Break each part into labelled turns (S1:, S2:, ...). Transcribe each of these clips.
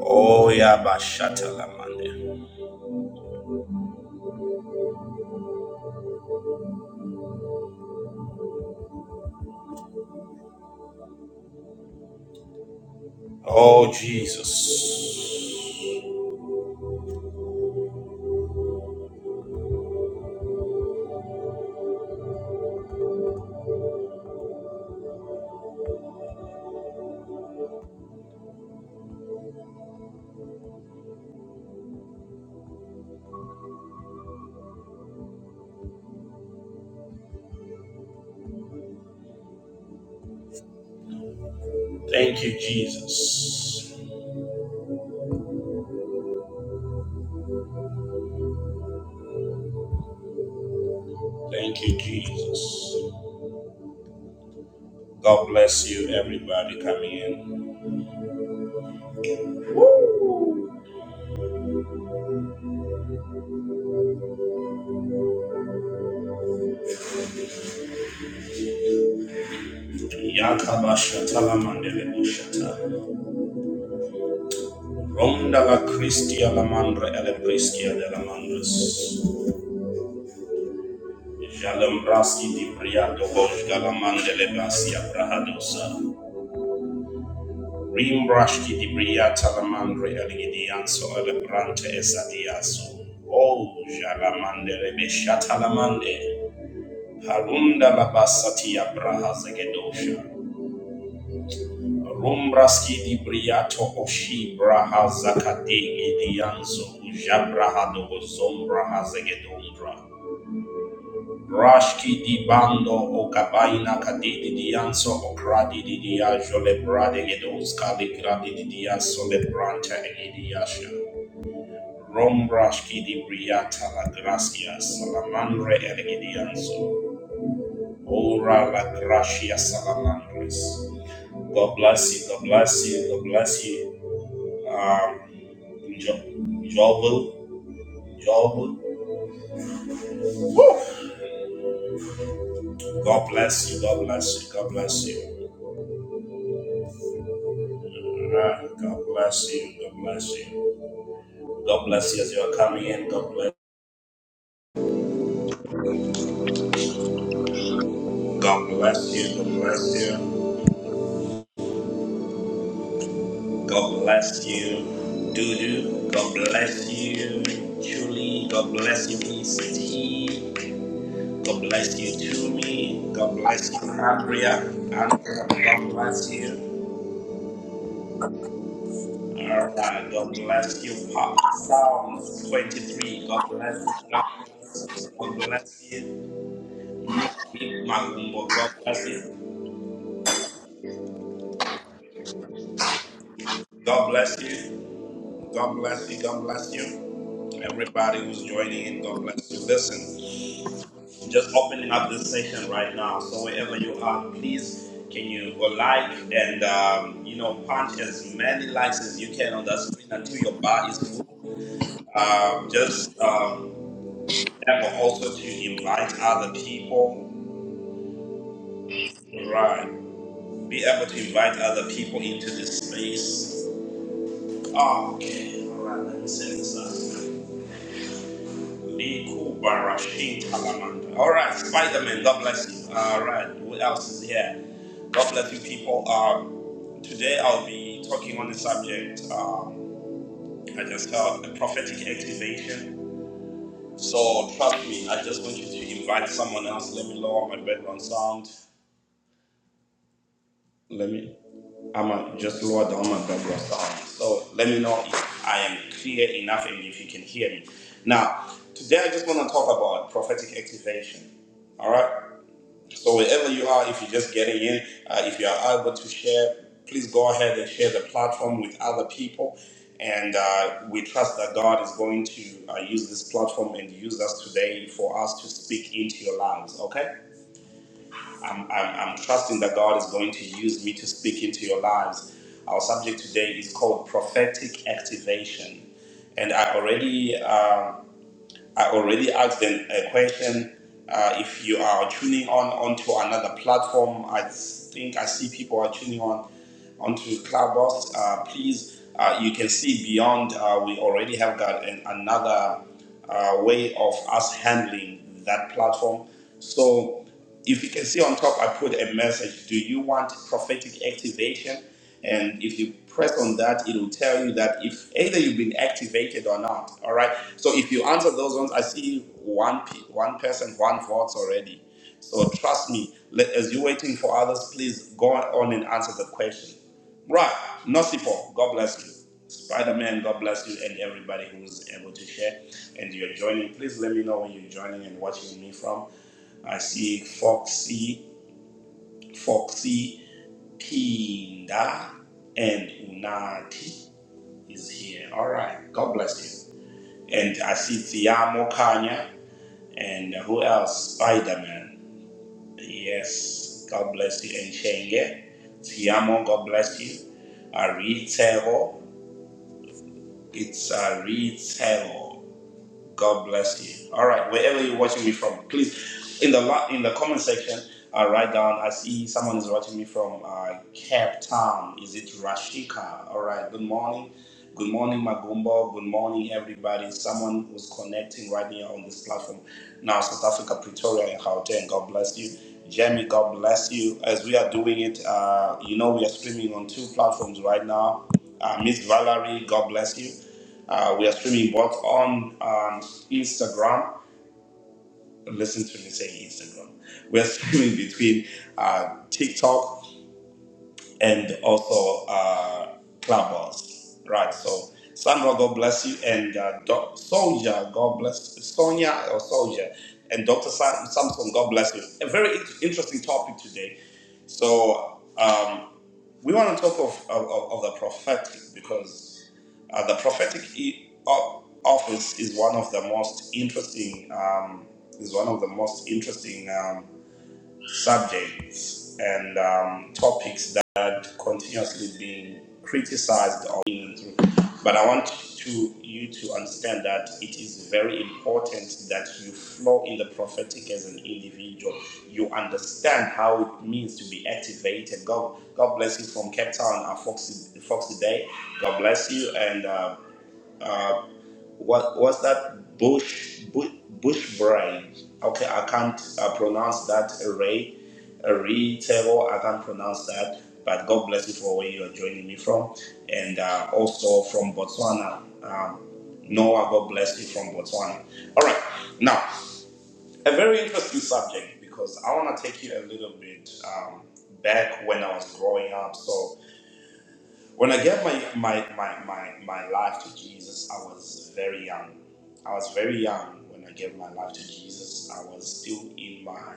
S1: Oh, Yabashatalamande. Oh, Jesus. Thank you, Jesus. Thank you, Jesus. God bless you, everybody coming in. Yakabashatalamande Lebushata. Ronda la Christia la Mandra ele Pristia de la Mandras. Jalambraski di Priado Bosgalamande Lebasia Prahadosa. Rimbrashki di Briata Lamandre Eligidianso Elebrante Esadiaso. O Jalamande Rebeshatalamande. Harunda Labasatia Braha Zegedosha. Rumbraski di Briato Oshi Braha Zakadegi Dianso. Jabraha Dogozom Braha Zegedondra. Rashki di bando o kabaina kadidi di anso o kradi di di ajo le brade ge dos kali kradi di di aso le branta e di asha. Rom rashki di briata la gracia salamandre e ge di anso. Ora la gracia salamandres. God bless you, God bless you, God bless you. Um, jo- Jovel, Jovel. God bless you, God bless you, God bless you. Alright, God bless you. God bless you. God bless you as you are coming in. God bless. God bless you. God bless you. God bless you. Dudu. God bless you. Julie. God bless you, Miss T. God bless you, Tumi. God bless you, Andrea. Andrea. God bless you. Alright, God bless you, Pop. Psalms 23. God bless you. God bless you. God bless you. Nick Nick Magumbo. God bless you. God bless you. God bless you. God bless you. Everybody who's joining in, God bless you. Listen, just opening up this session right now. So wherever you are, please can you go like and um, you know punch as many likes as you can on that screen until your bar is full. Um, just um, be able also to invite other people. Right. Be able to invite other people into this space. okay. All right. Let me set this up. Liku Barashin Kalamanda. All right, Spider Man, God bless you. All right, who else is here? God bless you, people. Um, today I'll be talking on the subject. Um, I just felt a prophetic activation. So trust me, I just want you to invite someone else. Let me lower my background sound. Let me I'm a, just lower down my background sound. So let me know if I am clear enough and if you can hear me. Now, today I just want to talk about prophetic activation. All right. So wherever you are, if you're just getting in, uh, if you are able to share, please go ahead and share the platform with other people. And uh, we trust that God is going to uh, use this platform and use us today for us to speak into your lives. Okay. I'm, I'm, I'm trusting that God is going to use me to speak into your lives. Our subject today is called prophetic activation, and I already uh, I already asked them a question. Uh, if you are tuning on onto another platform, I think I see people are tuning on onto Clubhouse. Uh, please, uh, you can see beyond. Uh, we already have got an, another uh, way of us handling that platform. So if you can see on top, I put a message. Do you want prophetic activation? And if you press on that, it will tell you that if either you've been activated or not. All right. So if you answer those ones, I see one pe- one person, one vote already. So trust me. Let, as you're waiting for others, please go on and answer the question. Right. Nosipo, God bless you. Spider Man, God bless you and everybody who's able to share and you're joining. Please let me know where you're joining and watching me from. I see Foxy, Foxy, Kinda, and Unati is here. All right. God bless you. And I see Tiamo Kanya, and who else? Spider Man. Yes. God bless you. And Shenge. Tiamo, God bless you. Aritero. It's Aritero. God bless you. All right, wherever you're watching me from, please in the lo- in the comment section, uh, write down. I see someone is watching me from uh, Cape Town. Is it Rashika? All right. Good morning. Good morning, Magumbo. Good morning, everybody. Someone who's connecting right here on this platform. Now, South Africa, Pretoria, and Gauteng. God bless you. Jamie, God bless you. As we are doing it, uh, you know, we are streaming on two platforms right now. Uh, Miss Valerie, God bless you. Uh, we are streaming both on um, Instagram. Listen to me say Instagram. We are streaming between uh, TikTok and also uh, Clubhouse. Right. So, Sandra, God bless you, and uh, Doc Soldier, God bless Sonia or Soldier, and Doctor Sam- Samson, God bless you. A very in- interesting topic today. So. Um, we want to talk of, of, of the prophetic because uh, the prophetic e- o- office is one of the most interesting um, is one of the most interesting um, subjects and um, topics that are continuously being criticized or being through. But I want to you to understand that it is very important that you flow in the prophetic as an individual. You understand how it means to be activated. God, God bless you from Cape Town, uh, Foxy, Foxy Day. God bless you and. Uh, uh, what what's that bush bush, bush brain okay i can't uh, pronounce that array array table i can't pronounce that but god bless you for where you're joining me from and uh, also from botswana um, noah god bless you from botswana all right now a very interesting subject because i want to take you a little bit um, back when i was growing up So. When I gave my, my, my, my, my life to Jesus, I was very young. I was very young when I gave my life to Jesus. I was still in my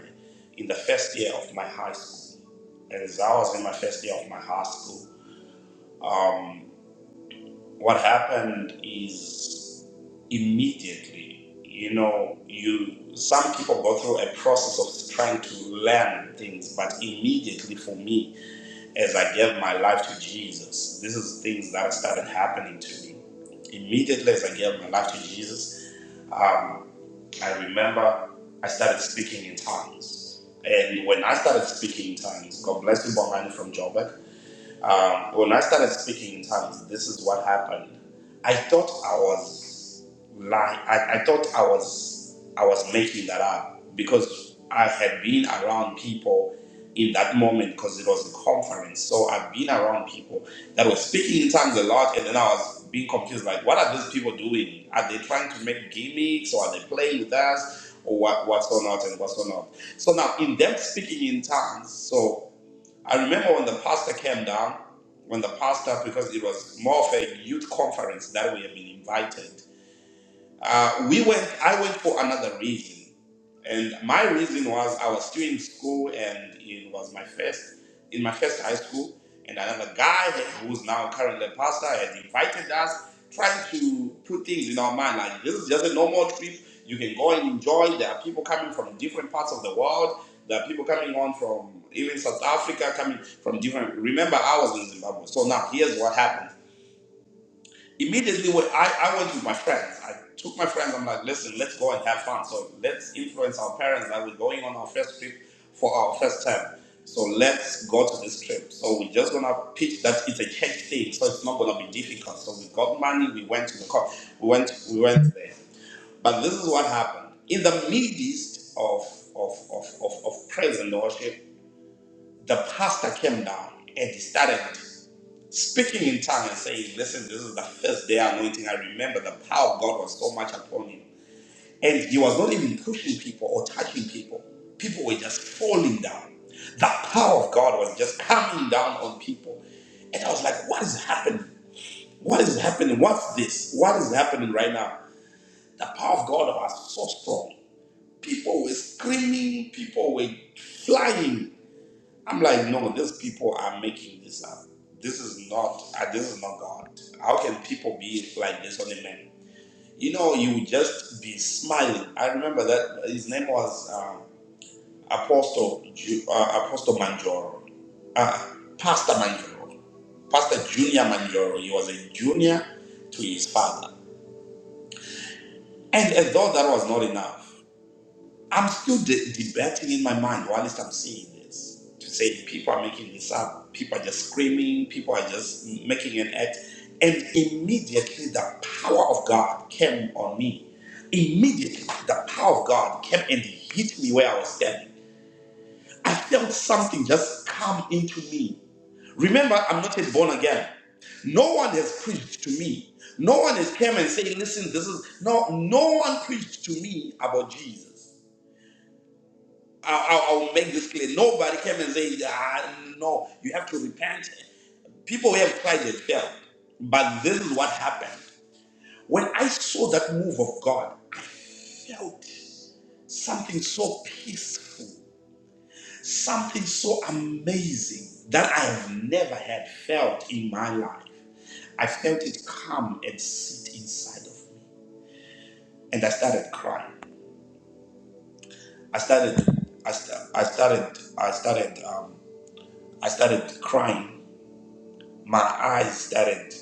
S1: in the first year of my high school. As I was in my first year of my high school, um, what happened is immediately, you know, you some people go through a process of trying to learn things, but immediately for me, as I gave my life to Jesus, this is things that started happening to me. Immediately as I gave my life to Jesus, um, I remember I started speaking in tongues. And when I started speaking in tongues, God bless you, Bongani from Joburg. Um, when I started speaking in tongues, this is what happened. I thought I was lying. I, I thought I was I was making that up because I had been around people in that moment because it was a conference. So I've been around people that were speaking in tongues a lot, and then I was being confused. Like, what are these people doing? Are they trying to make gimmicks, or are they playing with us, or what, what's going on and what's going on? So now, in them speaking in tongues, so I remember when the pastor came down, when the pastor, because it was more of a youth conference that we had been invited. Uh, we went. I went for another reason, and my reason was I was still in school, and it was my first in my first high school. And another guy who's now currently a pastor had invited us, trying to put things in our mind like this is just a normal trip. You can go and enjoy. There are people coming from different parts of the world. There are people coming on from even South Africa, coming from different. Remember, I was in Zimbabwe, so now here's what happened immediately when I, I went with my friends i took my friends i'm like listen let's go and have fun so let's influence our parents that we're going on our first trip for our first time so let's go to this trip so we're just gonna pitch that it's a church thing so it's not gonna be difficult so we got money we went to the car we went we went there but this is what happened in the midst of of of of, of praise and worship the pastor came down and he started speaking in tongues and saying, Listen, this is the first day anointing. I remember the power of God was so much upon him. And he was not even pushing people or touching people, people were just falling down. The power of God was just coming down on people. And I was like, What is happening? What is happening? What's this? What is happening right now? The power of God was so strong. People were screaming, people were flying. I'm like, no, these people are making this up. This is not. Uh, this is not God. How can people be like this on a man? You know, you would just be smiling. I remember that his name was um, Apostle Ju- uh, Apostle Manjoro, uh, Pastor Manjoro, Pastor Junior Manjoro. He was a junior to his father, and as though that was not enough. I'm still de- debating in my mind whilst I'm seeing this to say people are making this up, people are just screaming, people are just making an act. And immediately the power of God came on me. Immediately the power of God came and hit me where I was standing. I felt something just come into me. Remember, I'm not yet born again. No one has preached to me. No one has come and say, listen, this is no no one preached to me about Jesus. I, I, I will make this clear. Nobody came and said, ah, no, you have to repent. People have tried and failed. But this is what happened. When I saw that move of God, I felt something so peaceful, something so amazing that I have never had felt in my life. I felt it come and sit inside of me. And I started crying. I started, I, sta- I started, I started, um, I started crying my eyes started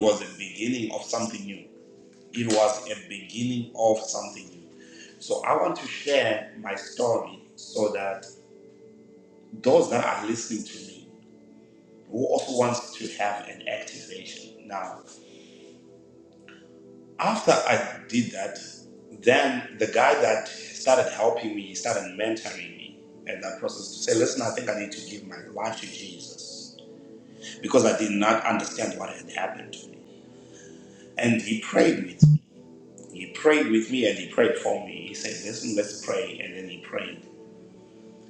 S1: was a beginning of something new. It was a beginning of something new. So I want to share my story so that those that are listening to me who also wants to have an activation. Now, after I did that, then the guy that started helping me, he started mentoring me and that process to say, listen, I think I need to give my life to Jesus because I did not understand what had happened to me. And he prayed with me He prayed with me and he prayed for me. He said, Listen, let's pray. And then he prayed.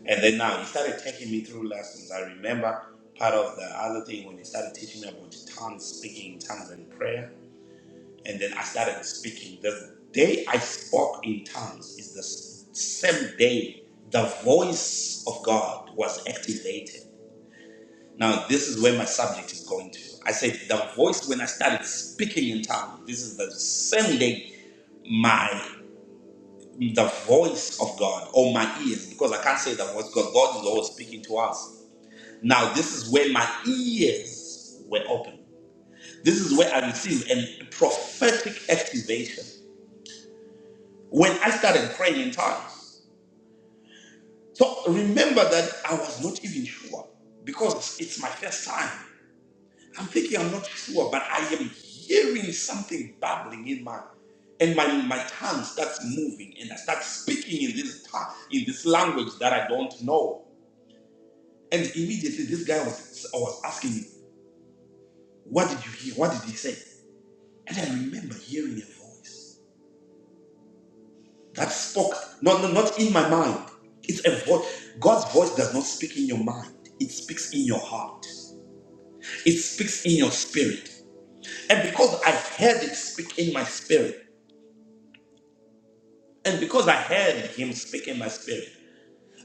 S1: And then now he started taking me through lessons. I remember part of the other thing when he started teaching me about tongues, speaking in tongues and prayer. And then I started speaking. The day I spoke in tongues is the s- same day the voice of God was activated. Now, this is where my subject is going to. I said, the voice when I started speaking in tongues, this is the same day my." the voice of God or my ears, because I can't say the voice because God is always speaking to us. Now, this is where my ears were open. This is where I received a prophetic activation when I started praying in tongues. So remember that I was not even sure because it's my first time. I'm thinking I'm not sure, but I am hearing something babbling in my and my, my tongue starts moving and I start speaking in this tongue, in this language that I don't know And immediately this guy was, was asking me, What did you hear? What did he say? And I remember hearing a voice that spoke, not, not, in my mind. It's a voice. God's voice does not speak in your mind, it speaks in your heart, it speaks in your spirit. And because I heard it speak in my spirit, and because I heard him speak in my spirit,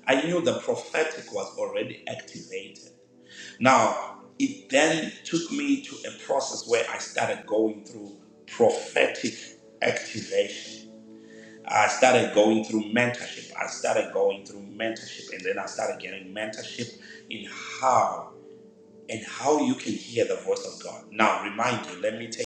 S1: I knew the prophetic was already activated. Now, it then took me to a process where I started going through prophetic activation. I started going through mentorship. I started going through mentorship, and then I started getting mentorship in how and how you can hear the voice of God. Now, remind you, let me take.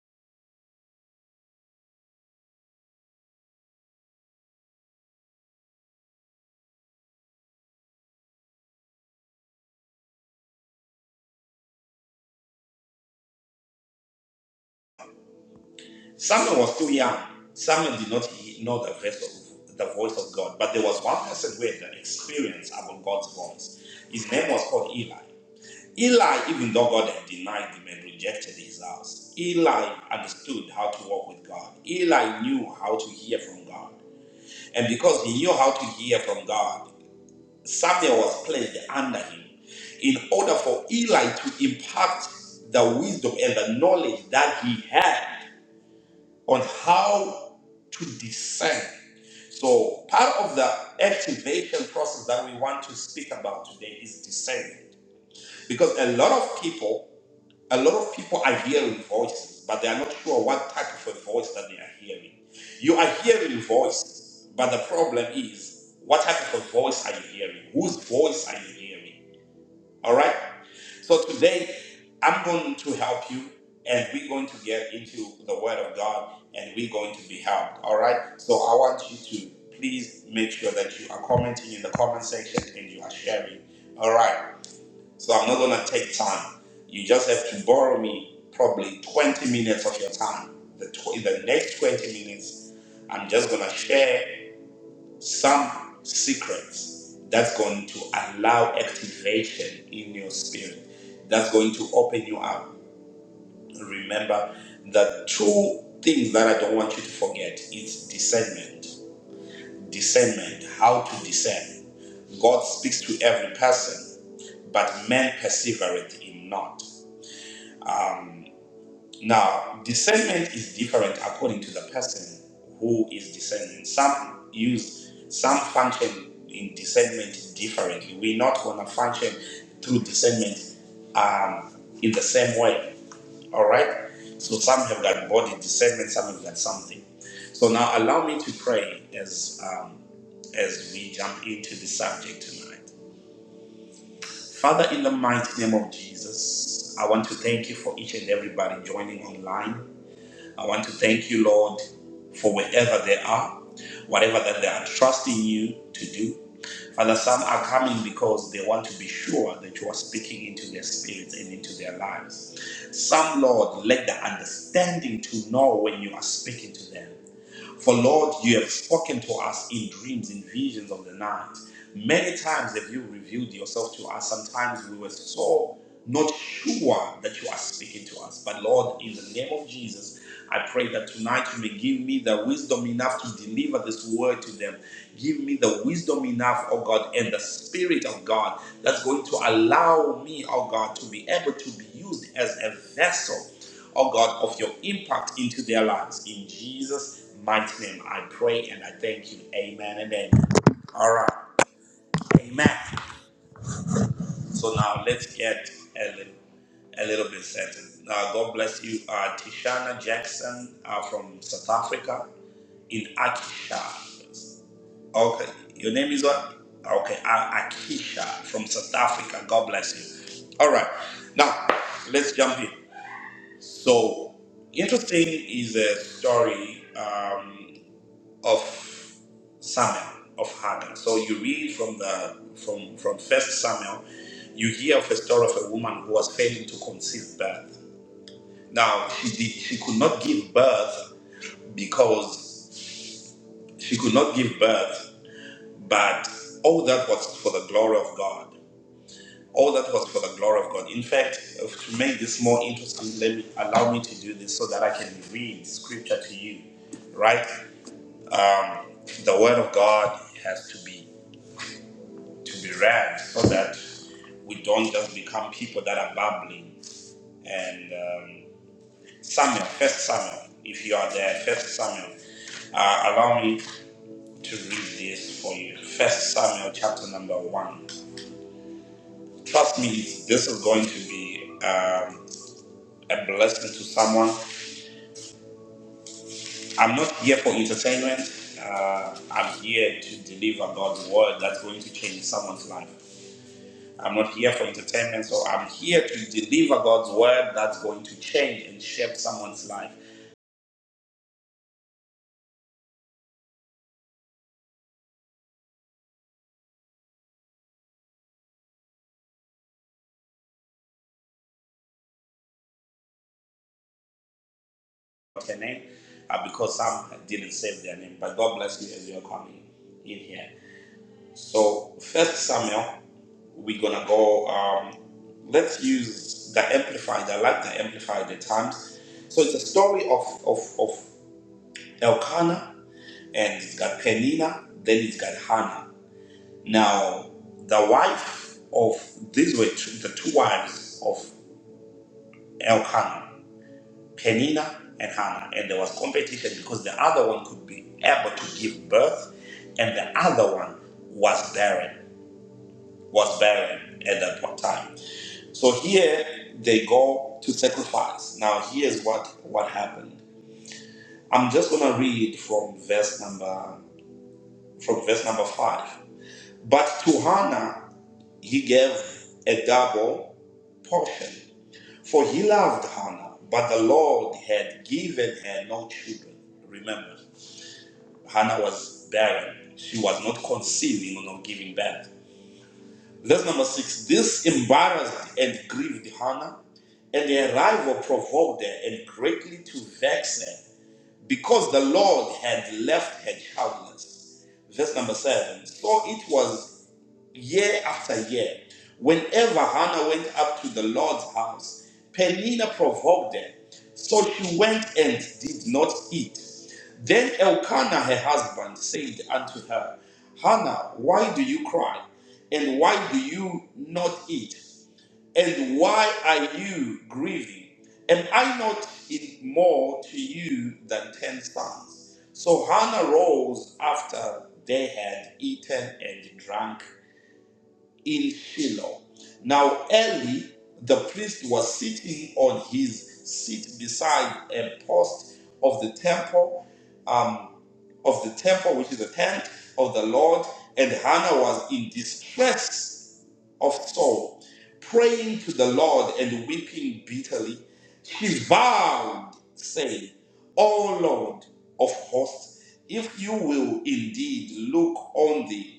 S1: Samuel was too young. Samuel did not he- know the voice of the voice of God, but there was one person who had the experience about God's voice. His name was called Eli. Eli, even though God had denied him and rejected his house, Eli understood how to walk with God. Eli knew how to hear from God. And because he knew how to hear from God, Samuel was placed under him in order for Eli to impart the wisdom and the knowledge that he had on how to discern. So, part of the activation process that we want to speak about today is discernment. Because a lot of people a lot of people are hearing voices, but they are not sure what type of a voice that they are hearing. You are hearing voices, but the problem is, what type of a voice are you hearing? Whose voice are you hearing? All right? So today, I'm going to help you, and we're going to get into the Word of God, and we're going to be helped. All right? So I want you to please make sure that you are commenting in the comment section and you are sharing. All right? So I'm not gonna take time. You just have to borrow me probably 20 minutes of your time. The, tw- the next 20 minutes, I'm just gonna share some secrets that's going to allow activation in your spirit. That's going to open you up. Remember, the two things that I don't want you to forget is discernment. Discernment, how to discern. God speaks to every person, but man persevereth in not. Now, discernment is different according to the person who is discerning. Some use, some function in discernment differently. We're not going to function through discernment um, in the same way. All right? So some have got body discernment, some have got something. So now allow me to pray as, um, as we jump into the subject tonight. Father, in the mighty name of Jesus, I want to thank you for each and everybody joining online. I want to thank you, Lord, for wherever they are, whatever that they are trusting you to do. Father, some are coming because they want to be sure that you are speaking into their spirits and into their lives. Some, Lord, let the understanding to know when you are speaking to them. For Lord, you have spoken to us in dreams, in visions of the night. Many times have you revealed yourself to us. Sometimes we were so not sure that you are speaking to us. But Lord, in the name of Jesus, I pray that tonight you may give me the wisdom enough to deliver this word to them. Give me the wisdom enough, oh God, and the Spirit of God that's going to allow me, oh God, to be able to be used as a vessel oh God, of your impact into their lives. In Jesus' mighty name, I pray and I thank you. Amen and amen. All right. Amen. So now let's get a little, a little bit settled. Uh, God bless you, uh, Tishana Jackson uh, from South Africa in Akisha. Okay, your name is what? Okay, A- Akisha from South Africa. God bless you. All right, now let's jump in. So, interesting is a story um, of Samuel of Hagar. So you read from the from from First Samuel, you hear of a story of a woman who was failing to conceive birth. Now she did she could not give birth because she could not give birth, but all that was for the glory of God. All that was for the glory of God. In fact, to make this more interesting, let me allow me to do this so that I can read scripture to you. Right? The word of God has to be to be read so that we don't just become people that are babbling. And um, Samuel, First Samuel, if you are there, First Samuel, uh, allow me to read this for you. First Samuel, chapter number one. Trust me, this is going to be um, a blessing to someone. I'm not here for entertainment. Uh, I'm here to deliver God's word that's going to change someone's life. I'm not here for entertainment, so I'm here to deliver God's word that's going to change and shape someone's life. What's her name? Uh, because some didn't save their name, but God bless you as you're coming in here. So, First Samuel, we're gonna go. Um, let's use the Amplified. I like the Amplified at times. So it's a story of of of Elkanah and it's got Penina, then it's got Hannah. Now, the wife of these were two, the two wives of Elkanah, Penina and Hannah, and there was competition because the other one could be able to give birth, and the other one was barren, was barren at that point time. So here they go to sacrifice. Now here's what what happened. I'm just gonna read from verse number from verse number five. But to Hannah He gave a double portion, for he loved Hannah, but the Lord had given her no children. Remember, Hannah was barren. She was not conceiving or not giving birth. Verse number six. This embarrassed and grieved Hannah, and her rival provoked her and greatly to vex her, because the Lord had left her childless. Verse number seven. So it was year after year. Whenever Hannah went up to the Lord's house, Penina provoked her. So she went and did not eat. Then Elkanah, her husband, said unto her, Hannah, why do you cry? And why do you not eat? And why are you grieving? Am I not in more to you than ten sons? So Hannah rose after they had eaten and drank in Shiloh. Now Eli the priest was sitting on his seat beside a post of the temple, um, of the temple which is the tent of the Lord, and Hannah was in distress of soul, praying to the Lord and weeping bitterly. She vowed, saying, "O Lord of hosts, if you will indeed look on thee."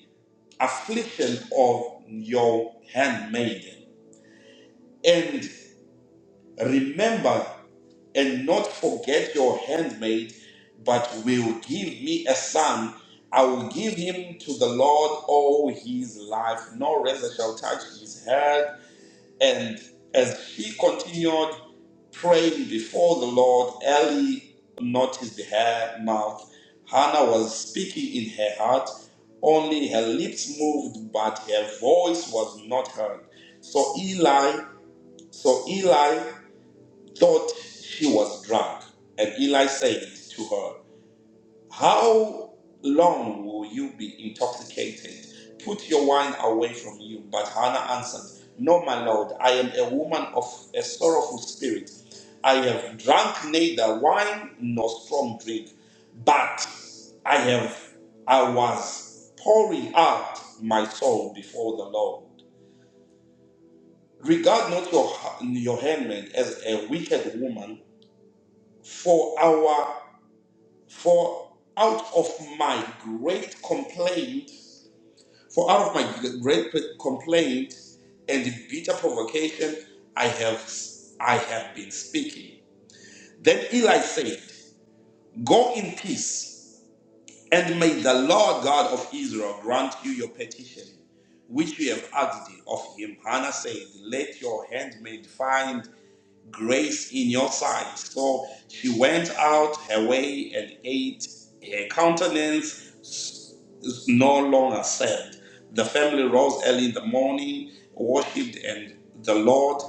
S1: affliction of your handmaiden. And remember and not forget your handmaid, but will give me a son. I will give him to the Lord all his life. No razor shall touch his head and as she continued praying before the Lord, Eli noticed her mouth. Hannah was speaking in her heart, only her lips moved, but her voice was not heard. So Eli, so Eli thought she was drunk, and Eli said to her, how long will you be intoxicated? Put your wine away from you. But Hannah answered, No, my lord, I am a woman of a sorrowful spirit. I have drunk neither wine nor strong drink, but I have I was pouring out my soul before the Lord. Regard not your your handmaid as a wicked woman, for our for out of my great complaint For out of my great complaint and bitter provocation, I have I have been speaking. Then Eli said, Go in peace, and may the Lord God of Israel grant you your petition, which you have asked of him. Hannah said, Let your handmaid find grace in your sight. So she went out her way and ate. Her countenance s- no longer sad. The family rose early in the morning, worshipped and the Lord,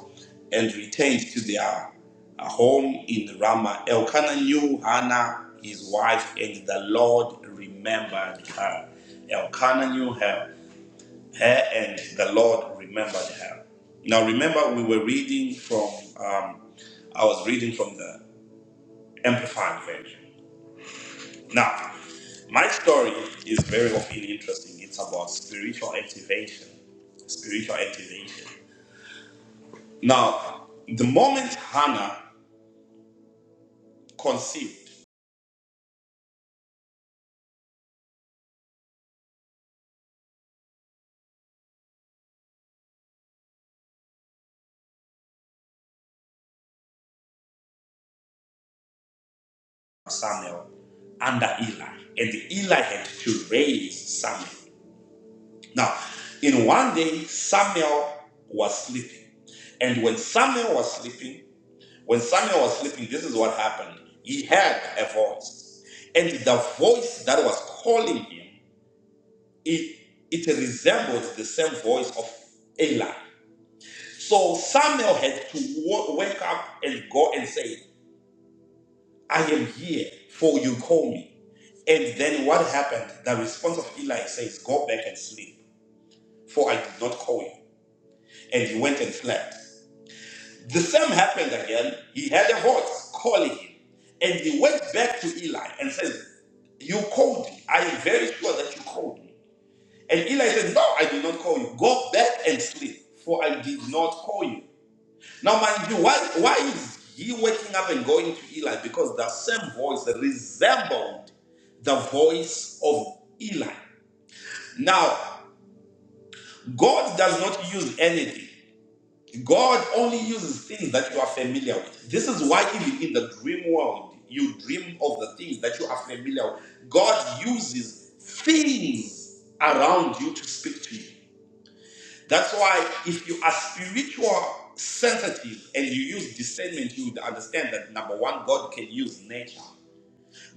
S1: and returned to their uh, home in Ramah. Elkanah knew Hannah, his wife, and the Lord remembered her. Elkanah knew her her and the Lord remembered her. Now, remember, we were reading from, um, I was reading from the Amplified Version. Now, my story is very often interesting. It's about spiritual activation. Spiritual activation. Now, the moment Hannah conceived Samuel under Eli, and Eli had to raise Samuel. Now, in one day, Samuel was sleeping. And when Samuel was sleeping, When Samuel was sleeping, this is what happened. He heard a voice. And the voice that was calling him, it, it resembled the same voice of Eli. So Samuel had to wa- wake up and go and say, I am here, for you call me. And then what happened? The response of Eli says, Go back and sleep, for I did not call you. And he went and slept. The same happened again. He had a voice calling him. And he went back to Eli and said, You called me. I am very sure that you called me. And Eli said, No, I did not call you. Go back and sleep, for I did not call you. Now, mind you, why, why is he waking up and going to Eli? Because the same voice resembled the voice of Eli. Now, God does not use anything. God only uses things that you are familiar with. This is why, even in the dream world, you dream of the things that you are familiar with. God uses things around you to speak to you. That's why, if you are spiritual sensitive and you use discernment, you would understand that number one, God can use nature,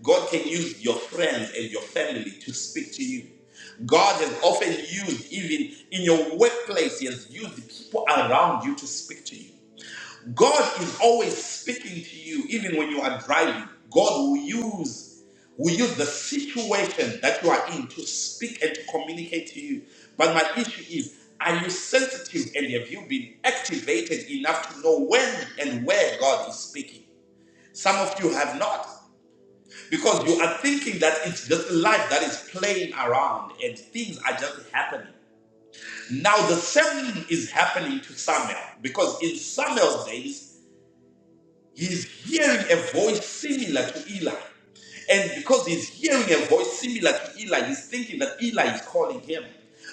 S1: God can use your friends and your family to speak to you. God has often used, even in your workplace, He has used the people around you to speak to you. God is always speaking to you, even when you are driving. God will use will use the situation that you are in to speak and to communicate to you. But my issue is, are you sensitive and have you been activated enough to know when and where God is speaking? Some of you have not. Because you are thinking that it's just life that is playing around and things are just happening. Now the same is happening to Samuel because in Samuel's days He's hearing a voice similar to Eli. And because he's hearing a voice similar to Eli, he's thinking that Eli is calling him.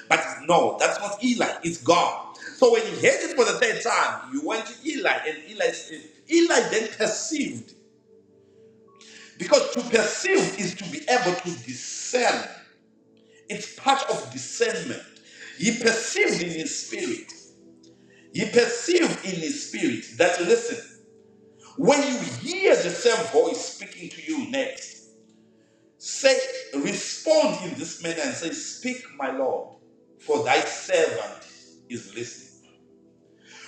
S1: But no, that's not Eli, it's God. So when he heard it for the third time, you went to Eli, and Eli, Eli then perceived. Because to perceive is to be able to discern, it's part of discernment. He perceived in his spirit, he perceived in his spirit that, listen, When you hear the same voice speaking to you next, say, respond in this manner and say, Speak, my Lord, for thy servant is listening.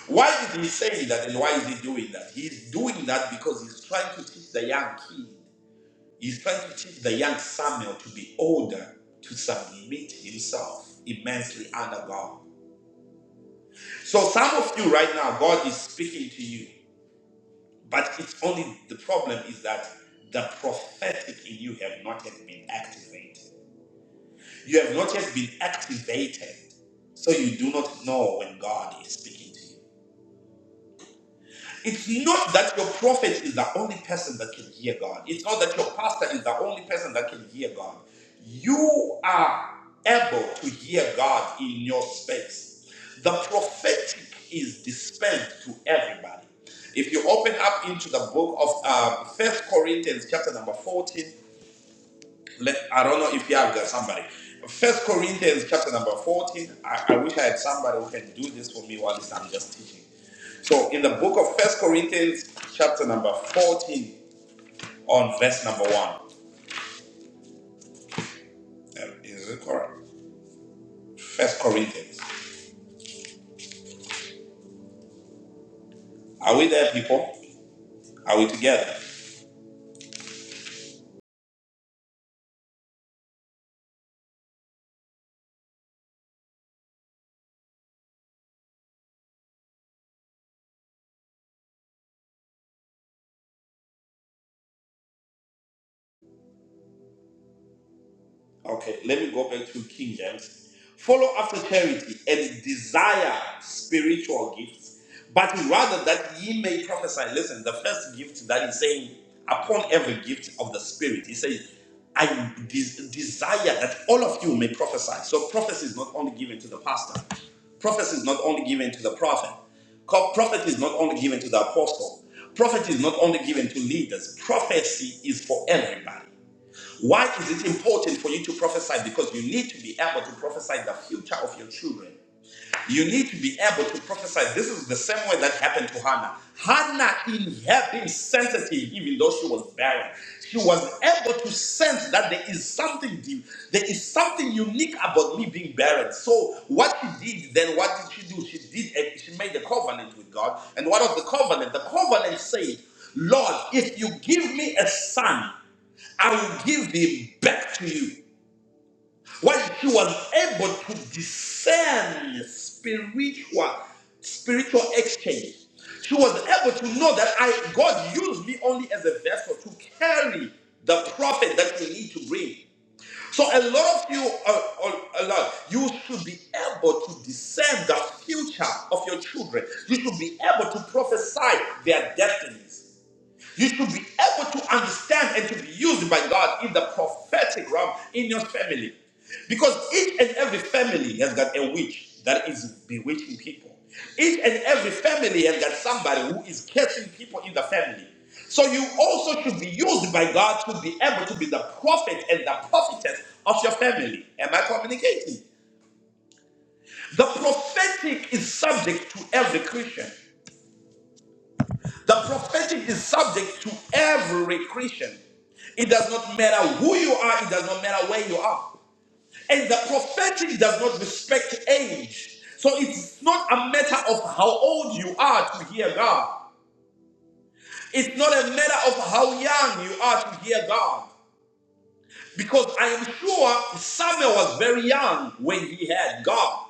S1: Why is he saying that and why is he doing that? He's doing that because he's trying to teach the young kid, he's trying to teach the young Samuel to be older, to submit himself immensely under God. So, some of you right now, God is speaking to you. But it's only the problem is that the prophetic in you have not yet been activated. You have not yet been activated, so you do not know when God is speaking to you. It's not that your prophet is the only person that can hear God. It's not that your pastor is the only person that can hear God. You are able to hear God in your space. The prophetic is dispensed to everybody. If you open up into the book of uh, First Corinthians, chapter number 14, let, I don't know if you have got somebody. First Corinthians chapter number 14. I, I wish I had somebody who can do this for me while I'm just teaching. So in the book of First Corinthians chapter number 14 on verse number 1. Um, Is it correct? First Corinthians. Are we there, people? Are we together? Okay, let me go back to King James. Follow after charity and desire spiritual gifts, but rather that ye may prophesy. Listen, the first gift that he's saying, upon every gift of the Spirit, he says, I de- desire that all of you may prophesy. So prophecy is not only given to the pastor, prophecy is not only given to the prophet, Co- prophet is not only given to the apostle, prophet is not only given to leaders, prophecy is for everybody. Why is it important for you to prophesy? Because you need to be able to prophesy the future of your children. You need to be able to prophesy. This is the same way that happened to Hannah. Hannah, in her being sensitive, even though she was barren, she was able to sense that there is something deep, there is something unique about me being barren. So, what she did then, what did she do? She did, a, she made a covenant with God. And what was the covenant? The covenant said, "Lord, if you give me a son." I will give him back to you. When she was able to discern spiritual, spiritual exchange, she was able to know that I God used me only as a vessel to carry the prophet that we need to bring. So a lot of you, are, are, a lot, you should be able to discern the future of your children. You should be able to prophesy their destinies. You should be able to understand and to be used by God in the prophetic realm in your family. Because each and every family has got a witch that is bewitching people. Each and every family has got somebody who is cursing people in the family. So you also should be used by God to be able to be the prophet and the prophetess of your family. Am I communicating? The prophetic is subject to every Christian. The prophetic is subject to every Christian. It does not matter who you are, it does not matter where you are. And the prophetic does not respect age. So it's not a matter of how old you are to hear God. It's not a matter of how young you are to hear God. Because I am sure Samuel was very young when he had God.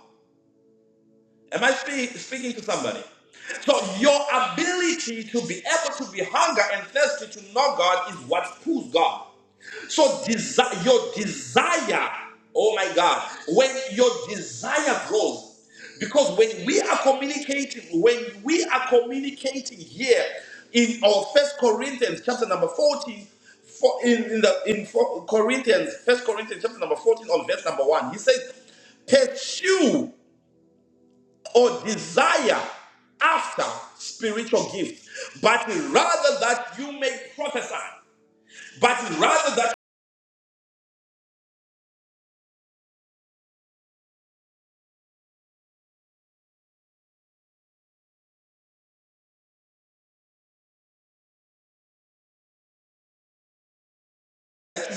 S1: Am I spe- speaking to somebody? So your ability to be able to be hunger and thirsty to know God is what pulls God. So desi- your desire, oh my God, when your desire grows, because when we are communicating, when we are communicating here in our First Corinthians chapter number fourteen, for in, in the in for Corinthians, First Corinthians chapter number fourteen, on verse number one, he says, "Pursue." or desire after spiritual gifts, but rather that you may prophesy, but rather that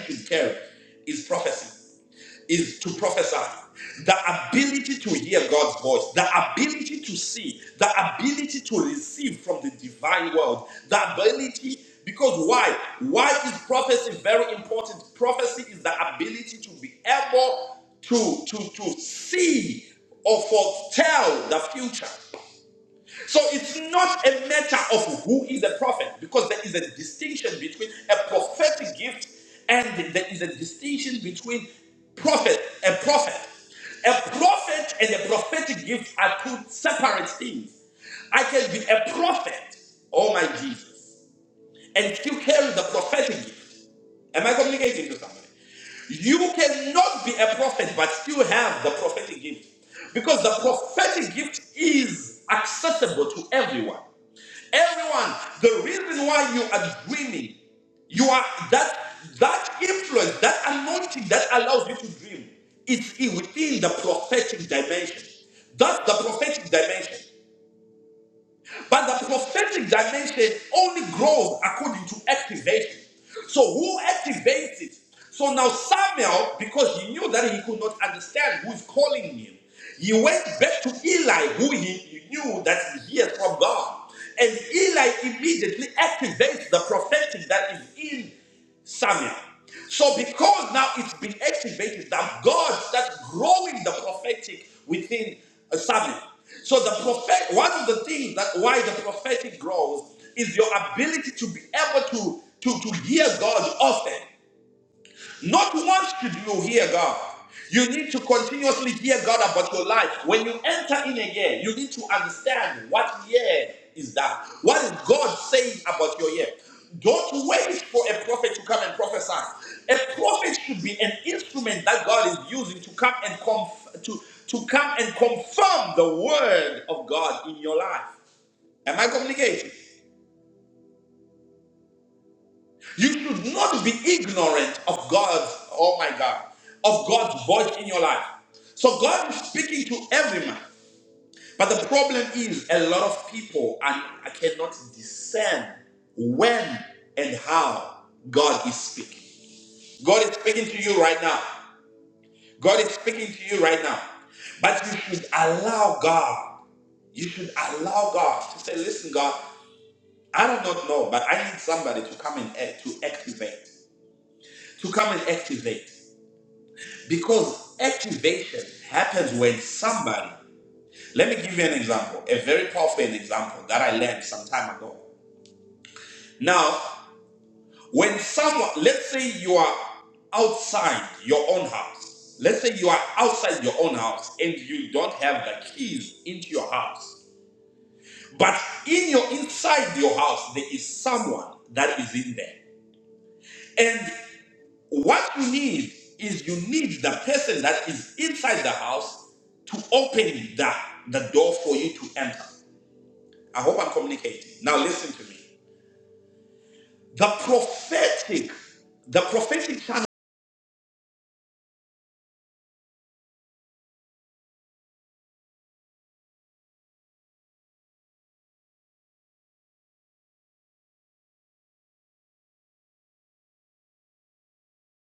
S1: you should care is prophecy. is to prophesy. The ability to hear God's voice, the ability to see, the ability to receive from the divine world, the ability because why? Why is prophecy very important? Prophecy is the ability to be able to to to see or foretell the future. So it's not a matter of who is a prophet because there is a distinction between a prophetic gift and there is a distinction between prophet and prophet. A prophet and a prophetic gift are two separate things. I can be a prophet, oh my Jesus, and still carry the prophetic gift. Am I communicating to somebody? You cannot be a prophet but still have the prophetic gift. Because the prophetic gift is accessible to everyone. Everyone, the reason why you are dreaming, you are that that influence, that anointing that allows you to dream, is i- within the prophetic dimension. That's the prophetic dimension. But the prophetic dimension only grows according to activation. So who activates it? So now Samuel, because he knew that he could not understand who is calling him, he went back to Eli, who he, he knew that he hears from God. And Eli immediately activates the prophetic that is in Samuel. So because now it's been activated that God starts growing the prophetic within uh, Samuel. So the prophet, one of the things that why the prophetic grows is your ability to be able to to, to hear God often. Not once should you hear God. You need to continuously hear God about your life. When you enter in a year, you need to understand what year is that. What is God saying about your year? Don't wait for a prophet to come and prophesy. A prophet should be an instrument that God is using to come and conf- to, to come and confirm the word of God in your life. Am I communicating? You should not be ignorant of God's. oh my God, of God's voice in your life. So God is speaking to every man. But the problem is a lot of people and I cannot discern when and how God is speaking. God is speaking to you right now. God is speaking to you right now. But you should allow God. You should allow God to say, listen, God, I do not know, but I need somebody to come and act, to activate. To come and activate. Because activation happens when somebody, let me give you an example, a very powerful example that I learned some time ago. Now, when someone, let's say you are outside your own house, let's say you are outside your own house and you don't have the keys into your house, but in your inside your house, there is someone that is in there. and. What you need is you need the person that is inside the house to open the, the door for you to enter. I hope I'm communicating. Now listen to me. The prophetic, the prophetic channel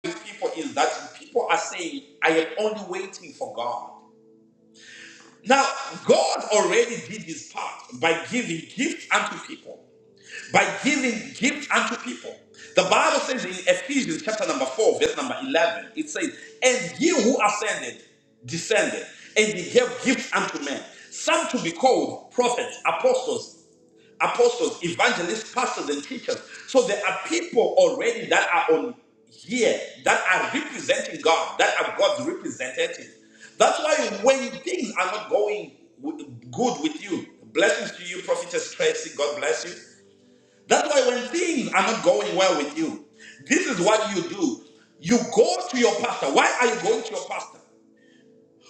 S1: with people is that people are saying, I am only waiting for God. Now, God already did his part by giving gifts unto people. by giving gifts unto people. The Bible says in Ephesians chapter number 4, verse number 11, it says, And ye who ascended, descended, and ye gave gifts unto men, some to be called prophets, apostles, apostles, evangelists, pastors, and teachers. So there are people already that are on here that are representing God, that are God's representatives. That's why when things are not going w- good with you, blessings to you, prophetess Tracy, God bless you. That's why when things are not going well with you, this is what you do. You go to your pastor. Why are you going to your pastor?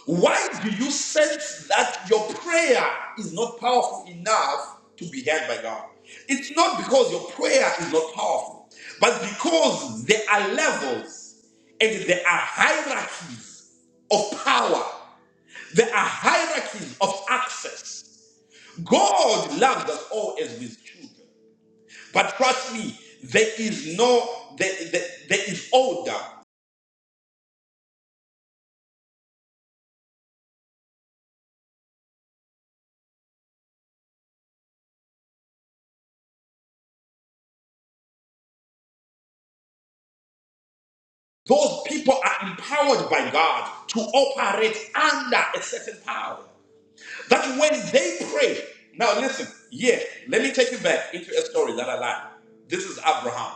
S1: Why do you sense that your prayer is not powerful enough to be heard by God? It's not because your prayer is not powerful, but because there are levels and there are hierarchies of power. There are hierarchies of access. God loves us all as his children. But trust me, there is no, there, there, there is order. Those people are empowered by God to operate under a certain power. That when they pray, now listen, yeah, let me take you back into a story that I like. This is Abraham.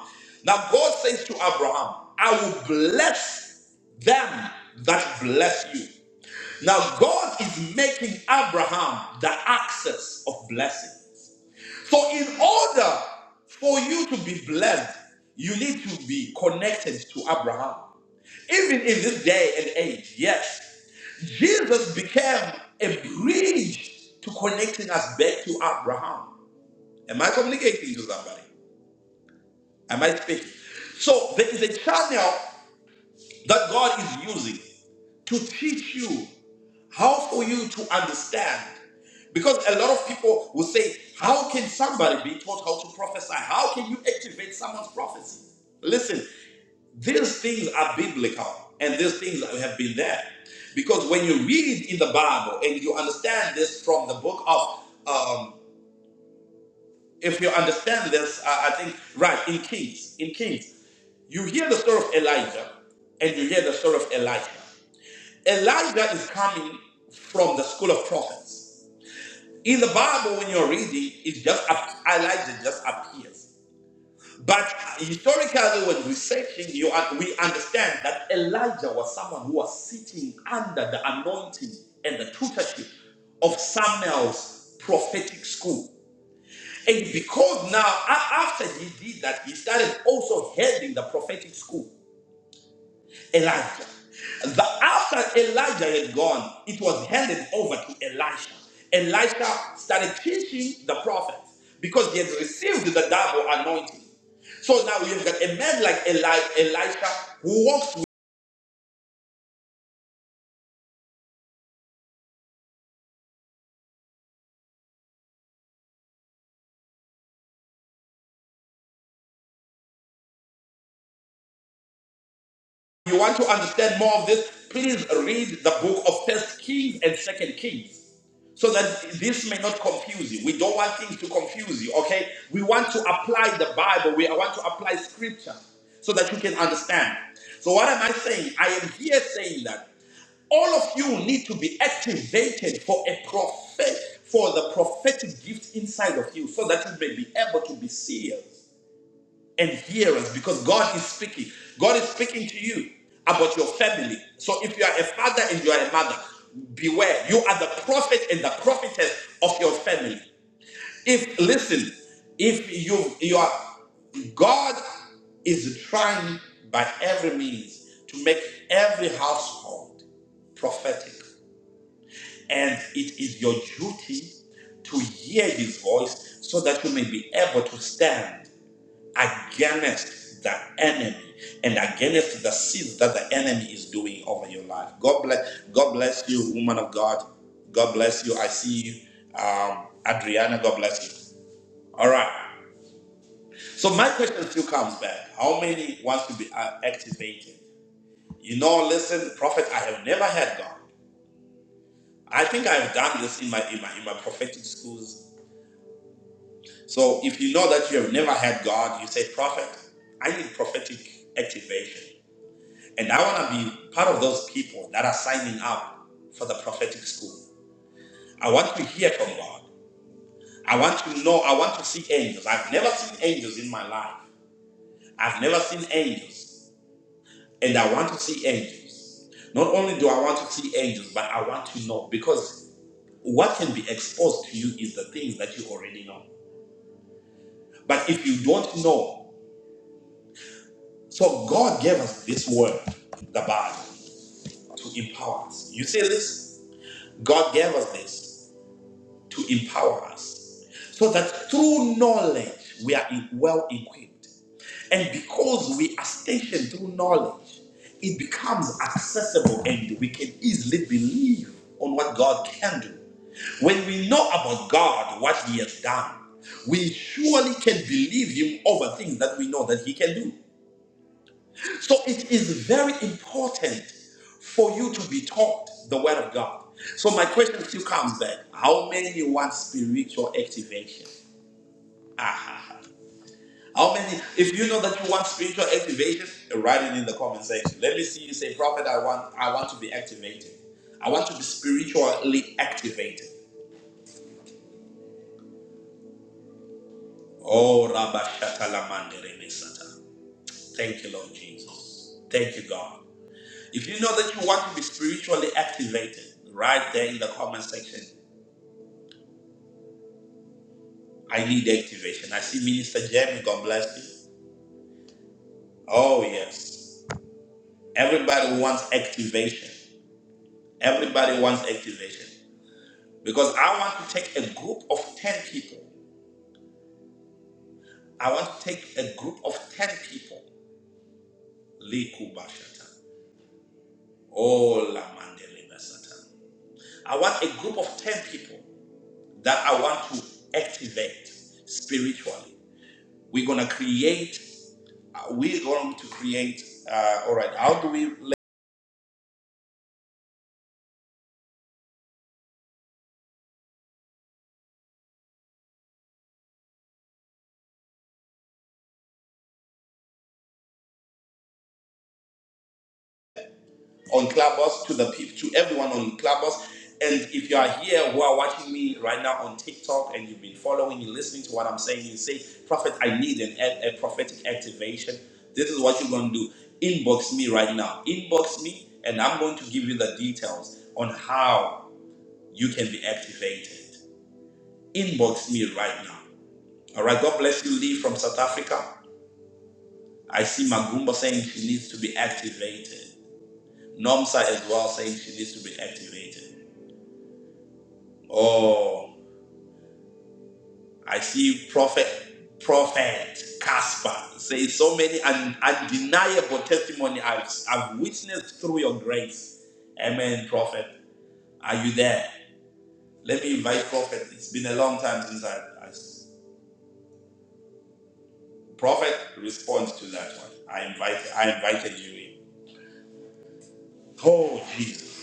S1: Now God says to Abraham, I will bless them that bless you. Now God is making Abraham the access of blessing. So, in order for you to be blessed, you need to be connected to Abraham. Even in this day and age, yes, Jesus became a bridge to connecting us back to Abraham. Am I communicating to somebody? Am I speaking? So, there is a channel that God is using to teach you how for you to understand. Because a lot of people will say, How can somebody be taught how to prophesy? How can you activate someone's prophecy? Listen, these things are biblical and these things have been there. Because when you read in the Bible and you understand this from the book of, um, if you understand this, uh, I think, right, in Kings, in Kings, you hear the story of Elijah and you hear the story of Elisha. Elijah is coming from the school of prophets. In the Bible, when you're reading, it just ap- Elijah just appears. But historically, when researching, you un- we understand that Elijah was someone who was sitting under the anointing and the tutorship of Samuel's prophetic school. And because now, a- after he did that, he started also heading the prophetic school. Elijah. The, after Elijah had gone, it was handed over to Elisha. Elisha started teaching the prophets because he had received the double anointing. So now you've got a man like Eli- Elisha who walks you want to understand more of this, please read the book of First Kings and Second Kings. So that this may not confuse you. We don't want things to confuse you, okay? We want to apply the Bible. We want to apply scripture so that you can understand. So, what am I saying? I am here saying that all of you need to be activated for a prophet, for the prophetic gift inside of you so that you may be able to be sealed and hear us because God is speaking. God is speaking to you about your family. So if you are a father and you are a mother, beware. You are the prophet and the prophetess of your family. If listen, if you you are God is trying by every means to make every household prophetic. And it is your duty to hear his voice so that you may be able to stand against the enemy and against the seeds that the enemy is doing over your life. God bless. God bless you, woman of God. God bless you. I see you, um, Adriana. God bless you. All right. So my question still comes back: How many wants to be uh, activated? You know, listen, prophet. I have never had God. I think I have done this in my in my in my prophetic schools. So if you know that you have never had God, you say, prophet, I need prophetic activation. And I want to be part of those people that are signing up for the prophetic school. I want to hear from God. I want to know, I want to see angels. I've never seen angels in my life. I've never seen angels. And I want to see angels. Not only do I want to see angels, but I want to know because what can be exposed to you is the things that you already know. But if you don't know, so God gave us this word, the Bible, to empower us. You see this? God gave us this. to empower us so that through knowledge we are e- well equipped. And because we are stationed through knowledge, it becomes accessible and we can easily believe on what God can do. When we know about God, what He has done, we surely can believe Him over things that we know that He can do. So it is very important for you to be taught the Word of God. So my question still comes then: How many want spiritual activation? Aha. How many? If you know that you want spiritual activation, write it in the comment section. Let me see you say, Prophet, I want, I want to be activated. I want to be spiritually activated. Oh, Rabba Shatala Mandere Mesata. Thank you, Lord Jesus. Thank you, God. If you know that you want to be spiritually activated, right there in the comment section, I need activation. I see Minister Jamie, God bless you. Oh, yes. Everybody wants activation. Everybody wants activation. Because I want to take a group of 10 people. I want to take a group of 10 people. Liku Bashata. Oh, La Basata. I want a group of 10 people that I want to activate spiritually. We're going to create we're going to create uh, all right how do we let on clubhouse to the people to everyone on clubhouse and if you are here who are watching me right now on tiktok and you've been following and listening to what i'm saying you say prophet i need an, a, a prophetic activation this is what you're going to do inbox me right now inbox me and i'm going to give you the details on how you can be activated inbox me right now all right god bless you lee from south africa I see Magumba saying she needs to be activated. Nomsa as well saying she needs to be activated. Oh, I see Prophet Prophet Casper say so many un- undeniable testimony I've, I've witnessed through your grace. Amen, Prophet. Are you there? Let me invite Prophet. It's been a long time since I, I Prophet responds to that one. I invite I invited you in. Oh Jesus.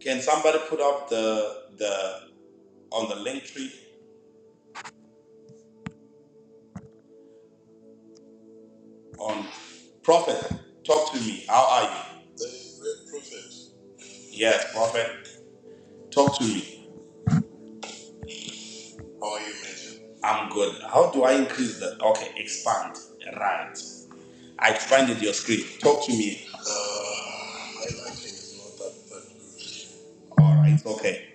S1: Can somebody put up the the on the link tree on Prophet, talk to me. How are you? Yes, Prophet, talk to me. How are you, Major? I'm good. How do I increase the okay, expand. Right. I expanded your screen. Talk to me. Uh, my lighting is not that, that good. Alright, okay.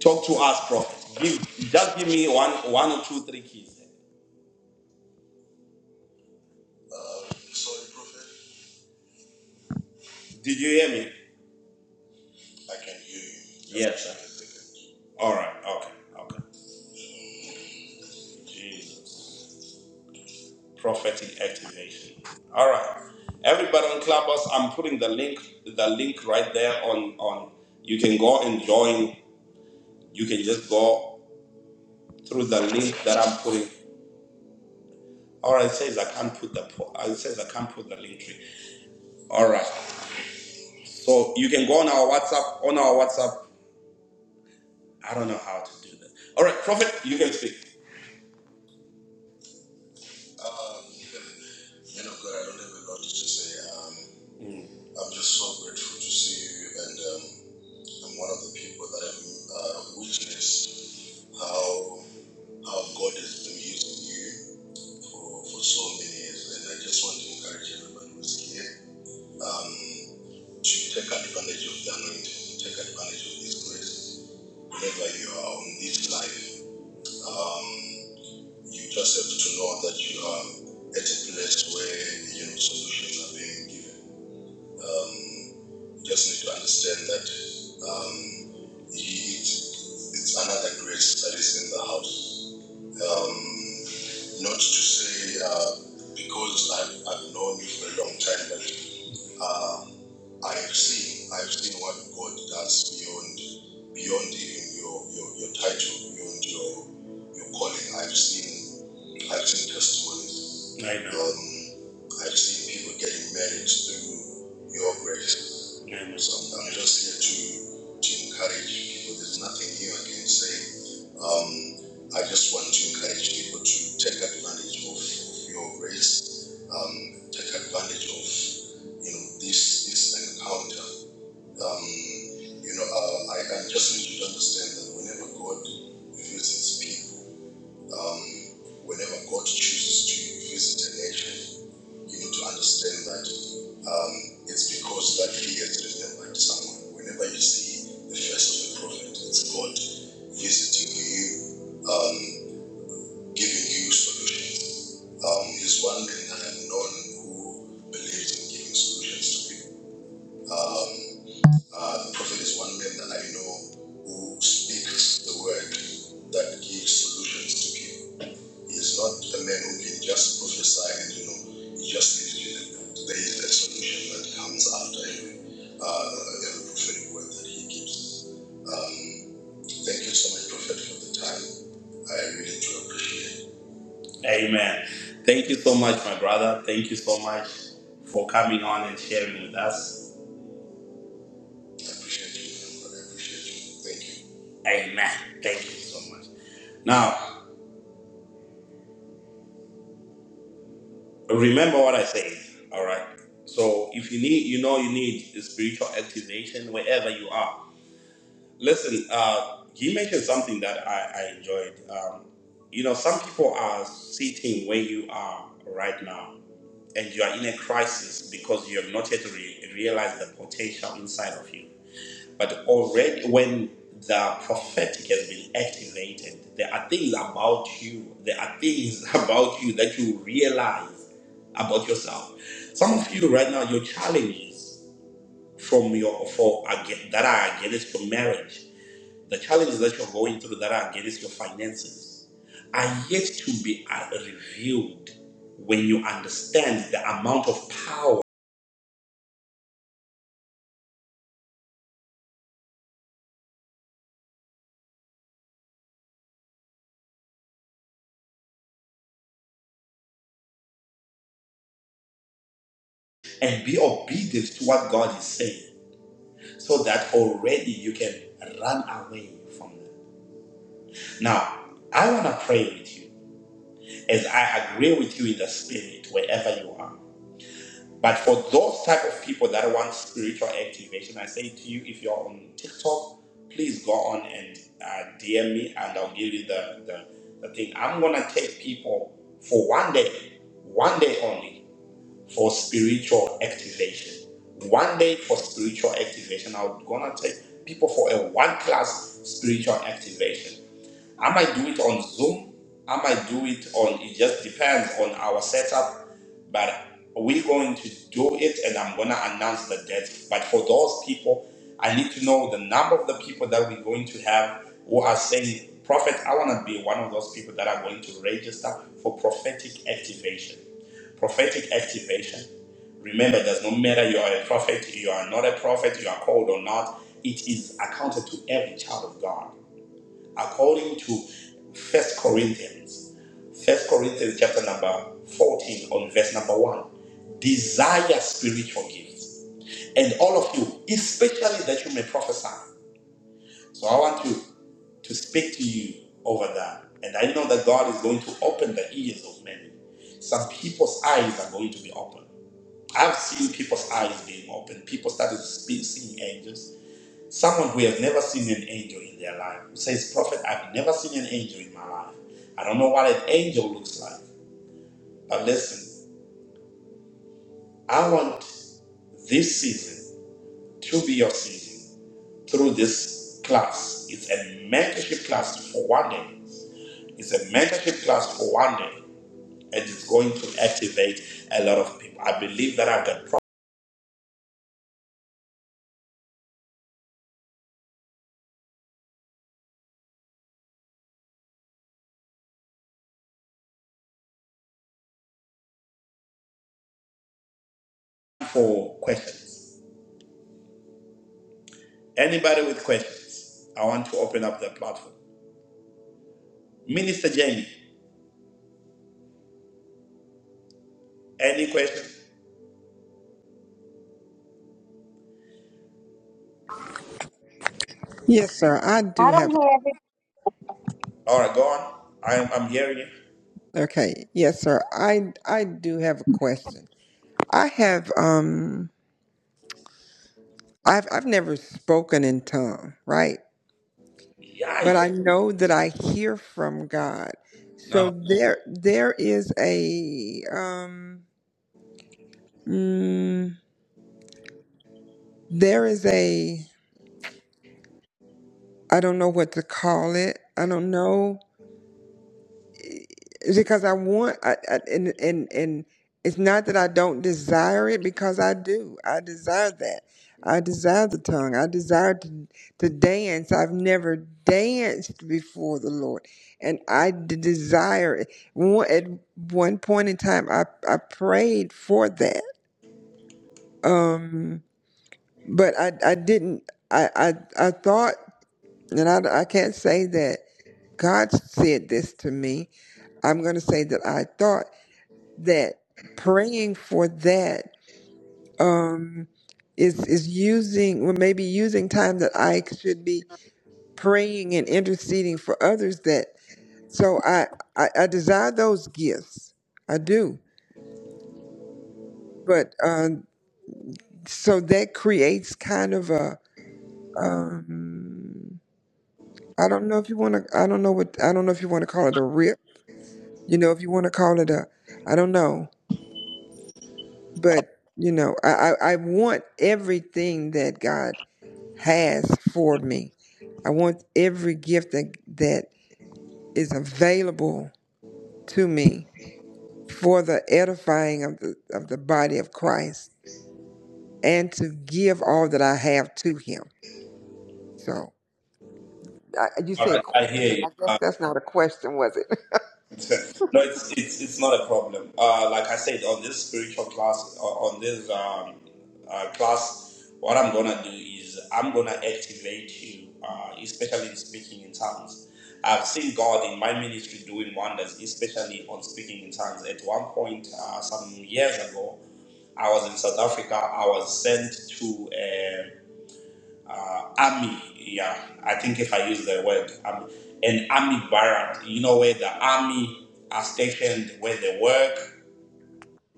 S1: Talk to us, Prophet. Give just give me one one or two, three keys. Uh, sorry, Prophet. Did you hear me? I can hear you. Yes, sir. Alright, okay, okay. Jesus. prophetic activation. All right, everybody on Clubhouse, I'm putting the link, the link right there on on. You can go and join. You can just go through the link that I'm putting. All right, it says I can't put the po- uh, it says I can't put the link tree. All right, so you can go on our WhatsApp. On our WhatsApp, I don't know how to do that. All right, Prophet, you can speak. Um, you know, God, I don't have a lot to say. Um, Mm. I'm just so grateful to see you, I'm one of the people that have uh, witnessed how how God has been using you for, for so many years, and I just want to encourage everybody who's here um, to take advantage of the anointing, take advantage of His grace. Whenever you are on this life, um, you just have to know that you are at a place where you know solutions are being given. Um, just need to understand that um, he, it's, it's another grace that is in the house. Um, not to say uh, because I've, I've known you for a long time, but uh, I've seen I've seen what God does beyond beyond even your your, your title, beyond your your calling. I've seen. I've seen testimonies. I know. Um, I've seen people getting married through your grace. Amen. So I'm just here to, to encourage people. There's nothing new I can say. Um, I just want to encourage people to take advantage of, of your grace. Um, take advantage of you know this this encounter. Um, you know, uh, I, I just need you to understand that whenever God visits people um, whenever God chooses to visit a nation, you need to understand that um, it's because that he has remembered someone. Whenever you see the face of the prophet, it's God visiting you, um, giving you solutions. Um, he's one man that I've known who believes in giving solutions to people. Um, uh, the prophet is one man that I know who speaks the word that gives solutions to people. It's not a man who can just prophesy and you know he just gives you the, the, the solution that comes after every uh, every prophetic word that he gives. Um, thank you so much, Prophet, for the time. I really do appreciate it. Amen. Thank you so much, my brother. Thank you so much for coming on and sharing with us. I appreciate you. man. I appreciate you. Thank you. Amen. Thank you so much. Now. remember what I said. All right. So if you need, you know, you need a spiritual activation wherever you are. Listen, uh, he mentioned something that I, I enjoyed. Um, you know, some people are sitting where you are right now, and you are in a crisis because you have not yet re- realized the potential inside of you. But already, when the prophetic has been activated, there are things about you, there are things about you that you realize about yourself. Some of you right now, your challenges from your for ag- that are against your marriage, the challenges that you're going through that are against your finances, are yet to be uh, revealed when you understand the amount of power and be obedient to what God is saying. so that already you can run away from them. Now, I want to pray with you as I agree with you in the spirit wherever you are. But for those type of people that want spiritual activation, I say to you, if you're on TikTok, please go on and uh, DM me, and I'll give you the, the the thing. I'm gonna take people for one day, one day only for spiritual activation. One day for spiritual activation. I'm gonna take people for a one class spiritual activation. I might do it on Zoom. I might do it on, it just depends on our setup. But we're going to do it and I'm going to announce the date. But for those people, I need to know the number of the people that we're going to have who are saying, Prophet, I want to be one of those people that are going to register for prophetic activation. Prophetic activation. Remember, it does not matter you are a prophet, you are not a prophet, you are called or not. It is accounted to every child of God according to First Corinthians, First Corinthians chapter number 14 on verse number 1. Desire spiritual gifts. And all of you, especially that you may prophesy. So I want to to speak to you over that. And I know that God is going to open the ears of many. Some people's eyes are going to be opened. I've seen people's eyes being opened. People started spe- seeing angels Someone who have never seen an angel in their life who says, Prophet, I've never seen an angel in my life. I don't know what an angel looks like. But listen, I want this season to be your season through this class. It's a mentorship class for one day. It's a mentorship class for one day. And it's going to activate a lot of people. I believe that I've got time for questions. Anybody with questions, I want to open up the platform. Minister Jamie, any questions?
S2: Yes, sir. I do
S3: I don't
S2: have.
S3: have
S1: All right, go on. I'm I'm hearing you.
S2: Okay. Yes, sir. I I do have a question. I have um I've I've never spoken in tongue, right?
S1: Yeah.
S2: But I know that I hear from God. So
S1: No.
S2: there there is a um mm, there is a I don't know what to call it. I don't know. because I want, I, I, and and and it's not that I don't desire it because I do. I desire that. I desire the tongue. I desire to to dance. I've never danced before the Lord, and I d- desire it. One, at one point in time, I I prayed for that, um, but I I didn't. I I, I thought, and I I can't say that God said this to me. I'm going to say that I thought that praying for that um is is using or maybe using time that I should be praying and interceding for others that so I I, I desire those gifts I do but um so that creates kind of a um I don't know if you want to I don't know what I don't know if you want to call it a rip you know if you want to call it a I don't know but you know I I, I want everything that God has for me. I want every gift that, that is available to me for the edifying of the, of the body of Christ and to give all that I have to Him. So I, you
S1: All right.
S2: said
S1: I hear
S2: question.
S1: you.
S2: I guess that's not a question, was it?
S1: No, it's it's it's not a problem. Uh, like I said, on this spiritual class, o- on this um, uh, class, what I'm gonna do is I'm gonna activate you, uh, especially in speaking in tongues. I've seen God in my ministry doing wonders, especially on speaking in tongues. At one point, uh, some years ago, I was in South Africa. I was sent to. um, uh, army. Yeah, I think if I use the word army, an army barrack, you know, where the army are stationed, where they work.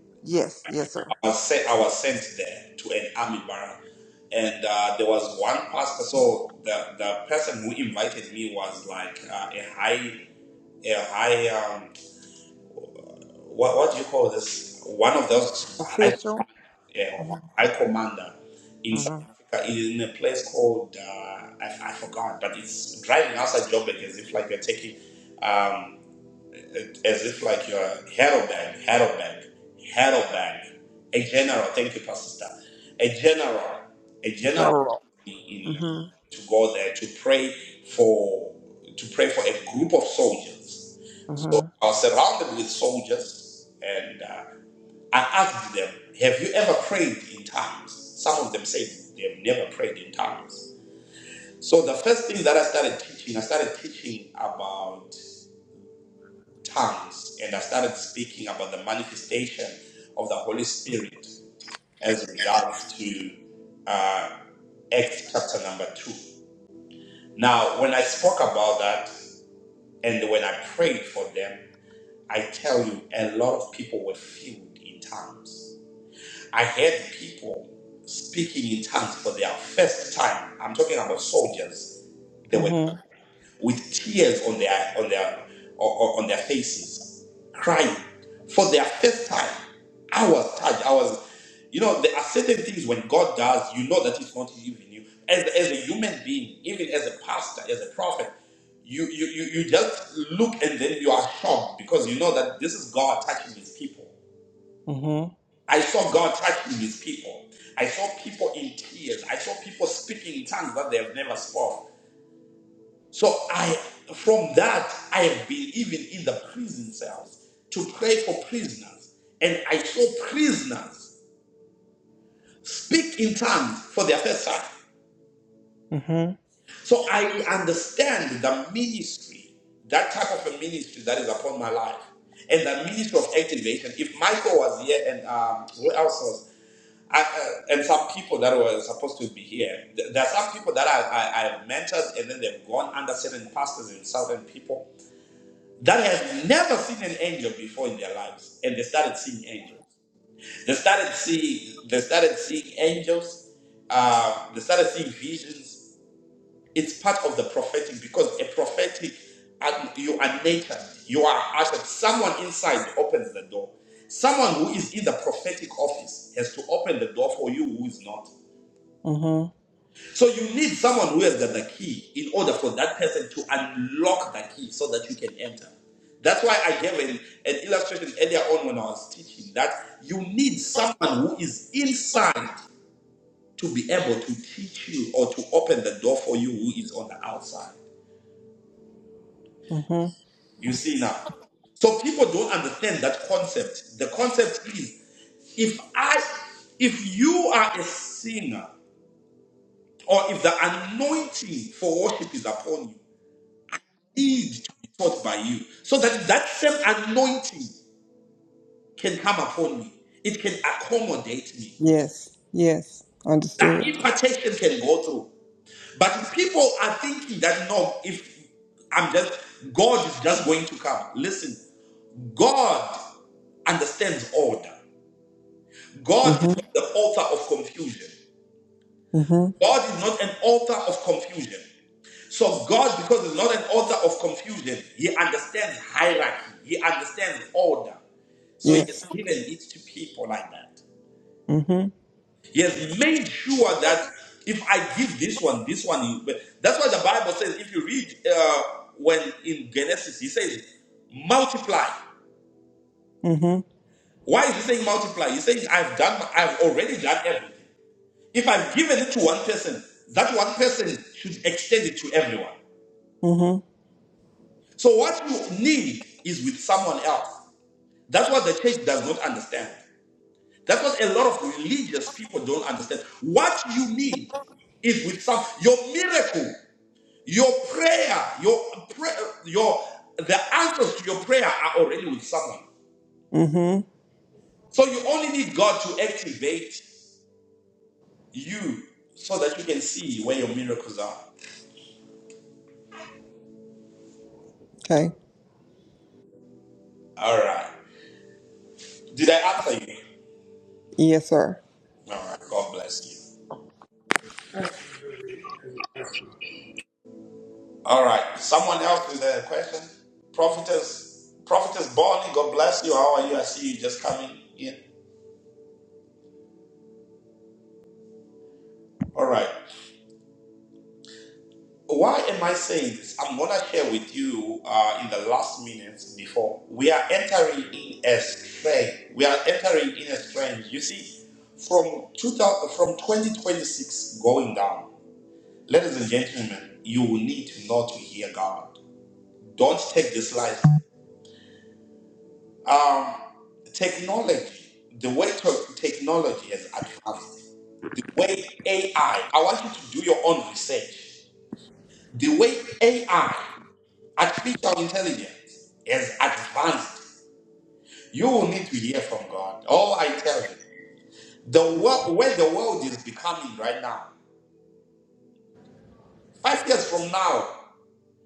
S2: yes, yes, sir.
S1: I was sent, I was sent there to an army barrack, and uh, there was one pastor. So the the person who invited me was like uh, a high, a high. Um, what what do you call this? One of those. high.
S2: Official,
S1: yeah,
S2: hmm
S1: or High Commander in South
S2: hmm
S1: Africa in a place called uh, I, I forgot, but it's driving outside Joburg as if like you're taking um, as if like you're Heidelberg, Heidelberg, Heidelberg, a general. Thank you, Pastor. Star. A general, a general
S2: general.
S1: in
S2: hmm
S1: to go there to pray for to pray for a group of soldiers. So
S2: hmm
S1: I was surrounded with soldiers, and. uh, I asked them, Have you ever prayed in tongues? Some of them said they have never prayed in tongues. So the first thing that I started teaching, I started teaching about tongues and I started speaking about the manifestation of the Holy Spirit as regards to uh, Acts chapter number two. Now, when I spoke about that and when I prayed for them, I tell you, a lot of people were filled in tongues I heard people speaking in tongues for their first time. I'm talking about soldiers. They were
S2: hmm
S1: with tears on their on their on, on their faces, crying for their first time. I was touched. I was, you know, there are certain things when God does, you know that it's not even you. As as a human being, even as a pastor, as a prophet, you you you, you just look and then you are shocked because you know that this is God touching His people.
S2: hmm
S1: I saw God touching his people. I saw people in tears. I saw people speaking in tongues that they have never spoken. So I, from that, I have been even in the prison cells to pray for prisoners. And I saw prisoners speak in tongues for their first time.
S2: hmm
S1: So I understand the ministry, that type of a ministry that is upon my life. And the ministry of activation. If Michael was here and um, who else was I, uh, and some people that were supposed to be here. Th- There are some people that I, I, I've mentored and then they've gone under certain pastors and certain people that have never seen an angel before in their lives. And they started seeing angels. They started seeing, they started seeing angels. Uh, they started seeing visions. It's part of the prophetic because a prophetic, uh, you are naked. You are ushered. Someone inside opens the door. Someone who is in the prophetic office has to open the door for you who is not. So you need someone who has got the key in order for that person to unlock the key so that you can enter. That's why I gave an, an illustration earlier on when I was teaching that you need someone who is inside to be able to teach you or to open the door for you who is on the outside.
S2: hmm
S1: You see now. So people don't understand that concept. The concept is if I if you are a singer or if the anointing for worship is upon you, need to be taught by you so that that same anointing can come upon me. It can accommodate me.
S2: Yes, yes,
S1: That
S2: understood.
S1: impartation can go through. But people are thinking that no, if I'm just, God is just going to come. Listen, God understands order. God is
S2: hmm
S1: not the author of confusion.
S2: hmm
S1: God is not an author of confusion. So God, because he's not an author of confusion, he understands hierarchy, he understands order. So he has
S2: Yes.
S1: given it to people like that.
S2: Mm-hmm.
S1: He has made sure that if I give this one, this one, you- but that's why the Bible says, if you read uh, when in Genesis, he says, multiply.
S2: Mm-hmm.
S1: Why is he saying multiply? He's saying, I've done, I've already done everything. If I've given it to one person, that one person should extend it to everyone.
S2: Mm-hmm.
S1: So what you need is with someone else. That's what the church does not understand. That's what a lot of religious people don't understand. What you need is with some your miracle, your prayer, your prayer, your the answers to your prayer are already with someone.
S2: Mm-hmm.
S1: So you only need God to activate you so that you can see where your miracles are.
S2: Okay.
S1: All right. Did I answer you?
S2: Yes, sir.
S1: All right. God bless you. All right. Someone else with a question? Prophetess, Prophetess Bonnie, God bless you. How are you? I see you just coming in. All right. Why am I saying this? I'm going to share with you uh, in the last minutes before we are entering in a strange. We are entering in a strange. You see, from 2000, from 2026 going down, ladies and gentlemen, you will need to know to hear God. Don't take this life. Um, technology, the way to- technology has advanced, the way AI. I I want you to do your own research. The way AI. Artificial intelligence is advanced. You will need to hear from God. Oh, I tell you, the
S2: It's
S1: world where the world is becoming right now. Five years from now,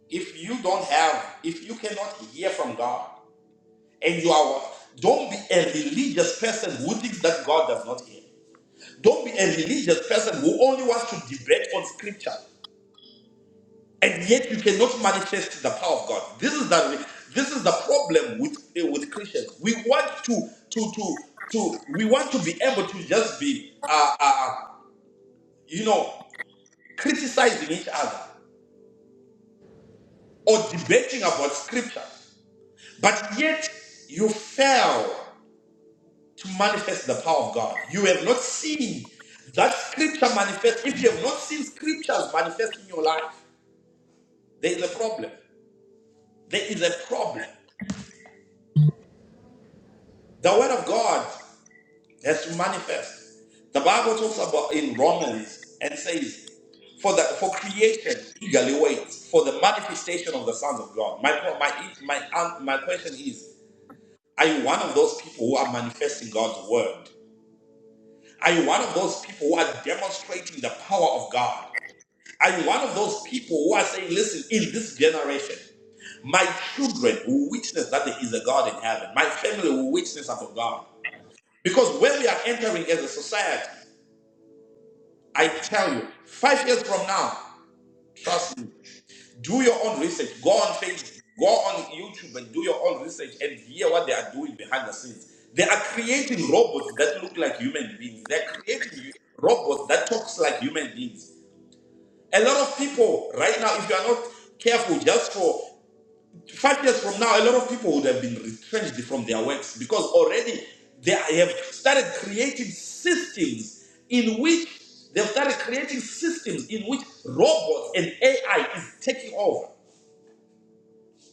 S1: if you don't have, if you cannot hear from God, and you are, don't be a religious person who thinks that God does not hear. Don't be a religious person who only wants to debate on scripture. and yet you cannot manifest the power of God. This is the this is the problem with eh, with Christians. We want to to to to we want to be able to just be uh, uh you know criticizing each other or debating about scripture, but yet you fail to manifest the power of God. You have not seen that scripture manifest. If you have not seen scriptures manifest in your life, there is a problem. There is a problem. The word of God. Has to manifest. The Bible talks about in Romans and says, for the for creation eagerly waits for the manifestation of the sons of God. My pro- my my an- my question is: Are you one of those people who are manifesting God's word? Are you one of those people who are demonstrating the power of God? Are you one of those people who are saying, "Listen, in this generation, my children will witness that there is a God in heaven. My family will witness of God." Because when we are entering as a society. I tell you, five years from now, trust me, do your own research. Go on Facebook, go on YouTube and do your own research and hear what they are doing behind the scenes. They are creating robots that look like human beings. They're creating hu- robots that talks like human beings. A lot of people right now, if you are not careful, just for Five years from now, a lot of people would have been retrenched from their works because already they have started creating systems in which they've started creating systems in which robots and AI is taking over.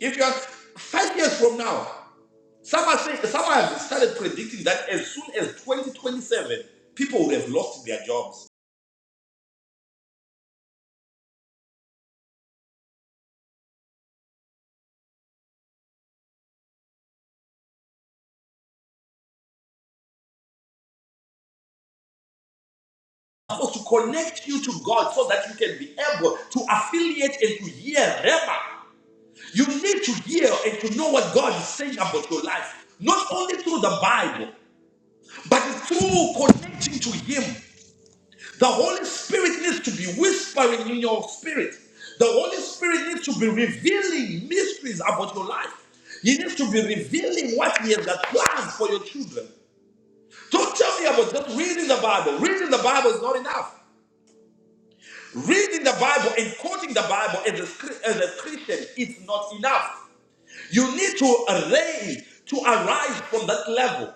S1: If you are five years from now, some are saying, some have started predicting that as soon as 2027, people would have lost their jobs. So to connect you to God so that you can be able to affiliate and to hear Rema You need to hear and to know what God is saying about your life, not only through the Bible, but through connecting to Him. The Holy Spirit needs to be whispering in your spirit. The Holy Spirit needs to be revealing mysteries about your life. He needs to be revealing what He has got planned for your children. Don't tell me about just reading the Bible. Reading the Bible is not enough. Reading the Bible and quoting the Bible as a, as a Christian is not enough. You need to raise, to arise from that level.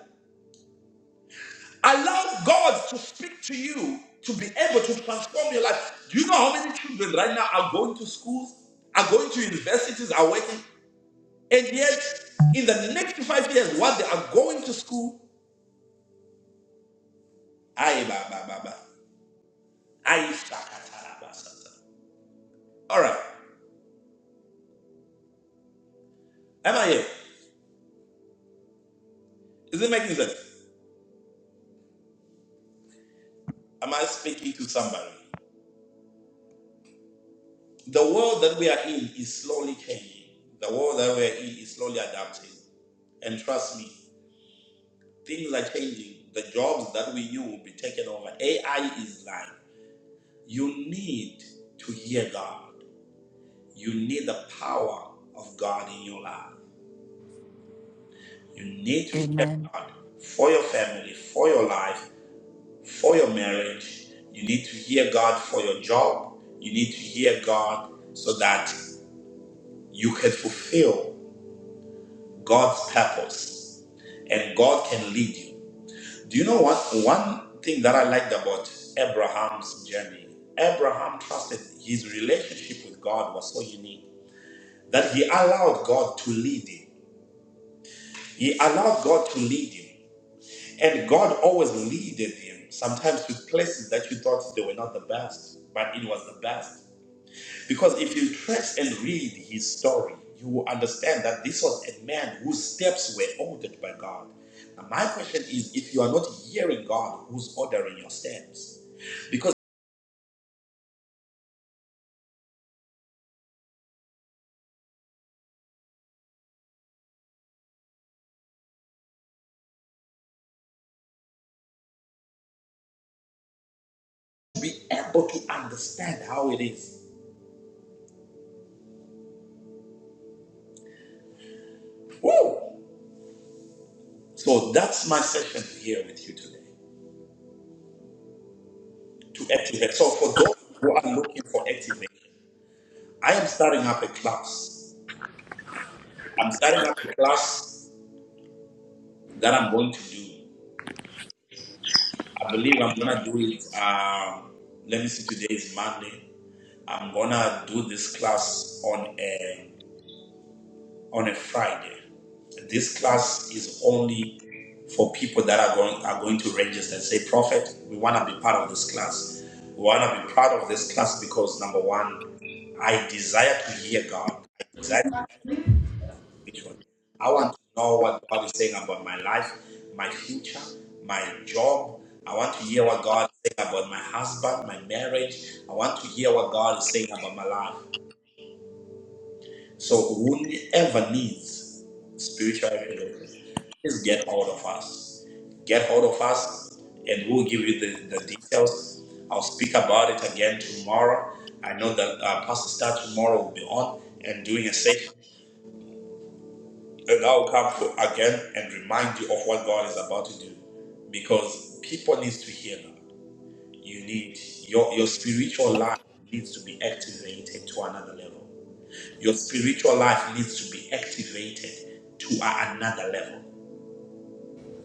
S1: Allow God to speak to you to be able to transform your life. Do you know how many children right now are going to schools, are going to universities, are working? And yet, in the next five years, what they are going to school, aye, ba, ba, ba, ba. Aye, shakata, ba, sa, All right. Am I here? Is it making sense? Am I speaking to somebody? The world that we are in is slowly changing. The world that we are in is slowly adapting. And trust me, things are changing. The jobs that we knew will be taken over. AI is life. You need to hear God. You need the power of God in your life. You need to hear
S4: Amen.
S1: for your family, for your life, for your marriage. You need to hear God for your job. You need to hear God so that you can fulfill God's purpose and God can lead you. Do you know what? One thing that I liked about Abraham's journey, Abraham trusted his relationship with God was so unique that he allowed God to lead him. He allowed God to lead him. And God always leaded him, sometimes to places that you thought they were not the best, but it was the best. Because if you trace and read his story, you will understand that this was a man whose steps were ordered by God. Now, my question is if you are not hearing God, who's ordering your steps? because be able to understand how it is. Woo! So that's my session here with you today to activate. So for those who are looking for activate, I am starting up a class. I'm starting up a class that I'm going to do. I believe I'm gonna do it. Um, let me see. Today is Monday. I'm gonna do this class on a on a Friday. This class is only for people that are going are going to register and say, Prophet, we want to be part of this class. We want to be part of this class because number one, I desire to hear God. I desire to be spiritual. I want to know what God is saying about my life, my future, my job. I want to hear what God is saying about my husband, my marriage. I want to hear what God is saying about my life. So whoever needs spiritual revelation, please get hold of us. Get hold of us and we'll give you the, the details. I'll speak about it again tomorrow. I know that uh, Pastor Star tomorrow will be on and doing a session. And I'll come for, again and remind you of what God is about to do. Because people need to hear that. You need your your spiritual life needs to be activated to another level your spiritual life needs to be activated to another level.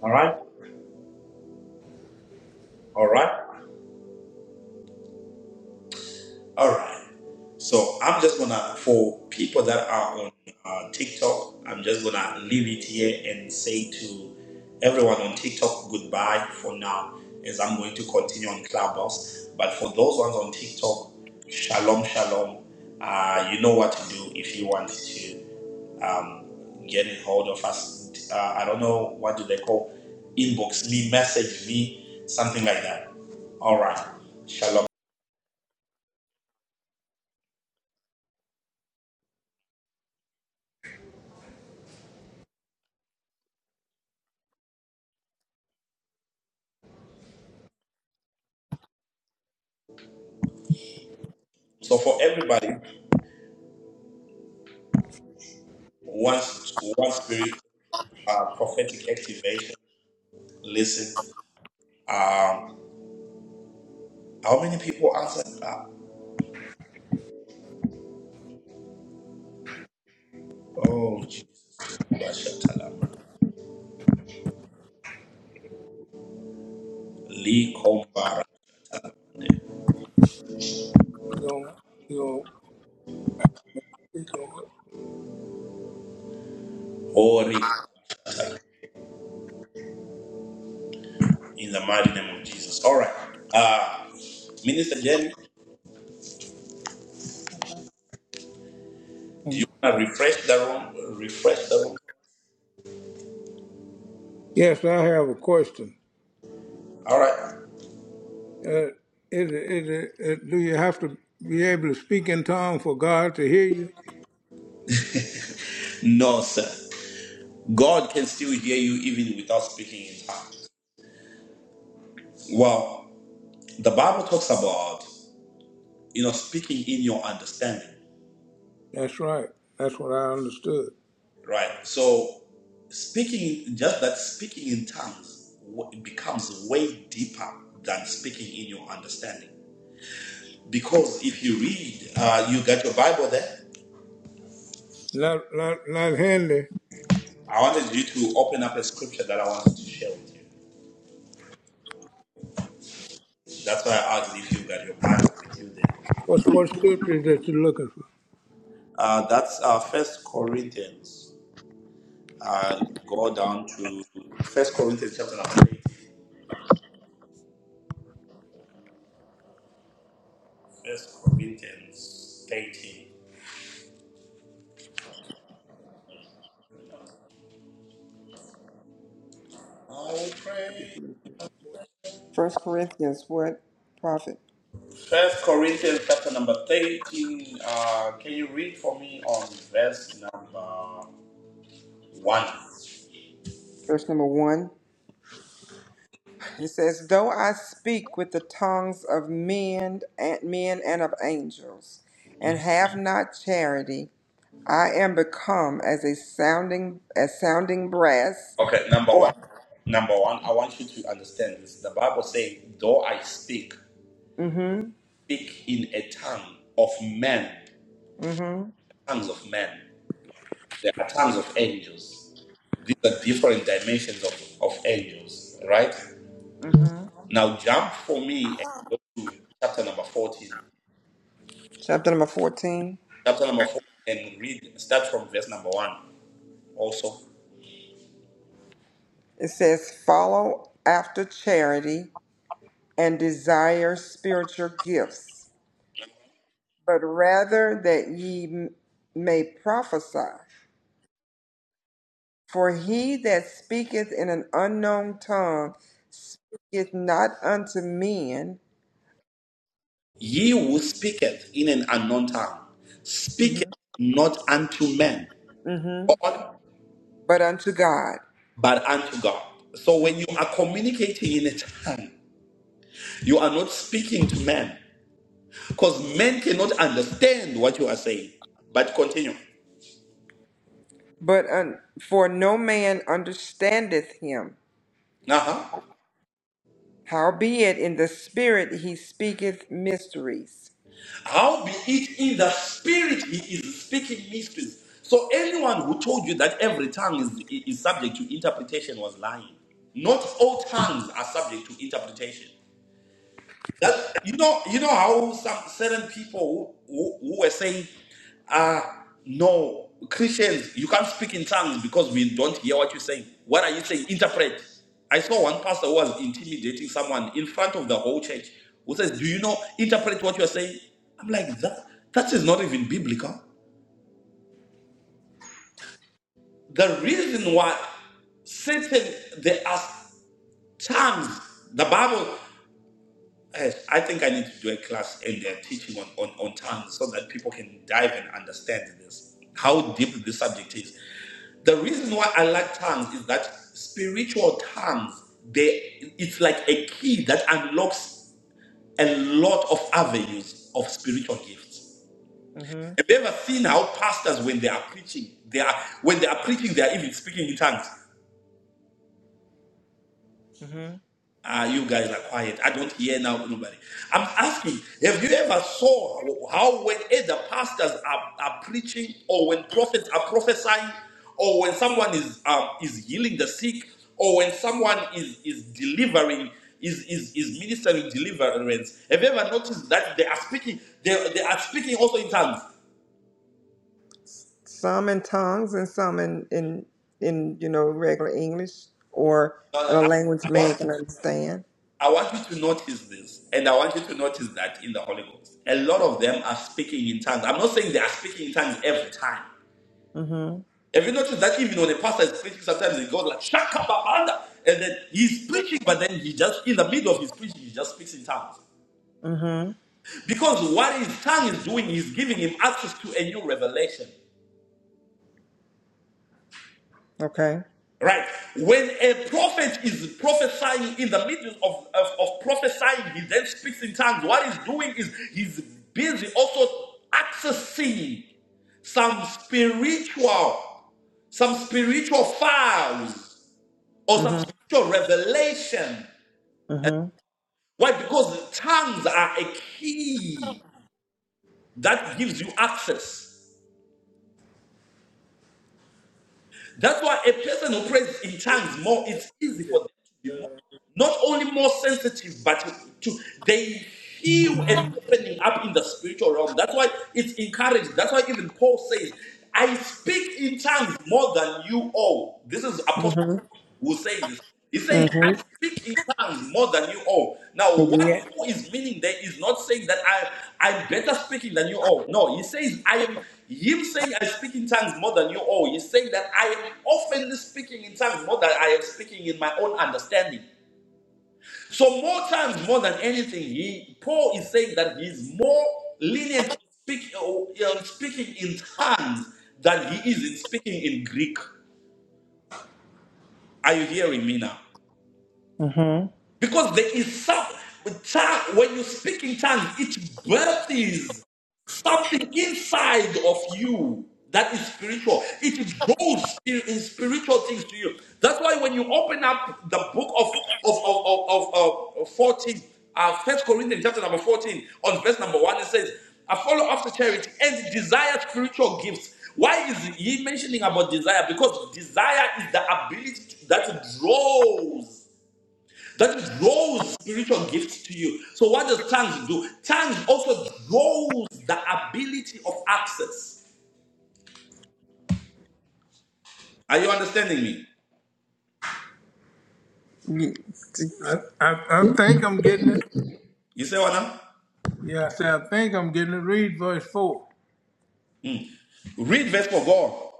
S1: All right? All right? All right. So I'm just going to, for people that are on uh, TikTok, I'm just going to leave it here and say to everyone on TikTok goodbye for now as I'm going to continue on Clubhouse. But for those ones on TikTok, shalom, shalom. Uh, you know what to do if you want to um, getting hold of us. Uh, I don't know what do they call inbox me, message me, something like that. All right, shalom. So for everybody, once one spirit uh, prophetic activation. Listen, um, how many people answered? Uh, oh Jesus, Bashatalama. Lee Kombarande.
S2: gonna, you know, it's gonna. work.
S1: Ori in the mighty name of Jesus. All right, uh, Minister Jenny, do
S2: Mm.
S1: you want to refresh the room? Refresh the room.
S2: Yes, I have a question.
S1: All right.
S2: Uh, is it, is it, uh do you have to be able to speak in tongues for God to hear you?
S1: No, sir. God can still hear you even without speaking in tongues. Well, the Bible talks about, you know, speaking in your understanding,
S2: That's right. That's what I understood.
S1: right? So, speaking, just that speaking in tongues w- becomes way deeper than speaking in your understanding. Because if you read, uh, you got your Bible there.
S2: Not, not, not handy.
S1: I wanted you to open up a scripture that I wanted to share with you. That's why I asked if you got your Bible with you there.
S2: What's what scripture that you're looking for?
S1: Uh, that's uh, First Corinthians uh, go down to First Corinthians chapter number 18. First Corinthians 13. I'll pray.
S2: First Corinthians, what prophet?
S1: First Corinthians chapter number 13. Uh, can you read for me on verse number one?
S2: Verse number one. He says, "Though I speak with the tongues of men and men and of angels, and have not charity, I am become as a sounding as sounding brass."
S1: Okay, number one.
S2: Or,
S1: Number one, I want you to understand this. The Bible says, though I speak,
S2: mm-hmm,
S1: speak in a tongue of men,
S2: mm-hmm,
S1: tongues of men. There are tongues of angels. These are different dimensions of, of angels, right?
S2: mm-hmm.
S1: Now jump for me and go to chapter number 14.
S2: Chapter number fourteen.
S1: Chapter number 14 and read, start from verse number 1 also.
S2: It says, "Follow after charity and desire spiritual gifts, but rather that ye m- may prophesy." For he that speaketh in an unknown tongue speaketh not unto men,
S1: Ye who speaketh in an unknown tongue, speaketh
S2: Mhm.
S1: not unto men,
S2: Mhm.
S1: God,
S2: but unto God.
S1: but unto God. So when you are communicating in a tongue, you are not speaking to men, because men cannot understand what you are saying. But continue.
S2: But un, for no man understandeth him.
S1: Uh-huh.
S2: Howbeit in the spirit he speaketh mysteries.
S1: How be it in the spirit he is speaking mysteries. So anyone who told you that every tongue is, is subject to interpretation was lying. Not all tongues are subject to interpretation. That you know, you know how some certain people who, who, who were saying, "Ah, no, Christians, you can't speak in tongues because we don't hear what you're saying." What are you saying? Interpret. I saw one pastor who was intimidating someone in front of the whole church who says, "Do you know interpret what you're saying?" I'm like, that that is not even biblical. The reason why Satan, there are tongues. The Bible. Yes, I think I need to do a class in uh, teaching on, on, on tongues so that people can dive and understand this, how deep this subject is. The reason why I like tongues is that spiritual tongues, they it's like a key that unlocks a lot of avenues of spiritual gifts.
S2: hmm
S1: Have you ever seen how pastors when they are preaching, they are when they are preaching, they are even speaking in tongues?
S2: hmm
S1: Ah, you guys are quiet. I don't hear now nobody. I'm asking, have you ever saw how when either pastors are, are preaching or when prophets are prophesying or when someone is um, is healing the sick or when someone is is delivering is, is, is ministering deliverance. Have you ever noticed that they are speaking they, they are speaking also in tongues?
S2: Some in tongues and some in, in in you know regular English or in a language
S1: Uh,
S2: man can understand.
S1: I want you to notice this, and I want you to notice that in the Holy Ghost. A lot of them are speaking in tongues. I'm not saying they are speaking in tongues every time.
S2: hmm
S1: Have you noticed that even when a pastor is preaching, sometimes he goes like Shaka Babanda, and then he's preaching, but then he just in the middle of his preaching, he just speaks in tongues.
S2: hmm
S1: Because what his tongue is doing is giving him access to a new revelation.
S2: Okay.
S1: Right. When a prophet is prophesying in the middle of, of, of prophesying, he then speaks in tongues. What he's doing is he's busy also accessing some spiritual, some spiritual files or some
S2: hmm
S1: spiritual revelation.
S2: hmm
S1: Why? Because tongues are a key that gives you access. That's why a person who prays in tongues more, it's easy for them to be more, not only more sensitive, but to, to- they feel an opening up in the spiritual realm. That's why it's encouraged. That's why even Paul says, I speak in tongues more than you all. This is apostle
S2: hmm
S1: will say this. He says, I
S2: Mm-hmm.
S1: speak in tongues more than you all. Now, what
S2: Yeah.
S1: you is meaning there is not saying that I, I'm better speaking than you all. No, he says, I am, him saying I speak in tongues more than you all. He's saying that I am often speaking in tongues more than I am speaking in my own understanding. So, more times, more than anything, he, Paul is saying that he's more lenient in speak, uh, speaking in tongues than he is in speaking in Greek. Are you hearing me now?
S2: Mm-hmm.
S1: Because there is some tongue, when you speak in tongues, it births something inside of you that is spiritual. It draws spir- in spiritual things to you. That's why when you open up the book of of of of, of, of 14, uh, First Corinthians chapter number 14, on verse number one, it says, "I follow after charity and desire spiritual gifts." Why is he mentioning about desire? Because desire is the ability to, that draws that draws spiritual gifts to you. So, what does tongues do? Tongues also draws the ability of access. Are you understanding me?
S2: I, I, I think I'm getting it.
S1: You say what now?
S2: Yeah, I said, I think I'm getting it. Read verse 4.
S1: Read verse 4. Go on.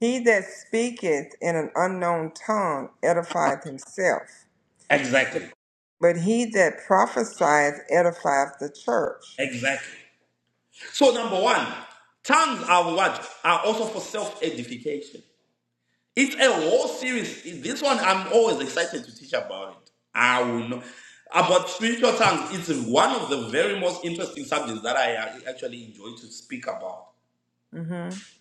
S2: He that speaketh in an unknown tongue edifieth himself,
S1: Exactly.
S2: but he that prophesieth edifieth the church.
S1: Exactly. So, number one, tongues are what? Are also for self edification. It's a whole series. This one, I'm always excited to teach about it. I will know. About spiritual tongues, it's one of the very most interesting subjects that I actually enjoy to speak about
S2: Mm-hmm.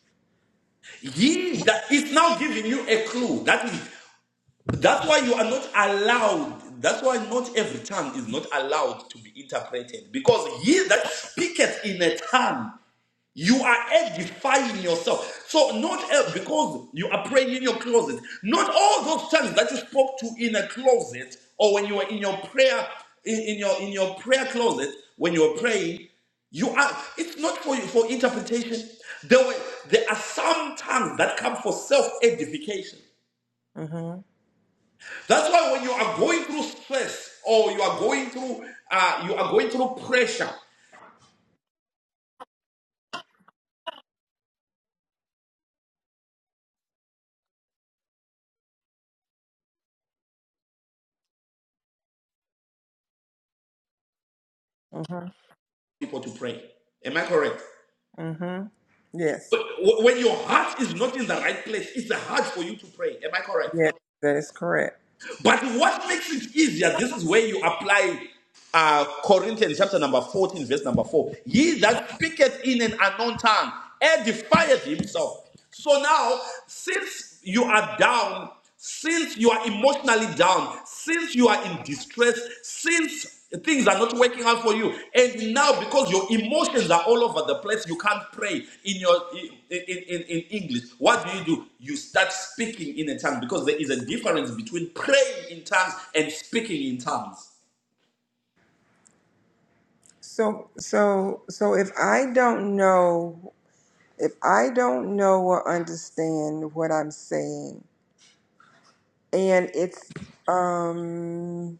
S1: He that is now giving you a clue. That is, that's why you are not allowed. That's why not every tongue is not allowed to be interpreted because he that speaketh in a tongue you are edifying yourself. So, not uh, because you are praying in your closet, not all those tongues that you spoke to in a closet or when you were in your prayer, in, in your in your prayer closet, when you were praying, you are it's not for for interpretation. There were there are some tongues that come for self-edification.
S2: Mm-hmm.
S1: That's why when you are going through stress or you are going through uh, you are going through pressure,
S2: Mm-hmm.
S1: people to pray. Am I correct?
S2: Mm-hmm. Yes.
S1: But wh- when your heart is not in the right place, it's hard for you to pray. Am I correct?
S2: Yes, that is correct.
S1: But what makes it easier, this is where you apply uh, Corinthians chapter number 14, verse number 4. He that speaketh in an unknown tongue edifieth himself. So now, since you are down, since you are emotionally down, since you are in distress, since Things are not working out for you. And now, because your emotions are all over the place, you can't pray in your in, in, in English. What do you do? You start speaking in a tongue because there is a difference between praying in tongues and speaking in tongues.
S2: So so so if I don't know if I don't know or understand what I'm saying and it's um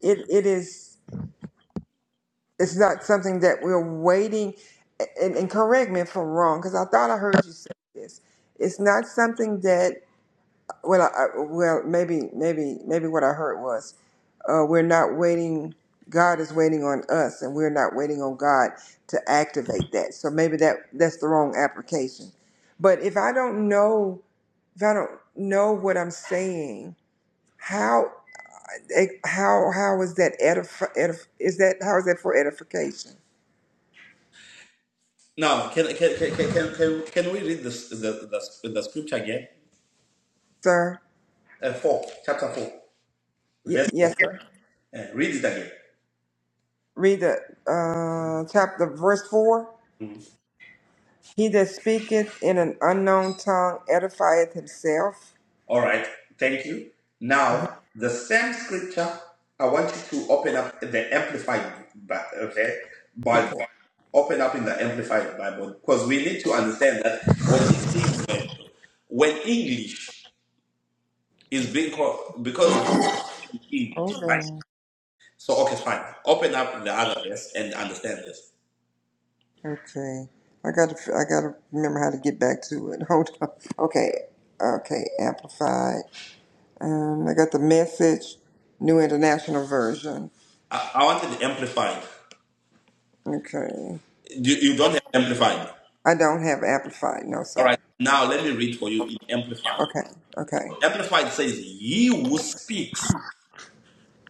S2: it it is It's not something that we're waiting. And, and correct me if I'm wrong, because I thought I heard you say this. It's not something that well, I, I- well, maybe, maybe, maybe what I heard was uh, we're not waiting. God is waiting on us, and we're not waiting on God to activate that. So maybe that that's the wrong application. But if I don't know, if I don't know what I'm saying, how eh, how how is that edif- edif- is that how is that for edification,
S1: Now, can can can can, can, can can we read this the, the, the scripture again?
S2: sir?
S1: Uh, four, chapter four,
S2: Ye-
S1: verse four.
S2: yes, sir.
S1: Uh, read it again.
S2: Read the uh, chapter, verse 4.
S1: Mm.
S2: He that speaketh in an unknown tongue edifieth himself.
S1: All right, thank you. Now, the same scripture, I want you to open up the Amplified Bible, okay, Bible.
S2: Okay.
S1: Open up in the Amplified Bible because we need to understand that what it is when, when English is being called, because English,
S2: Hold
S1: right?
S2: on.
S1: So, okay, fine. Open up the other verse and understand this.
S2: Okay. I gotta, I gotta remember how to get back to it. Hold on. Okay. Okay. Amplified. Um, I got the message, New International Version.
S1: I, I wanted the Amplified.
S2: Okay.
S1: You, you don't have Amplified.
S2: I don't have amplified. No,
S1: All
S2: sir.
S1: right, now let me read for you in Amplified.
S2: Okay. Okay.
S1: Amplified says, He who speaks.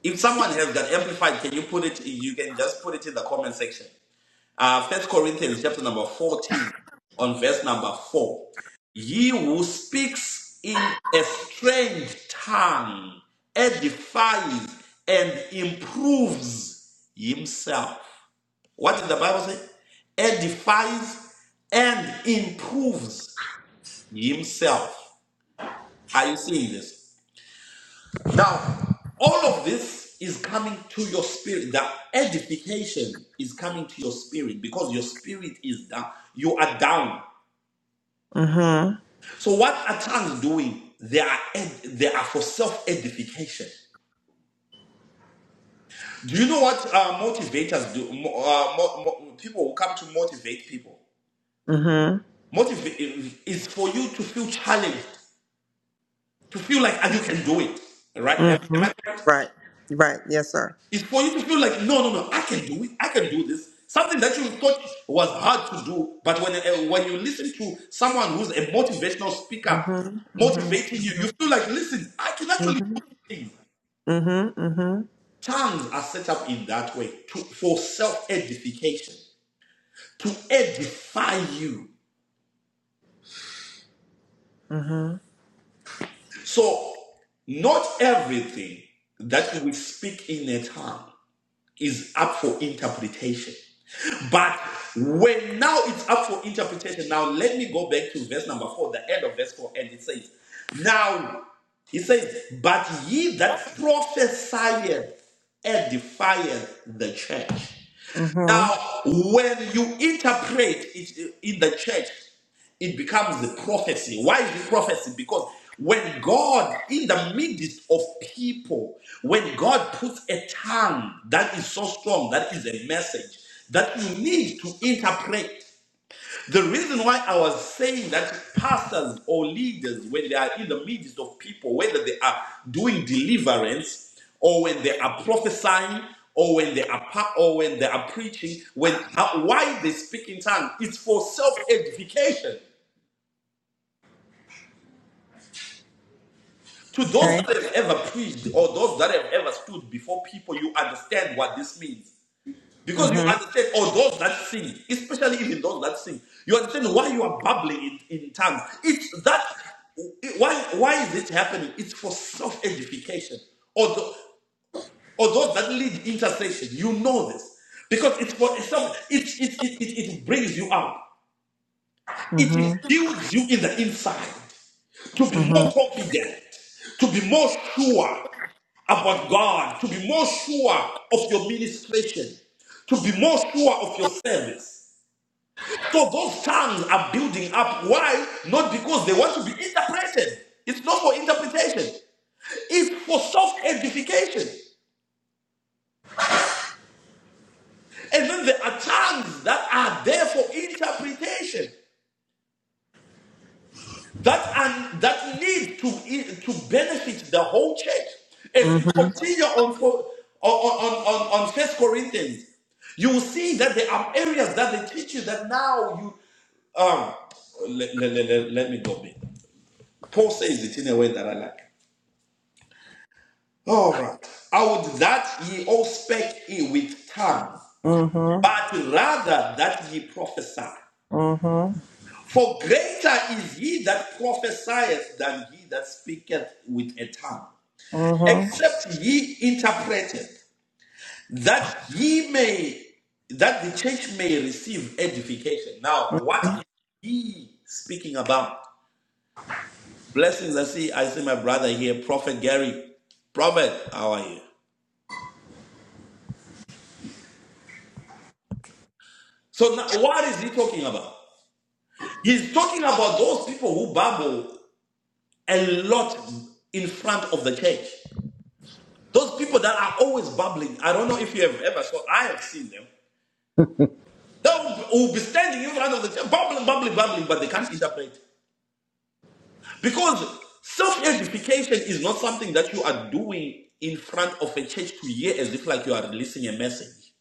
S1: If someone has got amplified, can you put it? You can just put it in the comment section. Uh, First Corinthians chapter number fourteen, on verse number four. he who speaks in a strange tongue edifies and improves himself. What did the Bible say? Edifies and improves himself. Are you seeing this? Now, all of this is coming to your spirit. The edification is coming to your spirit because your spirit is down. You are down. So, what are tongues doing? They are ed- they are for self edification. Do you know what uh, motivators do? Mo- uh, mo- mo- people who come to motivate people.
S2: Mm-hmm.
S1: Motivate is for you to feel challenged, to feel like ah, you can do it. Right? Am, am
S2: Mm-hmm.
S1: I correct?
S2: Right. Right. Yes, sir.
S1: It's for you to feel like, no, no, no, I can do it. I can do this. Something that you thought was hard to do, but when uh, when you listen to someone who's a motivational speaker
S2: Mhm. Mhm.
S1: motivating you, you feel like, listen, I can actually do
S2: Mhm.
S1: things.
S2: Mhm. Mhm. Mhm.
S1: Tongues are set up in that way to, for self edification, to edify you.
S2: Mhm.
S1: So, not everything that we speak in a tongue is up for interpretation. But when now it's up for interpretation, now let me go back to verse number four, the end of verse four, and it says, Now he says, But ye that prophesieth edifieth the church.
S2: Mhm.
S1: Now, when you interpret it in the church, it becomes a prophecy. Why is it prophecy? Because when God, in the midst of people, when God puts a tongue that is so strong, that is a message that you need to interpret. The reason why I was saying that pastors or leaders, when they are in the midst of people, whether they are doing deliverance or when they are prophesying or when they are pa- or when they are preaching, when how, why they speak in tongues, it's for self-edification. To those
S2: Okay.
S1: that have ever preached or those that have ever stood before people, you understand what this means. Because you
S2: Mhm.
S1: understand, or those that sing, especially even those that sing, you understand why you are bubbling in, in tongues. It's that why why is it happening? It's for self-edification. Or the, or those that lead intercession, you know this. Because it's for it's some it, it, it, it, it brings you up. It
S2: Mhm.
S1: builds you in the inside to be more
S2: Mhm.
S1: confident, to be more sure about God, to be more sure of your ministration, to be more sure of your service. So those tongues are building up. Why? Not because they want to be interpreted. It's not for interpretation. It's for self-edification. And then there are tongues that are there for interpretation. That and that need to e, to benefit the whole church. If you
S2: Mhm.
S1: continue on for- on on on, on First Corinthians, you will see that there are areas that they teach you that now you um let, let, let, let me go back. Paul says it in a way that I like. All right. I would that ye all speak i- with tongues,
S2: Mhm.
S1: but rather that ye prophesy.
S2: Mhm.
S1: For greater is he that prophesieth than he that speaketh with a tongue.
S2: Mhm.
S1: except ye interpret it, that ye may, that the church may receive edification. Now, what is he speaking about? Blessings, I see, I see my brother here, Prophet Gary. Prophet, how are you? So now, what is he talking about? He's talking about those people who babble a lot in front of the church. Those people that are always babbling. I don't know if you have ever saw. I have seen them. They will will be standing in front of the church, bubbling, bubbling, bubbling, but they can't interpret. Because self edification is not something that you are doing in front of a church to hear as if like you are releasing a message.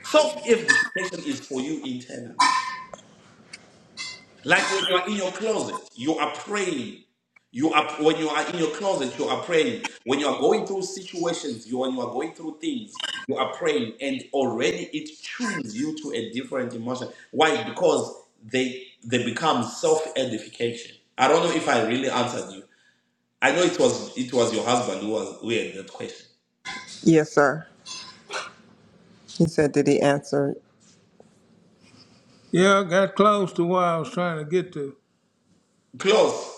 S1: Self edification is for you internal. Like when you are in your closet, you are praying. You are when you are in your closet, you are praying. When you are going through situations, you when you are going through things, you are praying, and already it tunes you to a different emotion. Why? Because they they become self edification. I don't know if I really answered you. I know it was it was your husband who was who had that question.
S2: Yes, sir. He said, "Did he answer?" Yeah, I got close to what I was trying to get to.
S1: Close.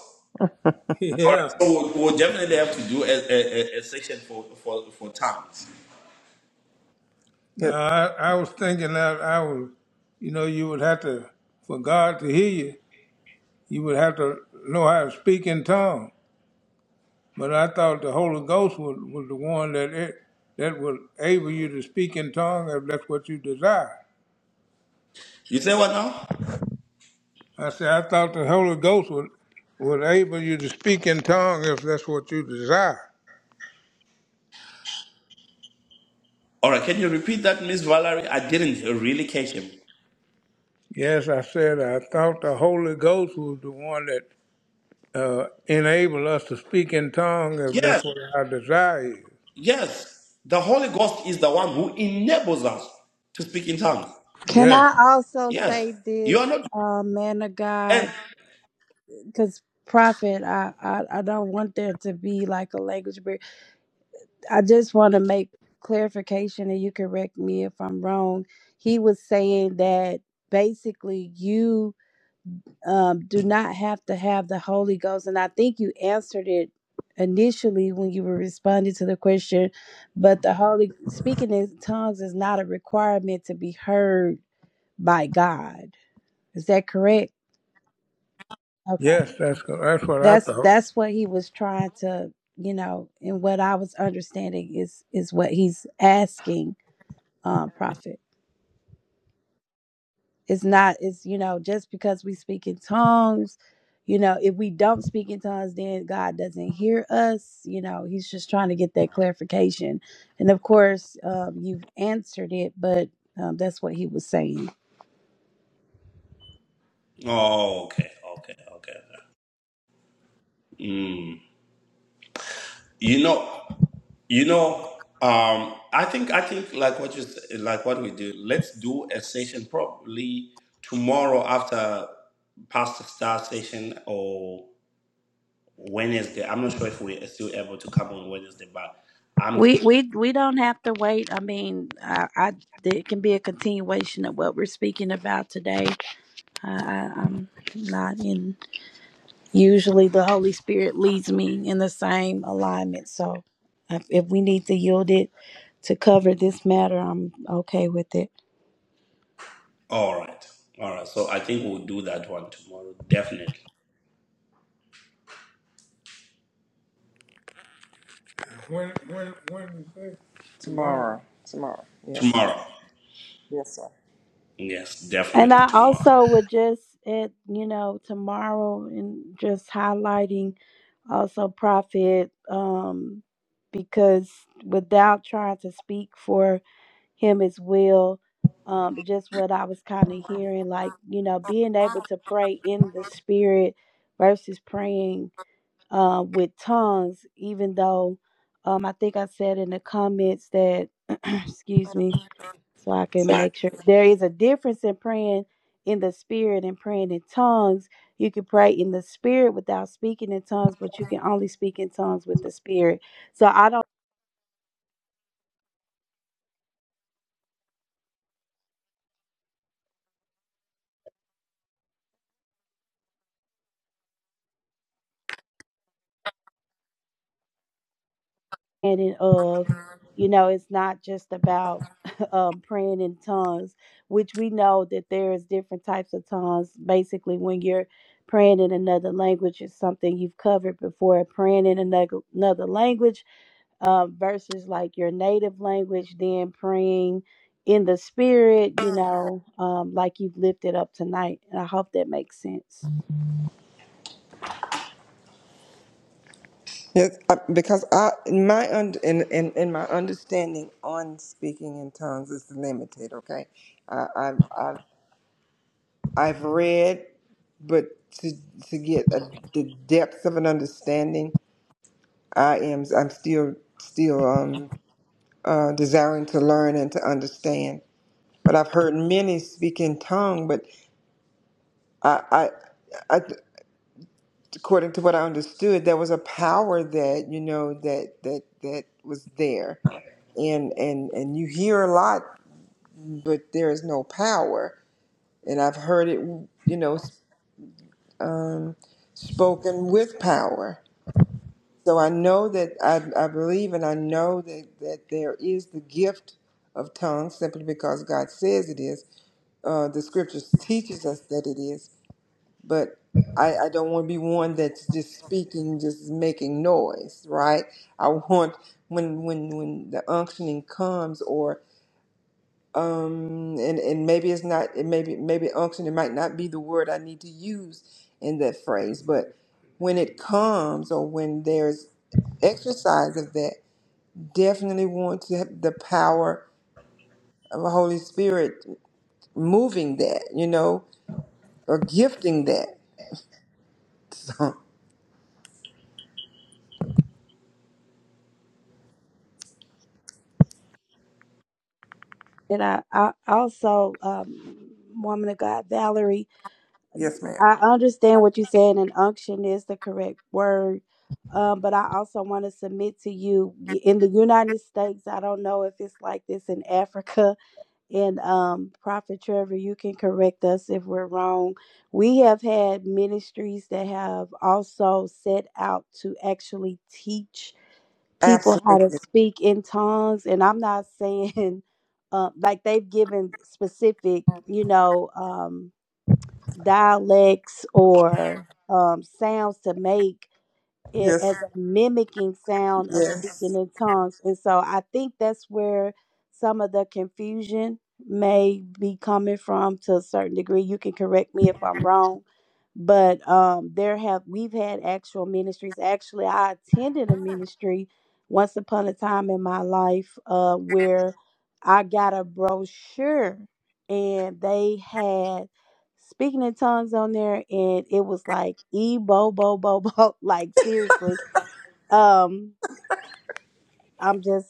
S1: All right.
S2: yeah.
S1: So we'll, we'll definitely have to do a, a, a a section for for for tongues.
S2: Now, Good. I, I was thinking that I was, you know, you would have to, for God to hear you, you would have to know how to speak in tongues. But I thought the Holy Ghost was, was the one that it, that would able you to speak in tongues if that's what you desire.
S1: You say what now?
S2: I said I thought the Holy Ghost would would able you to speak in tongues if that's what you desire.
S1: All right, can you repeat that, Miss Valerie? I didn't really catch him.
S2: Yes, I said I thought the Holy Ghost was the one that uh, enabled us to speak in tongues if
S1: Yes,
S2: that's what our desire is.
S1: yes. The Holy Ghost is the one who enables us to speak in tongues.
S5: Can
S2: Yes,
S5: I also
S1: Yes.
S5: say
S1: You
S5: this,
S1: are not
S5: uh, man of
S1: and
S5: God? Because prophet, I, I I don't want there to be like a language barrier. I just want to make clarification, and you correct me if I'm wrong. He was saying that basically you um, do not have to have the Holy Ghost, and I think you answered it initially when you were responding to the question. But the Holy speaking in tongues is not a requirement to be heard by God. Is that correct? Okay.
S2: yes, that's that's what I
S5: That's
S2: thought.
S5: that's what he was trying to, you know, and what I was understanding is is what he's asking, um, prophet. It's not it's you know, just because we speak in tongues, you know, if we don't speak in tongues, then God doesn't hear us. You know, he's just trying to get that clarification. And of course, um, you've answered it, but um, that's what he was saying.
S1: oh okay, okay, okay. okay. Mm. You know you know um I think I think like what you s- like what we do, let's do a session probably tomorrow after Pastor Star session or Wednesday. I'm not sure if we're still able to come on Wednesday, but I'm.
S5: We we we don't have to wait. I mean, I, I it can be a continuation of what we're speaking about today. I, I, I'm not in. Usually, the Holy Spirit leads me in the same alignment. So, if, if we need to yield it to cover this matter, I'm okay with it.
S1: All right. All right. So I think we'll do that one tomorrow. Definitely.
S2: When when when did you say Tomorrow. Tomorrow. Yes.
S1: Tomorrow.
S2: Yes, sir.
S1: Yes,
S5: And
S1: definitely
S5: I
S1: tomorrow.
S5: also would just at you know tomorrow and just highlighting also prophet um because without trying to speak for him as well. Um, but just what I was kind of hearing, like, you know, being able to pray in the spirit versus praying uh, with tongues, even though um, I think I said in the comments that, excuse me, so I can make sure there is a difference in praying in the spirit and praying in tongues. You can pray in the spirit without speaking in tongues, but you can only speak in tongues with the spirit. So I don't. understanding of, you know, it's not just about um, praying in tongues, which we know that there's different types of tongues. Basically, when you're praying in another language, it's something you've covered before. Praying in another, another language um, versus like your native language, then praying in the spirit, you know, um, like you've lifted up tonight. And I hope that makes sense.
S2: Yes, I- because I in my und in, in in my understanding on speaking in tongues is limited. Okay, I, I've I've I've read, but to to get a, the depth of an understanding, I am I'm still still um uh, desiring to learn and to understand. But I've heard many speak in tongue, but I, I I, according to what I understood, there was a power that you know that that that was there and and and you hear a lot but there is no power and i've heard it you know s- spoken with power so i know that i, I believe and i know that that there is the gift of tongues simply because god says it is uh, the scriptures teaches us that it is but I, I don't want to be one that's just speaking just making noise right i want when when when the unctioning comes or. um and and maybe it's not it maybe maybe unction it might not be the word i need to use in that phrase but when it comes or when there's exercise of that definitely want to have the power of the holy spirit moving that you know or gifting that so
S5: And I, I also, um, woman of God, Valerie,
S2: yes ma'am
S5: I understand what you said, and unction is the correct word. Um, but I also want to submit to you y- in the United States. I don't know if it's like this in Africa. And um, Prophet Trevor, you can correct us if we're wrong. We have had ministries that have also set out to actually teach people how to
S2: absolutely
S5: speak in tongues. And I'm not saying uh, like they've given specific, you know. Um, dialects or um, sounds to make it
S2: yes
S5: as a mimicking sound of speaking
S2: yes
S5: in tongues. And so I think that's where some of the confusion may be coming from to a certain degree. You can correct me if I'm wrong. But um, there have we've had actual ministries. Actually, I attended a ministry once upon a time in my life uh, where I got a brochure and they had speaking in tongues on there and it was like e bo bo bo bo like seriously um i'm just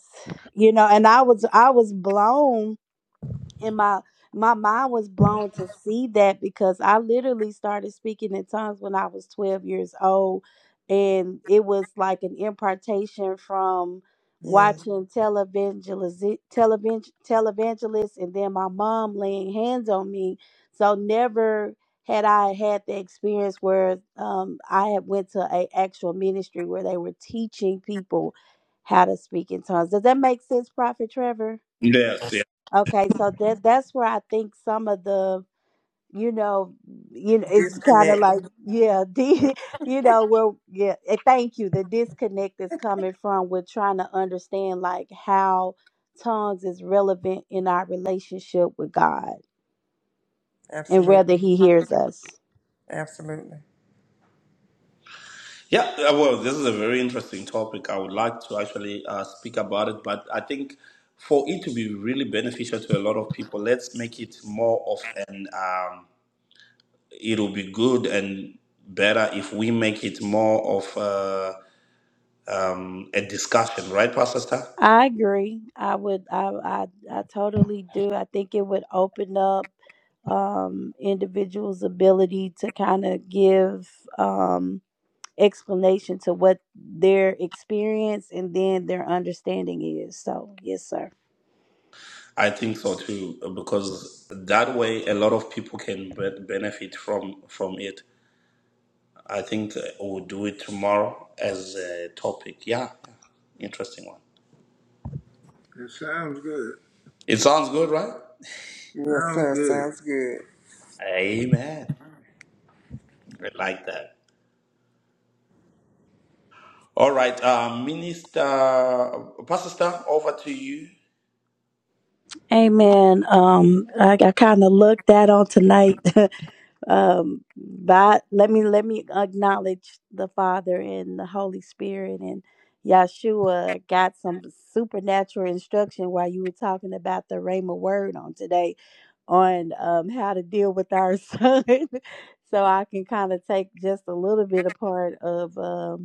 S5: you know and i was i was blown and my my mind was blown to see that because I literally started speaking in tongues when I was 12 years old and it was like an impartation from
S2: yes
S5: watching televangeliz televang televangelists and then my mom laying hands on me so never had I had the experience where um, I had went to a actual ministry where they were teaching people how to speak in tongues. Does that make sense, Prophet Trevor?
S1: Yes, yeah.
S5: Okay, so that that's where I think some of the you know you know it's kind of
S2: disconnect
S5: like yeah
S2: Mhm.
S5: the, you know where, yeah eh, thank you the disconnect is coming from with trying to understand like how tongues is relevant in our relationship with God and
S2: absolute
S5: whether he hears us.
S2: absolutely
S1: Yeah, uh, well, this is a very interesting topic. I would like to actually uh, speak about it, but I think for it to be really beneficial to a lot of people, let's make it more of an, um, it'll be good and better if we make it more of uh, um, a discussion, right, Pastor Star?
S5: I agree. I would I I, I totally do. I think it would open up um individuals ability to kind of give um explanation to what their experience and then their understanding is. So, yes, sir.
S1: I think so too, because that way a lot of people can be- benefit from from it. I think uh, we'll do it tomorrow as a topic. Yeah, yeah, interesting one.
S2: It sounds good.
S1: It sounds good, right?
S2: yes Sounds sir good. sounds good
S1: Amen. I like that. All right, uh, Minister Pastor Stan, over to you.
S5: Amen. Um, I, I kind of looked that on tonight um by let me let me acknowledge the father and the holy spirit and yeshua got some supernatural instruction while you were talking about the rhema word on today on um how to deal with our son so i can kind of take just a little bit apart of um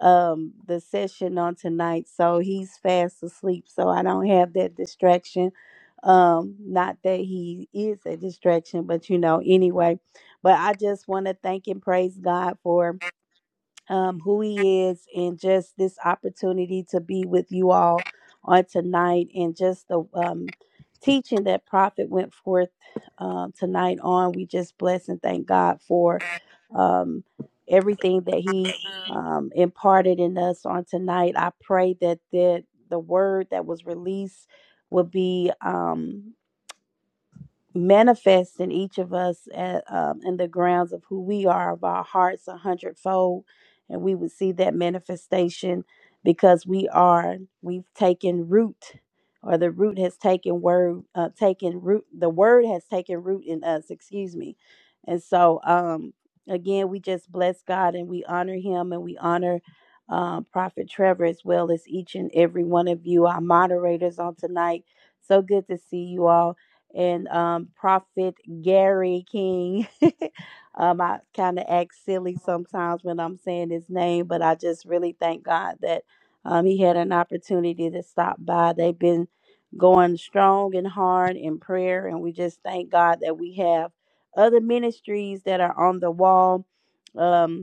S5: um the session on tonight so he's fast asleep so i don't have that distraction um not that he is a distraction but you know anyway but i just want to thank and praise god for um, who he is and just this opportunity to be with you all on tonight and just the um, teaching that prophet went forth um, tonight on we just bless and thank god for um, everything that he um, imparted in us on tonight i pray that the, the word that was released will be um, manifest in each of us at, um, in the grounds of who we are of our hearts a hundredfold and we would see that manifestation because we are we've taken root or the root has taken word uh, taken root the word has taken root in us excuse me and so um again we just bless god and we honor him and we honor um, prophet trevor as well as each and every one of you our moderators on tonight so good to see you all and um, Prophet Gary King. um, I kind of act silly sometimes when I'm saying his name, but I just really thank God that um, he had an opportunity to stop by. They've been going strong and hard in prayer, and we just thank God that we have other ministries that are on the wall. Um,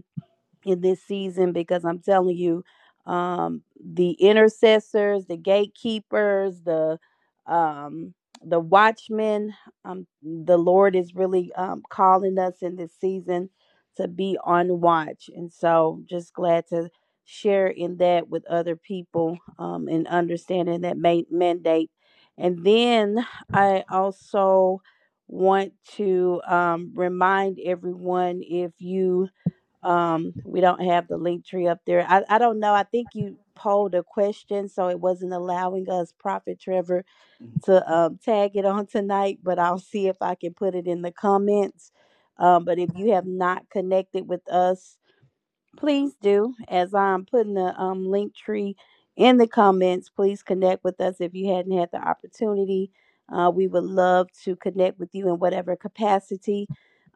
S5: in this season because I'm telling you, um, the intercessors, the gatekeepers, the um, the watchmen, um, the Lord is really um, calling us in this season to be on watch, and so just glad to share in that with other people um, and understanding that ma- mandate. And then I also want to um, remind everyone if you um, we don't have the link tree up there. I, I don't know. I think you polled a question, so it wasn't allowing us, Prophet Trevor, to um, tag it on tonight, but I'll see if I can put it in the comments. Um, but if you have not connected with us, please do as i'm putting the um, link tree in the comments please connect with us if you hadn't had the opportunity uh, we would love to connect with you in whatever capacity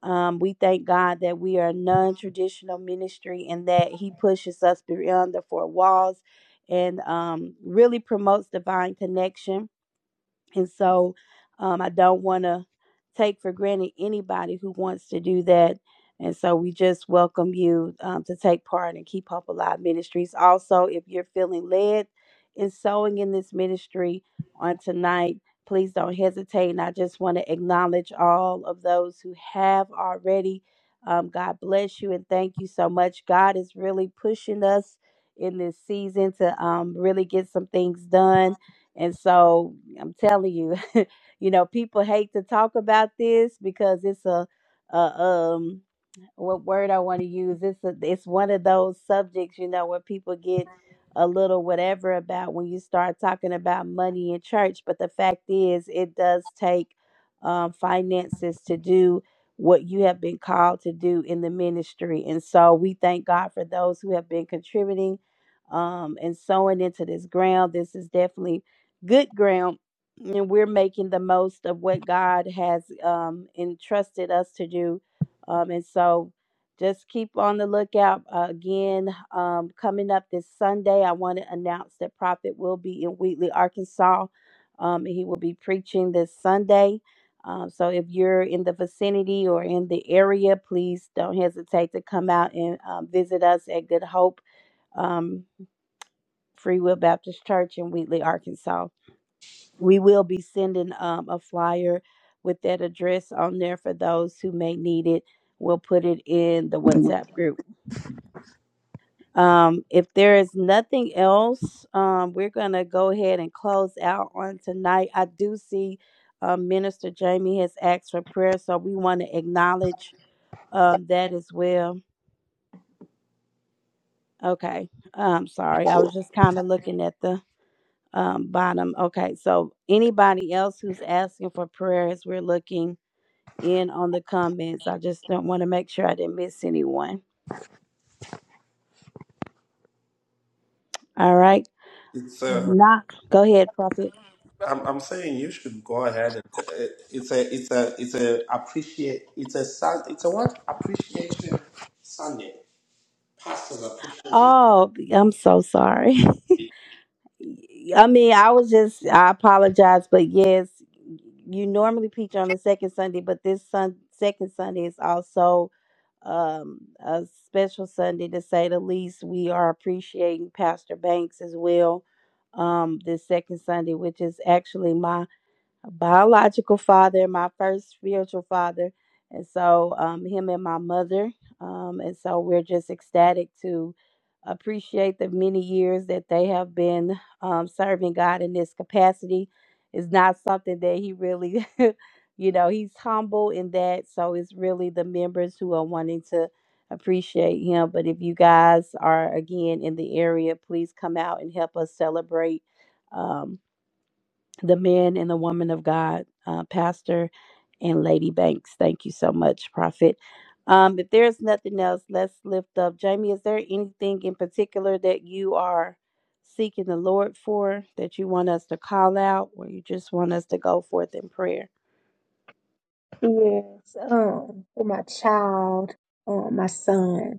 S5: um, we thank god that we are a non-traditional ministry and that he pushes us beyond the four walls and um, really promotes divine connection and so um, I don't want to take for granted anybody who wants to do that. And so we just welcome you um, to take part in Keep Hope Alive Ministries. Also, if you're feeling led in sowing in this ministry on tonight, please don't hesitate. And I just want to acknowledge all of those who have already. Um, God bless you and thank you so much. God is really pushing us in this season to um, really get some things done and so I'm telling you, you know, people hate to talk about this because it's a, a um, what word I want to use. It's a, it's one of those subjects, you know, where people get a little whatever about when you start talking about money in church. But the fact is, it does take um, finances to do what you have been called to do in the ministry. And so we thank God for those who have been contributing um, and sowing into this ground. This is definitely good ground and we're making the most of what God has um, entrusted us to do. Um, and so just keep on the lookout. Uh, again, um, coming up this Sunday, I want to announce that Prophet will be in Wheatley, Arkansas. Um, he will be preaching this Sunday. Um, so if you're in the vicinity or in the area, please don't hesitate to come out and um, visit us at Good Hope um, Free Will Baptist Church in Wheatley, Arkansas. We will be sending um, a flyer with that address on there for those who may need it. We'll put it in the WhatsApp group. Um, if there is nothing else, um, we're going to go ahead and close out on tonight. I do see uh, Minister Jamie has asked for prayer, so we want to acknowledge um, that as well. Okay. I'm sorry. I was just kind of looking at the um, bottom. Okay. So, anybody else who's asking for prayers, we're looking in on the comments. I just don't want to make sure I didn't miss anyone. All right.
S1: It's uh,
S5: not, go ahead, Prophet.
S1: I'm, I'm saying you should go ahead and t- uh, it's a it's a it's a appreciate it's a sun it's a what appreciation Sunday pastors appreciation.
S5: Oh, I'm so sorry. I mean, I was just, I apologize, but yes, you normally preach on the second Sunday, but this sun, second Sunday is also um, a special Sunday to say the least. We are appreciating Pastor Banks as well um, this second Sunday, which is actually my biological father, my first spiritual father, and so um, him and my mother. Um, and so we're just ecstatic to appreciate the many years that they have been um, serving God in this capacity. It's not something that he really, you know, he's humble in that. So it's really the members who are wanting to appreciate him. But if you guys are again in the area, please come out and help us celebrate um, the men and the women of God, uh, Pastor and Lady Banks. Thank you so much, Prophet. Um, if there's nothing else, let's lift up. Jamie, is there anything in particular that you are seeking the Lord for that you want us to call out or you just want us to go forth in prayer?
S3: any kids. Um, for my child, um, my son,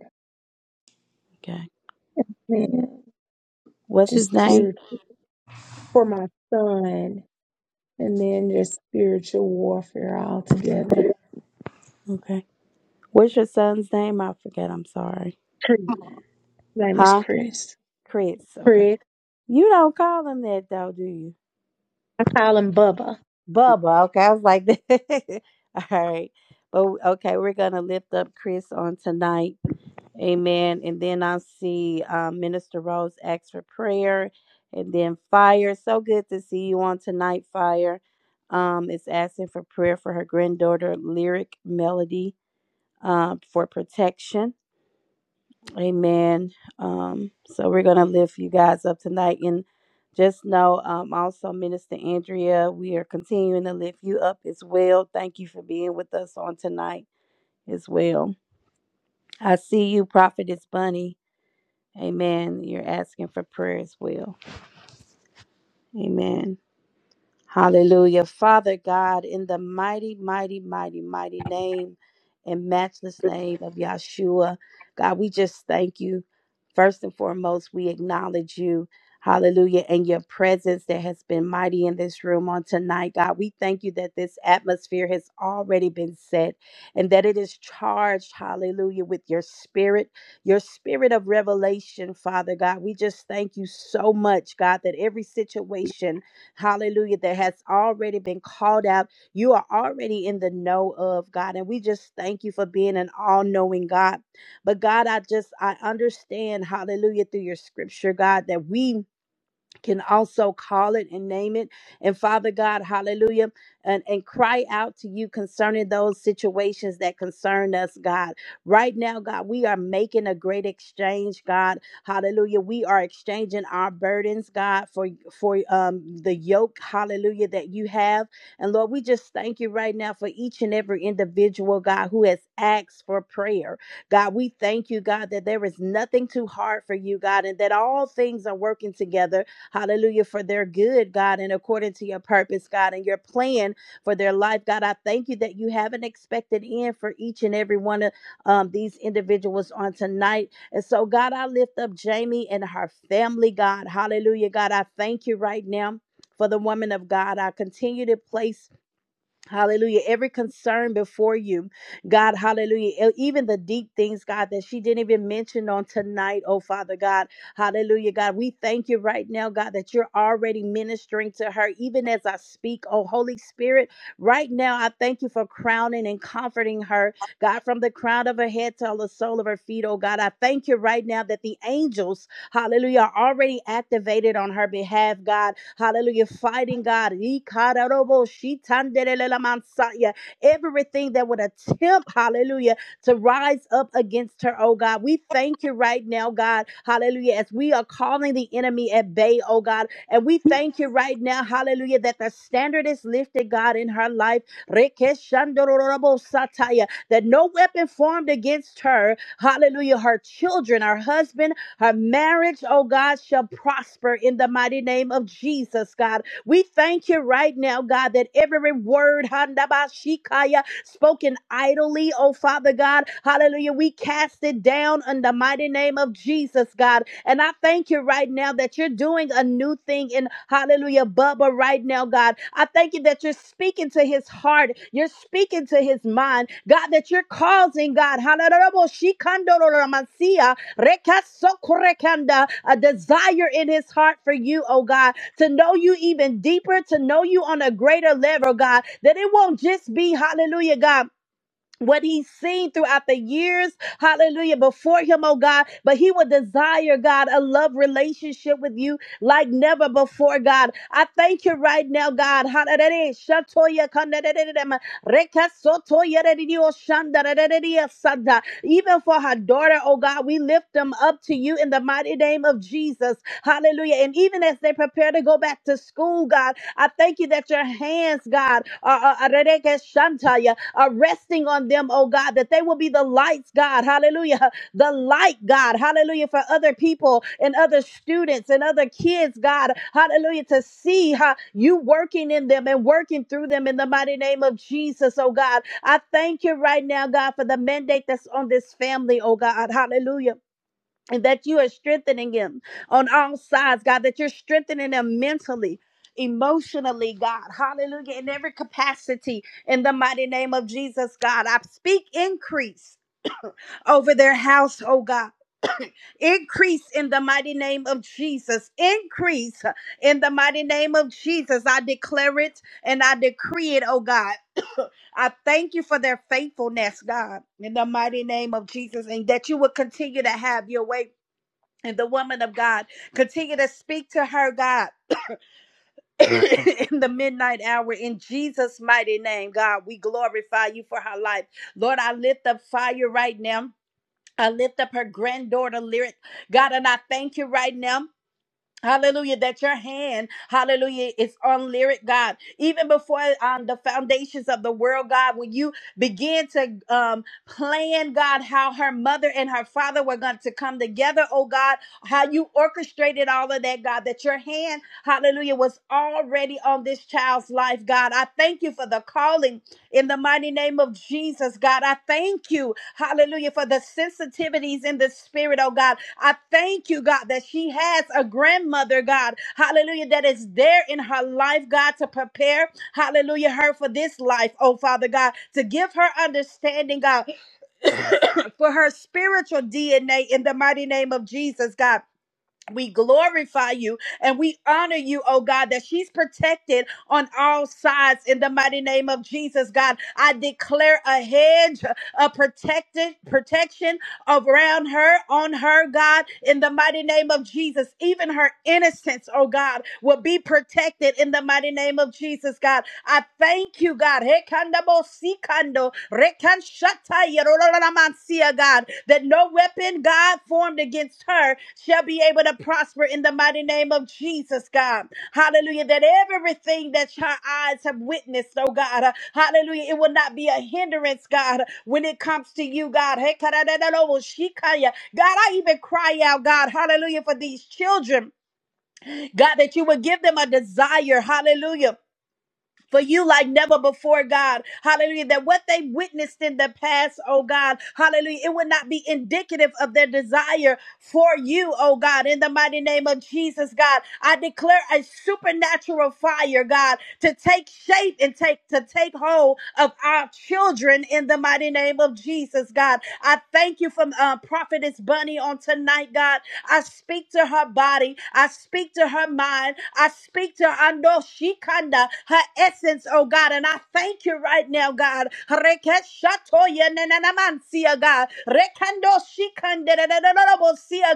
S5: Okay.
S3: and then
S5: What's his
S3: just
S5: name?
S3: spirit for my son, and then just spiritual warfare all together.
S5: Okay. What's your son's name? I forget. I'm sorry.
S3: Chris. His name is
S5: Huh?
S3: Chris.
S5: Chris. Okay.
S3: Chris.
S5: You don't call him that though, do you?
S3: I call him Bubba.
S5: Bubba. Okay, I was like, all right. But okay, we're gonna lift up Chris on tonight. Amen. And then I see um, Minister Rose ask for prayer, and then Fire. So good to see you on tonight, Fire. Um, is asking for prayer for her granddaughter, Lyric Melody, uh, for protection Amen. Um, so we're gonna lift you guys up tonight, and just know, um, also Minister Andrea, we are continuing to lift you up as well. Thank you for being with us on tonight as well. I see you, Prophetess Bunny. Amen. You're asking for prayer as well. Amen. Hallelujah. Father God, in the mighty, mighty, mighty, mighty name and matchless name of Yahshua, God, we just thank you. First and foremost, we acknowledge you. Hallelujah. And your presence that has been mighty in this room on tonight, God. We thank you that this atmosphere has already been set and that it is charged, hallelujah, with your spirit, your spirit of revelation, Father God. We just thank you so much, God, that every situation hallelujah, that has already been called out. You are already in the know of God. And we just thank you for being an all knowing God. But God, I just, I understand, hallelujah, through your scripture, God, that we can also call it and name it. And Father God, hallelujah, and, and cry out to you concerning those situations that concern us, God. Right now, God, we are making a great exchange, God. Hallelujah. We are exchanging our burdens, God, for, for um, the yoke, hallelujah, that you have. And Lord, we just thank you right now for each and every individual, God, who has asked for prayer. God, we thank you, God, that there is nothing too hard for you, God, and that all things are working together Hallelujah. For their good, God, and according to your purpose, God, and your plan for their life, God. I thank you that you have an expected end for each and every one of um, these individuals on tonight. And so, God, I lift up Jamie and her family, God. Hallelujah. God, I thank you right now. For the woman of God, I continue to place Hallelujah. Every concern before you, God, hallelujah. E- Even the deep things, God, that she didn't even mention on tonight, oh Father God. Hallelujah, God. We thank you right now, God, that you're already ministering to her, even as I speak, oh Holy Spirit. Right now, I thank you for crowning and comforting her, God, from the crown of her head to the sole of her feet, oh God. I thank you right now that the angels hallelujah, already activated on her behalf, God, hallelujah, fighting God. Everything that would attempt, hallelujah, to rise up against her, oh God. We thank you right now, God, hallelujah, as we are calling the enemy at bay, oh God. And we thank you right now, hallelujah, that the standard is lifted, God, in her life. that no weapon formed against her, hallelujah, her children, her husband, her marriage, oh God, shall prosper in the mighty name of Jesus, God. We thank you right now, God, that every word, handabashikaya, spoken idly, oh Father God, hallelujah, we cast it down in the mighty name of Jesus, God. And I thank you right now that you're doing a new thing in hallelujah, Bubba, right now, God. I thank you that you're speaking to his heart, you're speaking to his mind, God, that you're causing, God, hallelujah, Rekasokorekanda, A desire in his heart for you, oh God, to know you even deeper, to know you on a greater level, God, that it won't just be, hallelujah, God what he's seen throughout the years, hallelujah, before him, oh God. But he would desire, God, a love relationship with you like never before, God. I thank you right now, God. Hallelujah. Even for her daughter, oh God, we lift them up to you in the mighty name of Jesus. Hallelujah. And even as they prepare to go back to school, God, I thank you that your hands, God, are are resting on them, oh God, that they will be the lights, God, hallelujah, the light, God, hallelujah, for other people and other students and other kids, God, hallelujah, to see how you working in them and working through them in the mighty name of Jesus, oh God. I thank you right now, God, for the mandate that's on this family, oh God, hallelujah and that you are strengthening him on all sides, God, that you're strengthening him mentally. Emotionally, God, hallelujah, in every capacity, in the mighty name of Jesus, God, I speak increase over their house, oh God, increase in the mighty name of Jesus, increase in the mighty name of Jesus. I declare it and I decree it, oh God. I thank you for their faithfulness, God, in the mighty name of Jesus, and that you will continue to have your way and the woman of God. Continue to speak to her, God. in the midnight hour, in Jesus' mighty name, God, we glorify you for her life. Lord, I lift up fire right now. I lift up her granddaughter, Lyric. God, and I thank you right now. Hallelujah, that your hand, hallelujah, is on lyric, God. Even before um, the foundations of the world, God, when you began to um, plan, God, how her mother and her father were going to come together, oh God, how you orchestrated all of that, God, that your hand, hallelujah, was already on this child's life, God. I thank you for the calling in the mighty name of Jesus, God, I thank you, hallelujah, for the sensitivities in the spirit, oh God. I thank you, God, that she has a grandmother, God, hallelujah, that is there in her life, God, to prepare, hallelujah, her for this life, oh Father God, to give her understanding, God, for her spiritual DNA in the mighty name of Jesus, God. We glorify you and we honor you, oh God, that she's protected on all sides in the mighty name of Jesus, God. I declare a hedge of protected protection around her, on her, God, in the mighty name of Jesus. Even her innocence, oh God, will be protected in the mighty name of Jesus, God. I thank you, God. Rekandabosikando, rekanshatayerololamansia, God, that no weapon, God, formed against her shall be able to prosper in the mighty name of Jesus, God. Hallelujah. That everything that your eyes have witnessed, oh God, uh, hallelujah, it will not be a hindrance, God, uh, when it comes to you, God. Hey, karadadadadoboshikaya. God, I even cry out, God, hallelujah, for these children, God, that you would give them a desire, hallelujah for you like never before, God. Hallelujah. That what they witnessed in the past, oh God, hallelujah, it would not be indicative of their desire for you, oh God. In the mighty name of Jesus, God, I declare a supernatural fire, God, to take shape and take to take hold of our children in the mighty name of Jesus, God. God. I thank you from uh, Prophetess Bunny on tonight, God. I speak to her body. I speak to her mind. I speak to Ando Shikanda, her essence, oh God. And I thank you right now, God. Rekeshatoya nenanamansia, God. Rekando Shikanda,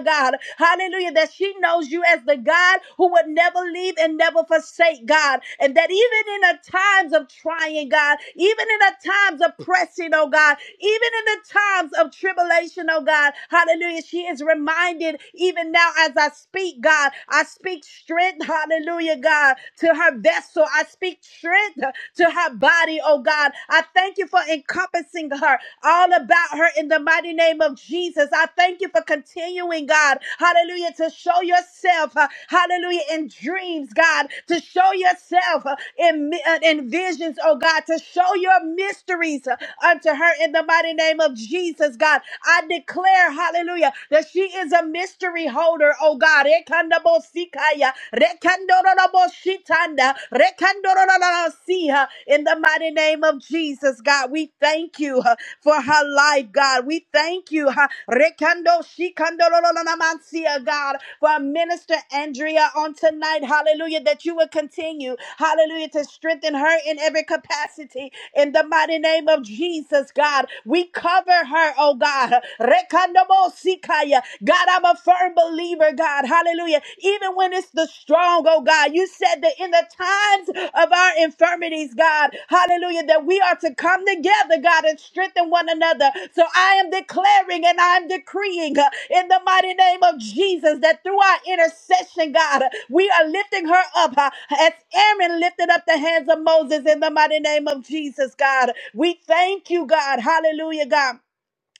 S5: God. Hallelujah. That she knows shows you as the God who would never leave and never forsake God. And that even in the times of trying, God, even in the times of pressing, oh God, even in the times of tribulation, oh God, hallelujah, she is reminded even now as I speak, God, I speak strength, hallelujah, God, to her vessel. I speak strength, to her body, oh God. I thank you for encompassing her, all about her in the mighty name of Jesus. I thank you for continuing, God, hallelujah, to show yourself, uh, hallelujah, in dreams, God, to show yourself uh, in, uh, in visions, oh God, to show your mysteries uh, unto her in the mighty name of Jesus, God. I declare, hallelujah, that she is a mystery holder, oh God. Rekandabosikaya, Rekandoroloboshitanda, rekandorololosiha. In the mighty name of Jesus, God, we thank you uh, for her life, God. We thank you, uh, rekandoshikandorolololamancia, God, for Minister Andrea on tonight. Hallelujah, that you will continue, hallelujah, to strengthen her in every capacity. In the mighty name of Jesus, God, we cover her, oh God. Rekandobosikaya. God, I I'm a firm believer, God. Hallelujah. Even when it's the strong, oh God, you said that in the times of our infirmities, God, hallelujah, that we are to come together, God, and strengthen one another. So I am declaring and I'm decreeing uh, in the mighty name of Jesus that through our intercession, God, uh, we are lifting her up uh, as Aaron lifted up the hands of Moses in the mighty name of Jesus, God. We thank you, God. Hallelujah, God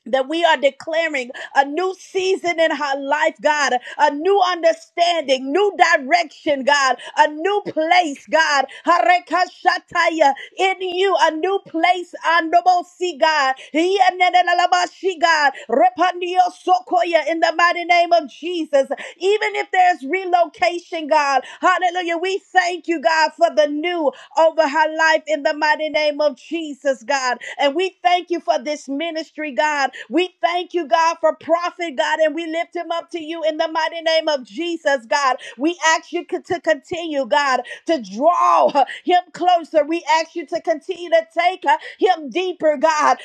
S5: that we are declaring a new season in her life, God, a new understanding, new direction, God, a new place, God, Harekashataya, in you, a new place, Andobosi, God, Hiyanenelalabashi, God, Repandio Sokoya, in the mighty name of Jesus, even if there's relocation, God, hallelujah, we thank you, God, for the new over her life in the mighty name of Jesus, God, and we thank thank you for this ministry, God. We thank you, God, for prophet, God, and we lift him up to you in the mighty name of Jesus, God. We ask you to continue, God, to draw him closer. We ask you to continue to take uh, him deeper, God.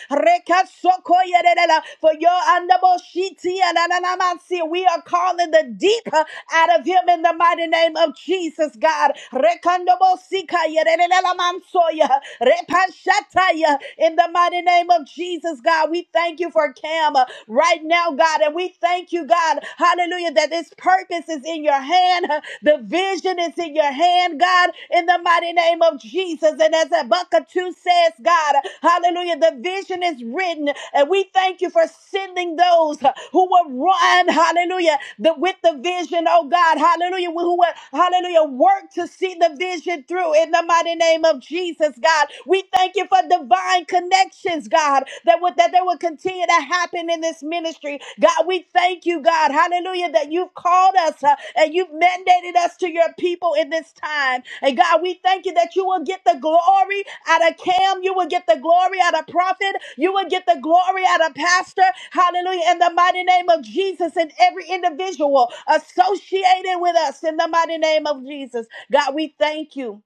S5: For your andaboshiti ananamasi. we are calling the deep uh, out of him in the mighty name of Jesus, God. Rekandobosikayerelela Sataya. In the mighty name of Jesus, God, we thank you for Cam uh, right now, God. And we thank you, God, hallelujah, that this purpose is in your hand. uh, The vision is in your hand, God, in the mighty name of Jesus. And as Habakkuk 2 says, God, hallelujah, the vision is written. And we thank you for sending those uh, who will run, hallelujah, the, with the vision, oh God, hallelujah, who will, hallelujah, work to see the vision through in the mighty name of Jesus. Jesus, God. We thank you for divine connections, God, that would that they will continue to happen in this ministry. God, we thank you, God, hallelujah, that you've called us uh, and you've mandated us to your people in this time. And God, we thank you that you will get the glory out of Cam, you will get the glory out of prophet, you will get the glory out of pastor, hallelujah, in the mighty name of Jesus and every individual associated with us in the mighty name of Jesus. God, we thank you.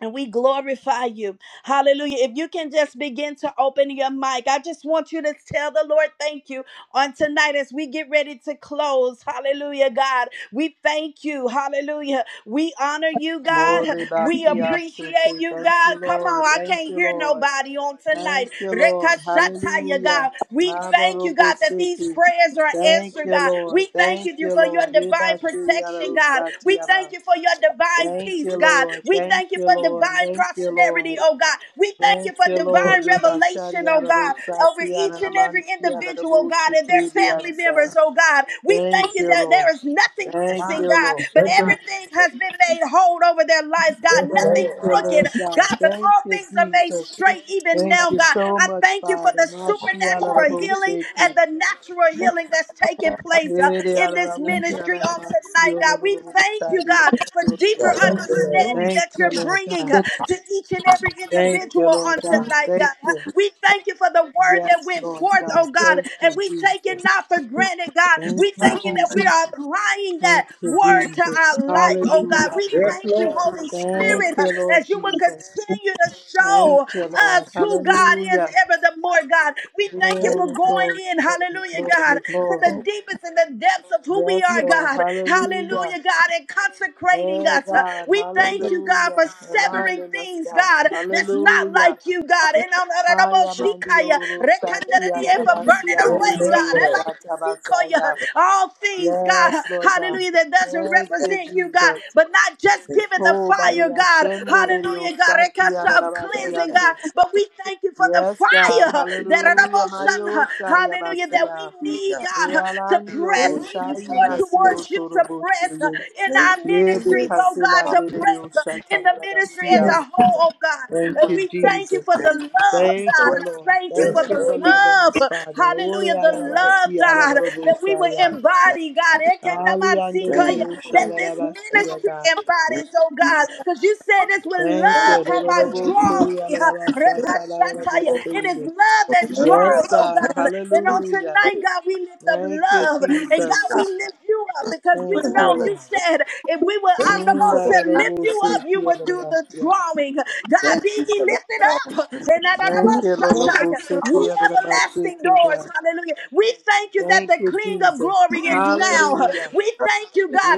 S5: And we glorify you. Hallelujah. If you can just begin to open your mic, I just want you to tell the Lord thank you on tonight as we get ready to close. Hallelujah, God. We thank you. Hallelujah. We honor you, God. We appreciate
S6: Moribakiashite.
S5: you,
S6: Thank you,
S5: God. Come
S6: Lord.
S5: on, I
S6: Thank
S5: can't
S6: you,
S5: hear
S6: Lord.
S5: nobody on
S6: Thank
S5: tonight.
S6: you, Lord.
S5: Rekashataya,
S6: Hallelujah.
S5: God. We thank you, God, that these
S6: Mabarobosiki.
S5: prayers are
S6: Thank
S5: answered,
S6: you,
S5: God.
S6: Lord.
S5: We thank
S6: Thank
S5: you
S6: you,
S5: for your
S6: Lord.
S5: divine
S6: Ribashuri
S5: protection, God. We thank
S6: Ribashiriarosatiaba.
S5: you for your divine peace
S6: Thank
S5: peace,
S6: you,
S5: God.
S6: Lord.
S5: We
S6: Thank
S5: thank you
S6: you,
S5: for
S6: Lord.
S5: divine
S6: Thank you,
S5: prosperity,
S6: Lord.
S5: oh God. We thank you
S6: Thank
S5: for
S6: you, Lord.
S5: divine revelation,
S6: Ribashari
S5: oh God, over
S6: Ararosati
S5: each and every
S6: Ananamanti
S5: individual, God, and their
S6: Ararabushitibi
S5: family
S6: ansa.
S5: members, oh God. We
S6: Thank
S5: thank you
S6: you,
S5: that
S6: Lord.
S5: there is nothing
S6: Thank
S5: missing,
S6: you,
S5: God,
S6: Lord.
S5: but everything has been made whole over their lives, God. Nothing
S6: Thank you,
S5: crooked,
S6: Lord God.
S5: God, but
S6: Thank
S5: all
S6: you,
S5: things are made
S6: Jesus.
S5: straight even
S6: Thank
S5: now,
S6: you
S5: God.
S6: so
S5: I
S6: much,
S5: thank you for
S6: Father.
S5: the supernatural healing and
S6: Mashialaraboseke.
S5: the natural healing that's taking place uh, in this ministry, on tonight, God. We thank you, God, for
S6: Erealaraboshalaramansiololoroboshayemasolo.
S5: deeper understanding
S6: Thank
S5: that
S6: you,
S5: you're
S6: Lord
S5: bringing
S6: God.
S5: uh, to each and every
S6: Thank you,
S5: individual
S6: Lord
S5: on
S6: God.
S5: tonight,
S6: Thank
S5: God. Uh,
S6: you.
S5: We thank you for the word that
S6: Yes,
S5: went
S6: Lord
S5: forth,
S6: God.
S5: oh God,
S6: Thank you,
S5: and we take it
S6: Jesus.
S5: not for granted, God.
S6: Thank
S5: We
S6: you,
S5: thank you that we are
S6: Jesus.
S5: applying
S6: Thank
S5: that
S6: you,
S5: word to
S6: Jesus.
S5: our life, oh God.
S6: Hallelujah.
S5: We
S2: Yes,
S5: thank you,
S2: Lord.
S5: Holy
S6: Thank
S5: Spirit, uh,
S6: you, Lord
S5: as you will
S6: Jesus.
S5: continue to
S6: Thank
S5: show
S6: you, Lord.
S5: us who God is
S6: Hallelujah.
S5: ever the more, God. We thank
S6: Glory,
S5: you
S2: Thank
S5: for going
S6: glory,
S5: in,
S6: glory,
S5: hallelujah, hallelujah,
S6: glory,
S5: God, to
S6: glory.
S5: the deepest and the depths of who we
S6: Yes,
S5: are,
S6: Lord.
S5: God,
S6: Hallelujah.
S5: hallelujah, God, and consecrating
S6: Hey,
S5: us.
S6: God.
S5: We
S2: you
S5: thank
S2: for
S5: you, God,
S6: Hallelujah.
S5: for
S6: Align
S5: severing
S6: in us,
S5: things,
S6: God.
S5: God, that's not
S6: Hallelujah.
S5: like you, God, and on- on- on- on-
S6: Haya mandiororo shati
S5: for
S2: the
S6: arabasi
S5: burning
S2: Oh, revelation. my
S5: away,
S6: andedeo
S2: God.
S5: God. Sikoya,
S6: shatabasaya.
S5: all things,
S6: Yes,
S5: God,
S6: Lord God.
S5: hallelujah, that doesn't
S6: Thank you,
S5: represent you, God,
S6: Jesus.
S5: but not just
S2: Thank
S5: giving the
S6: Oh, body
S5: fire, God,
S6: ashende dedeo
S5: hallelujah, God,
S6: sati
S5: rekasha of cleansing,
S6: arabashiando.
S5: God, but we thank you for the
S6: Yes, God.
S5: fire that
S6: Hallelujah.
S5: emotion,
S6: Mario shaya
S5: hallelujah, that
S6: basia.
S5: we
S2: you,
S5: need,
S2: God.
S5: God, to
S6: Yalandi
S5: press
S2: Thank you
S5: even
S6: Oboshayi
S2: for
S5: more
S6: Nasio
S2: revelation.
S5: towards you, to press uh,
S6: Toroboshaye.
S5: in
S2: Thank
S5: our
S2: you for
S6: Yebe
S5: ministries,
S2: wisdom.
S5: oh God, to
S6: Kasilande de
S5: press uh, in the ministry as
S2: Thank
S6: Oshatarabasia.
S5: a
S2: you
S5: whole, oh God.
S6: Thank you,
S5: we thank you
S6: Jesus.
S5: for the love,
S6: Thank you,
S2: for
S5: God
S6: Lord.
S5: thank
S2: Yes,
S5: you
S6: Thank
S5: for
S6: you
S2: understanding
S5: the
S6: for
S2: Lord
S6: loving
S5: love.
S6: us, Father. Ori
S5: Hallelujah. The
S2: and God. direction.
S5: love,
S6: Arabasia,
S5: God, that we will
S6: Araboshaya.
S5: embody, God.
S6: Ali Ande de
S5: Ekenamansikaya,
S2: Hallelujah.
S5: That this
S6: Osharabasia,
S5: ministry
S6: God.
S5: embodies, oh God. Because you said this with
S6: Thank you.
S5: love have I drawn
S2: Hallelujah.
S6: Lorobosori,
S5: thee. huh?
S6: Arabashata,
S5: Repashataya.
S2: For
S5: It is
S6: Arabosia.
S5: love that
S2: the word
S6: Yes,
S5: draws,
S2: that's
S5: oh
S6: God.
S5: God. And on
S6: Hallelujah.
S5: tonight, God, we lift up
S6: Thank you,
S5: love. And
S6: Jesus.
S5: God, we lift you up because we
S6: Thank
S2: a
S6: you,
S5: know
S2: Hallelujah.
S5: you
S6: Lord.
S5: said if we were honorable
S2: For the
S5: to lift you up, you would do the
S6: Mm-da-da-da-bo-se-ki-ya-da-da-ba-shi-ya.
S5: drawing. God,
S2: thank
S5: be
S2: you
S5: ye
S2: for the
S5: lifted up.
S6: Thank you,
S5: and
S6: Lolo
S5: Shatai, Ye everlasting doors. Hallelujah. We thank you that
S6: Thank
S5: the
S6: you,
S5: King of
S6: Jesus.
S5: glory is now.
S6: Hallelujah.
S5: We thank you, God.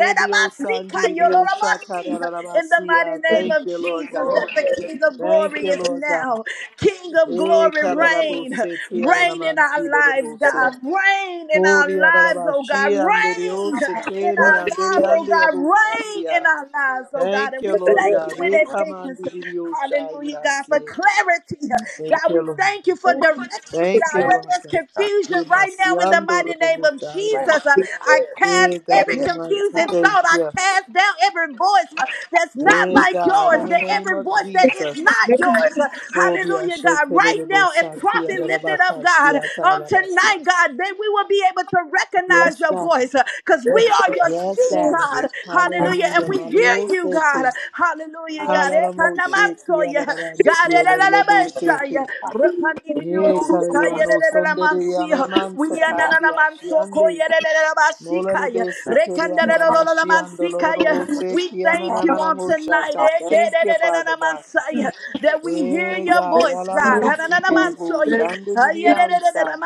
S5: In the mighty name
S6: Thank
S5: of
S6: you, Lord
S5: Jesus,
S6: God.
S5: that the King of
S6: Thank
S5: glory
S6: you,
S5: is
S6: Lord God.
S5: now. King of glory, reign. Reign in our lives,
S6: E-ka-da-da-bo-se-ti-ya-da-da-man-chi-da-da-bo-se.
S5: God. Reign in our lives, oh God. Reign in our lives, oh God. Reign
S6: Ho-ri-ya-da-da-ba-shi-ya-ndi-di-o-se-te-mi-ya-ndi-di-ya-ndi-ya-bo-sha-ti-ya.
S5: in our lives, oh God.
S6: Thank
S5: And
S6: you,
S5: we
S6: Lord
S5: thank you
S6: God.
S5: in advance. Hallelujah, God, for
S6: E-ka-man-di-di-di-o-sha-ya-da-si-ya.
S5: clarity.
S6: Thank
S5: God,
S6: you,
S5: we
S6: Lord.
S5: thank you for direction,
S6: Thank
S5: God.
S6: you,
S5: Where
S6: Lord
S5: there's
S6: God.
S5: confusion
S6: We
S5: right
S6: must
S5: now, in the
S6: yonder the
S5: mighty name of
S6: bush, I-
S2: rain.
S5: Jesus, uh, I cast
S6: Hey, God
S5: every
S2: Yes,
S6: Almighty,
S5: confusing
S6: thank
S5: thought. I
S6: you.
S5: cast down every voice uh, that's not
S6: Hey,
S5: like
S6: God, in
S5: yours,
S6: the
S5: that
S6: name
S5: every
S6: of
S5: voice that is
S6: Jesus.
S5: not yours. Uh,
S6: Kobe, I
S5: hallelujah,
S6: should
S5: God.
S6: tell you
S5: Right
S6: the
S5: now,
S6: bush,
S5: as
S6: I see, and
S5: prophet
S6: then I
S5: lifted
S6: back,
S5: up,
S6: I see,
S5: God,
S6: I tell
S5: on
S6: you, I see.
S5: tonight, God, then we will be able to recognize
S6: Yes,
S5: your
S6: God.
S5: voice because we are your
S6: Yes,
S5: sheep,
S6: God.
S5: God. Hallelujah. And
S6: Hallelujah.
S5: we hear
S6: Malio
S5: you,
S6: Sete.
S5: God. Hallelujah, God.
S6: Halaramo Sheti,
S5: Ekanamansoya. God,
S6: Alarabancio, Lobo Sheti.
S5: elelelebeshaya.
S6: Ye, Carrion, no Sunday, Alaramansa,
S5: We are
S6: Kabi,
S5: nananamansoko
S6: Ashiande. Molele be sekere alala mashiando lolobo
S5: We
S6: seki
S5: thank you
S6: ananana
S5: on tonight
S6: moshata. Thank you, Father God.
S5: that we hear
S6: Hey
S5: your
S6: God,
S5: voice, God.
S6: alaban sikere bo
S5: Hanananamansoya.
S6: shande diansa.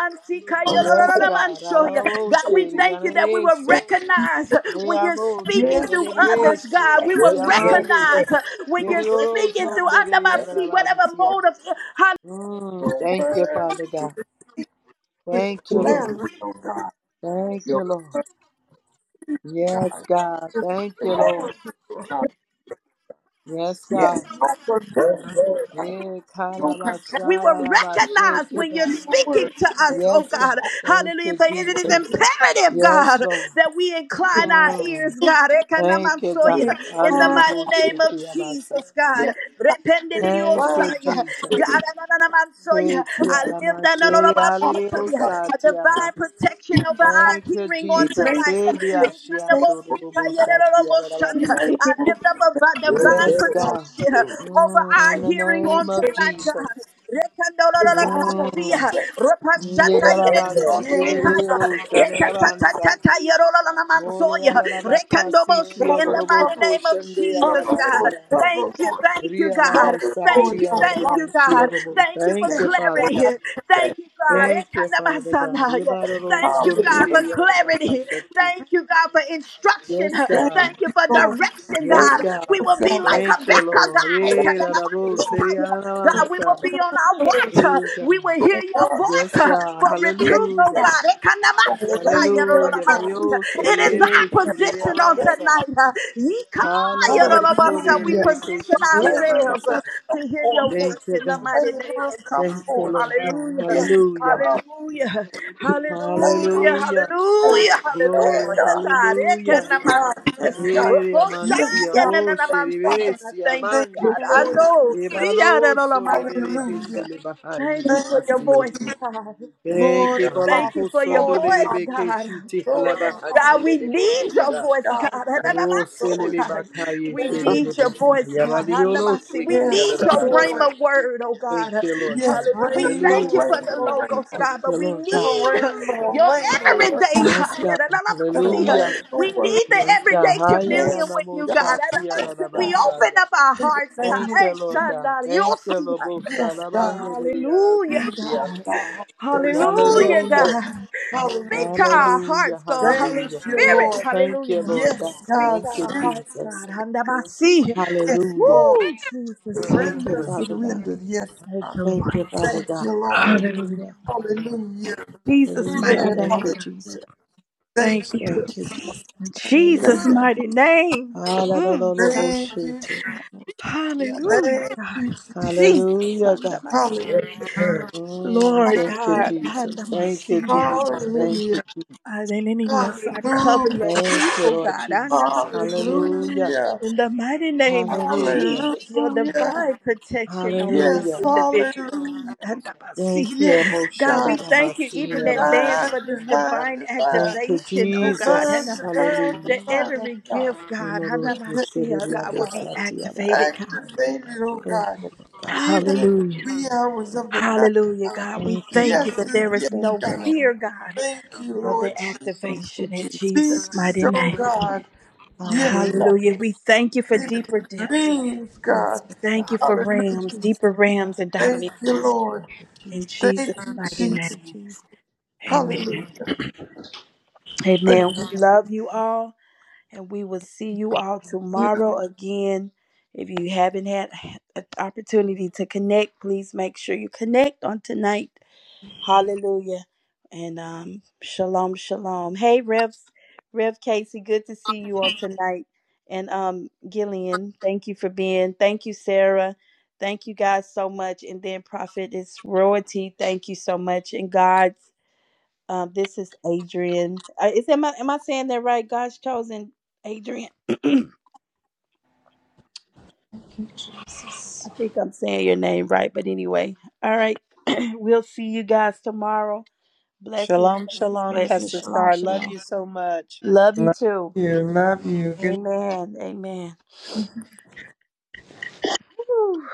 S6: Yes, God, alabo
S5: God, we
S6: sheri
S5: thank you that we will
S6: anese.
S5: recognize
S6: We
S5: when you're
S6: amosi
S5: speaking through others,
S6: alerese
S5: God. We
S2: Yes,
S6: God.
S5: will
S2: Lord, Lord.
S6: Yamande.
S5: recognize when you're
S6: Yerioro
S5: speaking through under
S6: sondere
S5: my seat, whatever
S6: alabansia.
S5: mode of
S6: Mm,
S2: your
S6: thank you,
S2: word.
S6: Father God. Thank you, Lord.
S2: Larry, oh God.
S6: Thank
S2: Your
S6: you, Lord. Yes,
S2: God.
S6: God. Thank you, Lord.
S2: Larry, oh God.
S6: Yes,
S2: Yes,
S6: God.
S2: no Lord.
S6: Yeah,
S2: no
S5: We will recognize
S6: kalabasharabashake,
S5: when you're
S6: God.
S5: speaking
S2: control.
S5: to us, oh
S6: Yes,
S5: God.
S6: God. Thank
S5: Hallelujah.
S6: you,
S5: For it is
S6: Jesus.
S5: imperative,
S6: Yes,
S5: God,
S6: Lord.
S5: that we incline our
S6: Mm.
S5: ears, God.
S6: Thank you, God.
S5: Ekanamansoya. In the mighty
S6: Hallelujah.
S5: name of
S6: Tiabasa.
S5: Jesus, God.
S2: Yes,
S6: Thank you,
S2: word.
S5: Rependidiosaya.
S6: Jesus.
S2: It is
S5: God,
S6: Hey,
S5: ananamansoya. I lift
S6: tiarama, shere,
S2: awesome,
S5: ananamashikaya.
S2: God.
S6: hallelujah,
S5: a
S6: tiama.
S5: divine protection over our
S6: Thank you,
S5: hearing on
S6: Jesus.
S5: tonight.
S6: Hey, biashiando,
S5: I
S6: robosa,
S5: lift
S6: tiarabasha.
S5: up about
S2: Yes,
S5: divine
S2: sir.
S6: Yes,
S2: Hallelujah.
S6: God.
S5: protection uh, over
S6: Mm,
S5: our
S6: in the
S5: hearing
S6: name
S5: on
S6: of
S5: tonight, God.
S6: Jesus. Mm.
S5: Rekandolololamansia,
S6: Yerarabansi
S5: repashatayererioshikaya,
S6: kererebo shanarabansa. Mole
S5: rekatatatatayorololamansoya,
S6: yalarabaka siti
S5: rekandoboshi, In
S2: Lord.
S5: the mighty
S6: yororoboko
S5: name of
S6: shende
S5: Jesus,
S2: Cover,
S5: God.
S2: Lord.
S6: yalarabasiya.
S2: Cover,
S5: Thank you, thank you, God.
S6: Riyarabosa
S2: Lord.
S5: Thank you,
S2: No
S5: thank
S2: loss.
S5: you,
S6: chiyararabansi
S2: I
S5: God.
S6: yorobo.
S5: Thank Thank you for
S6: Thank you, Father
S5: clarity.
S6: God.
S2: say,
S5: Thank you, God.
S6: Thank you, Father God.
S5: Ekanamasana.
S6: Rebararo
S5: Thank you,
S6: sonde
S5: God,
S2: Hallelujah.
S6: de
S5: for
S6: yararabaka
S5: clarity.
S6: shati.
S5: Thank you, God, for instruction.
S6: Yes,
S2: Thank you,
S6: God.
S5: Thank you for
S2: Lord.
S5: direction,
S2: Thank
S6: Yes,
S5: God.
S2: you,
S5: We
S6: God.
S5: will be like
S6: Thank
S2: salvation.
S6: you,
S5: Habakkuk,
S6: Lord.
S5: God.
S6: Yerarabo
S5: Ekanamasika. God, we
S6: seriyararabansa.
S5: will be on our watch.
S6: Hey,
S5: We
S6: God.
S5: will hear your
S2: Lord.
S5: voice
S6: Yes, God.
S5: for
S2: Yes,
S5: reproof, oh
S6: Hallelujah.
S5: God.
S2: Lord. Labor,
S6: Hallelujah.
S2: God.
S6: Vario
S5: It is
S6: serere
S5: our
S6: serere
S5: position on
S2: Thank
S6: amansa.
S2: you.
S5: tonight. uh,
S6: Hala manso
S5: Yikayarabasa. We
S2: Hallelujah.
S6: rere
S5: position
S6: keshiti
S2: Labor,
S5: ourselves
S6: amansa.
S5: uh, to hear your
S2: forth.
S6: Thank
S5: voice
S6: you,
S5: in the
S6: God.
S5: mighty name
S2: Laborers
S5: of
S2: come
S6: Thank
S5: Jesus.
S6: you,
S2: forth.
S6: Lord God.
S5: Hallelujah.
S2: Yes,
S6: Hallelujah.
S5: Hallelujah. Hallelujah.
S2: laborers
S6: Hallelujah.
S2: for
S5: Hallelujah.
S2: prayer,
S6: Glory.
S5: Hallelujah,
S2: God.
S5: God. Eh,
S2: Yes,
S5: can
S6: Hallelujah.
S5: I man
S2: God.
S5: see. Ekanamansi.
S2: Yes, God.
S6: Ere
S2: Yes,
S6: amansia
S2: God.
S6: bo
S5: Rokoshaya see. God.
S6: serevesi
S5: Thank you,
S2: Thank
S6: amandi.
S5: God.
S2: you,
S5: I
S2: Lord.
S5: know. See
S6: Ebalo
S5: Siyararolamansi,
S6: solebere
S5: God.
S2: Hallelujah.
S6: hesele bahai
S5: Thank you
S2: Thank
S5: for
S2: you,
S5: your voice,
S6: bakasioto.
S5: God.
S2: Lord
S6: Eke
S2: of
S6: bala
S5: Thank you
S2: harvest.
S5: for your
S6: kosondo
S2: Lord,
S5: voice,
S6: lerebe
S5: God.
S6: keshiti
S2: Lord
S6: halaba
S2: of
S5: God,
S2: harvest.
S5: we
S6: haselele
S5: need
S2: Yes,
S5: your
S6: bohocha.
S5: voice, God.
S2: God, thank you,
S6: Mo
S2: Lord.
S6: selele bakaye
S5: We
S6: shelele
S5: need your
S6: busa.
S5: voice, God.
S6: Yabadi yolo
S5: We
S6: shiki
S2: Yes,
S5: need
S6: yadada
S5: your
S2: Lord.
S6: bansa.
S5: rhema word, oh
S6: Thank
S5: God.
S6: you, Lord
S2: Yes,
S6: God.
S5: Hallelujah. We thank
S2: rainbow,
S5: you
S6: Hallelujah.
S5: for the
S2: rainbow, rainbow.
S5: logos, God,
S6: Thank you,
S5: but we
S6: Lord God.
S2: Rainbow,
S5: need
S2: rainbow, rainbow,
S5: your
S2: rainbow, word.
S5: everyday.
S6: Yes, God.
S2: Send a
S6: Hallelujah.
S5: We
S2: rainbow. word.
S5: need the
S6: Yes, God.
S5: everyday
S6: Haya na
S5: communion
S2: Yes,
S6: na
S5: with
S6: mo
S5: you,
S2: God,
S5: God.
S6: shati yadada
S5: We
S2: God,
S5: open
S6: basaya.
S5: up our hearts,
S2: thank
S6: Thank
S2: you.
S6: you, Lord God. Thank you,
S5: God.
S6: Lord busa.
S2: Yes, God,
S6: Labande lili yada
S5: Hallelujah, God.
S6: kushiyata.
S2: God.
S5: Hallelujah,
S6: Hallelujah.
S5: God. Speak to
S2: Hallelujah.
S5: our
S6: Hallelujah.
S5: hearts, God. Holy
S2: Thank
S6: Hallelujah.
S2: you,
S5: Spirit,
S2: Lord.
S6: Thank you,
S5: hallelujah.
S6: Lord God.
S2: Yes,
S5: Speak
S2: God,
S5: to
S6: Thank you,
S5: our hearts,
S6: Jesus.
S5: God. Handabasi.
S2: Lord.
S6: Hallelujah.
S5: Woo, Jesus. Thank
S6: Thank you,
S2: Render,
S6: Father God.
S2: render. Yes,
S5: you,
S6: Thank
S5: Lord.
S6: you, Father God.
S2: Lord.
S5: Hallelujah.
S6: Hallelujah.
S2: Hallelujah.
S5: Jesus'
S2: Yes,
S6: Hallelujah.
S5: mighty
S3: But
S6: Thank
S5: name,
S6: you,
S5: God.
S2: hallelujah.
S6: Jesus.
S2: Thank
S5: Thank you.
S6: Thank you.
S5: In Jesus'
S2: you.
S6: Hallelujah.
S5: mighty name. Mm, God.
S2: Thank you.
S6: Hallelujah.
S5: Hallelujah,
S2: Thank you,
S5: God.
S2: Jesus.
S5: Jesus,
S6: Hallelujah, God.
S5: handabasi.
S2: Hallelujah.
S6: Mm,
S5: Lord
S6: thank you,
S5: God,
S6: Jesus. Thank you,
S5: handabasi.
S6: Jesus. Thank you,
S2: Hallelujah.
S6: Jesus.
S5: Hallelujah. I cover
S2: Hallelujah.
S5: your
S6: Thank you,
S5: people,
S6: Lord
S5: God. I know my
S6: Jesus.
S5: soul
S6: Hallelujah.
S2: Hallelujah.
S5: In the mighty name of
S6: Hallelujah.
S5: Jesus, your
S2: Hallelujah.
S5: divine protection over each
S2: Yes.
S6: Hallelujah.
S5: individual.
S2: Hallelujah.
S5: God, Anamasi.
S6: Thank you,
S2: Yes.
S5: God,
S6: Moshada
S5: we
S2: God.
S5: thank you
S6: Bahasi
S5: even in advance
S6: Bahai.
S2: Divine,
S5: for this
S2: divine,
S5: divine
S2: divine,
S6: Thank you,
S5: activation, oh God.
S2: divine,
S6: Jesus.
S5: Anam-
S2: divine, divine,
S6: Hallelujah.
S5: That
S2: oh
S5: every
S2: God.
S5: gift, God, I
S6: Memoro
S2: Yes,
S5: Anamasi, oh
S2: oh
S6: Kushiri
S5: God, will
S2: God.
S5: be
S6: Abosati
S5: activated, God.
S2: Activated, oh
S6: Praise
S2: God.
S6: the Lord God.
S2: Even
S6: Thank
S2: in
S6: you,
S2: the
S5: Hallelujah.
S6: Jesus.
S2: wee hours of the night.
S5: Hallelujah, God. We
S6: Thank you,
S5: thank
S2: Yes,
S5: you
S6: Father
S5: that
S6: God.
S5: there
S2: yes,
S5: is no
S6: Thank you,
S2: God.
S5: fear,
S6: Lord.
S5: God,
S2: Thank you,
S5: of
S2: Lord
S5: the
S2: Jesus.
S6: Thank you,
S5: activation in Jesus'
S6: Jesus.
S2: Speaks,
S5: mighty
S2: oh
S5: name.
S2: God. Yes,
S6: Hallelujah.
S2: God.
S5: Hallelujah. We thank you for
S2: Even
S5: deeper
S2: in
S5: depths.
S2: dreams, God.
S6: Yes,
S5: Thank you
S6: God.
S5: for
S6: Thank
S2: Hallelujah.
S6: you,
S5: rams,
S6: Jesus.
S5: deeper rams and
S2: Thank you,
S5: dimensions.
S2: Lord.
S6: Thank you, Jesus.
S5: In
S2: Thank
S5: Jesus'
S2: you,
S5: mighty
S6: Thank
S2: Jesus.
S6: you,
S5: name.
S6: Jesus.
S5: Amen.
S2: Hallelujah.
S5: Amen.
S2: Thank
S5: We love you all and we will see you all
S2: you.
S5: tomorrow again. If you haven't had an opportunity to connect, please make sure you connect on tonight. Hallelujah. And um, shalom, shalom. Hey, Revs, Rev Casey, good to see you on tonight. And um, Gillian, thank you for being. Thank you, Sarah. Thank you guys so much. And then Prophet is royalty. Thank you so much. And God's, uh, this is Adrian. Uh, is am I am I saying that right? God's chosen Adrian. I think I'm saying your name right, but anyway, all right. we'll see you guys tomorrow. Blessings,
S6: Shalom,
S5: blessings,
S6: shalom,
S5: blessings.
S6: Pastor
S5: Shalom,
S6: Star. Love
S5: shalom.
S6: you so much.
S5: Love you too. Amen. Amen. Whew.